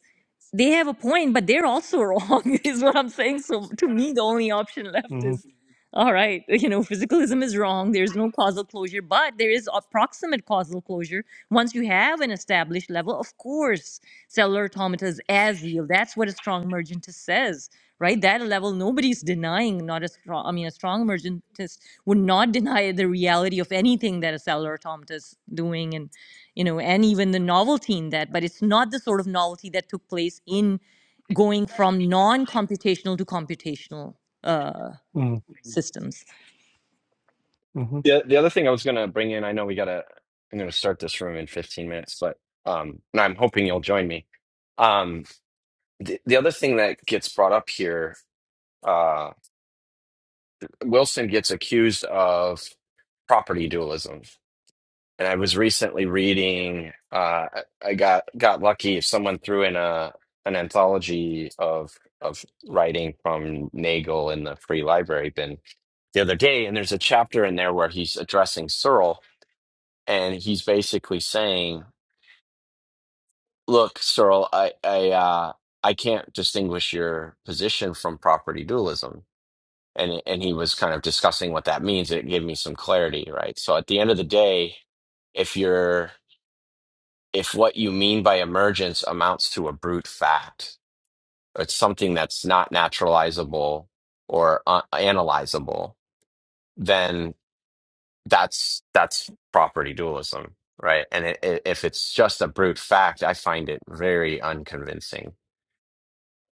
They have a point, but they're also wrong, is what I'm saying. So to me, the only option left hmm is, all right, you know, physicalism is wrong. There's no causal closure, but there is a proximate causal closure. Once you have an established level, of course, cellular automata is as real. That's what a strong emergentist says right? That level, nobody's denying not a strong, I mean, a strong emergentist would not deny the reality of anything that a cellular automata is doing and, you know, and even the novelty in that, but it's not the sort of novelty that took place in going from non-computational to computational uh hmm systems hmm The the other thing I was gonna bring in, I know we gotta I'm gonna start this room in 15 minutes, but um, and I'm hoping you'll join me. Um, the, the other thing that gets brought up here, uh, Wilson gets accused of property dualism, And I was recently reading, uh, I I got got lucky. Someone threw in a an anthology of of writing from Nagel in the free library bin the other day, and there's a chapter in there where he's addressing Searle, and he's basically saying, "Look, Searle, I I uh, I can't distinguish your position from property dualism." And and he was kind of discussing what that means. It gave me some clarity, right? So at the end of the day, if you're if what you mean by emergence amounts to a brute fact, it's something that's not naturalizable or uh, analyzable, then that's that's property dualism, right? And it, it, if it's just a brute fact, I find it very unconvincing.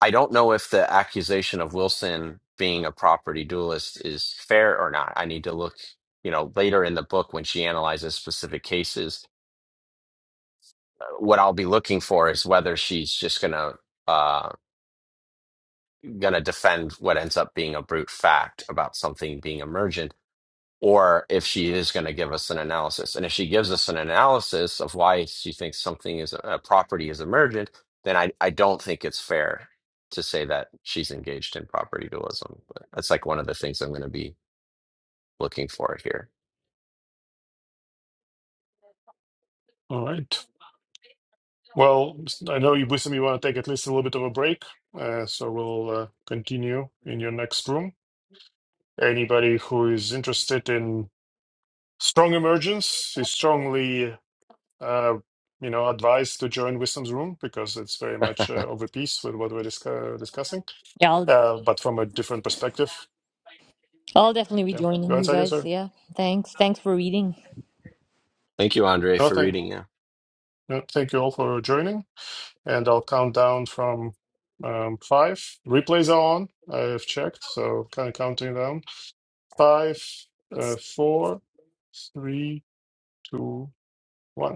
I don't know if the accusation of Wilson being a property dualist is fair or not. I need to look, you know, later in the book when she analyzes specific cases. uh, What I'll be looking for is whether she's just going to going to defend what ends up being a brute fact about something being emergent or if she is going to give us an analysis and if she gives us an analysis of why she thinks something is a property is emergent then i, I don't think it's fair to say that she's engaged in property dualism but that's like one of the things i'm going to be looking for here All right. Well, I know you, Wisdom, you want to take at least a little bit of a break, uh, so we'll uh, continue in your next room. Anybody who is interested in strong emergence is strongly, uh, you know, advised to join Wisdom's room because it's very much uh, of a piece with what we're discu- discussing, yeah i'll uh, but from a different perspective. i'll definitely be Yeah, go joining ahead, you Sadia, guys sir. yeah thanks thanks for reading thank you andre No, for thank, reading Yeah. no, thank you all for joining, and I'll count down from um, five. Replays are on. I've checked, so kind of counting down. Five, uh, four, three, two, one.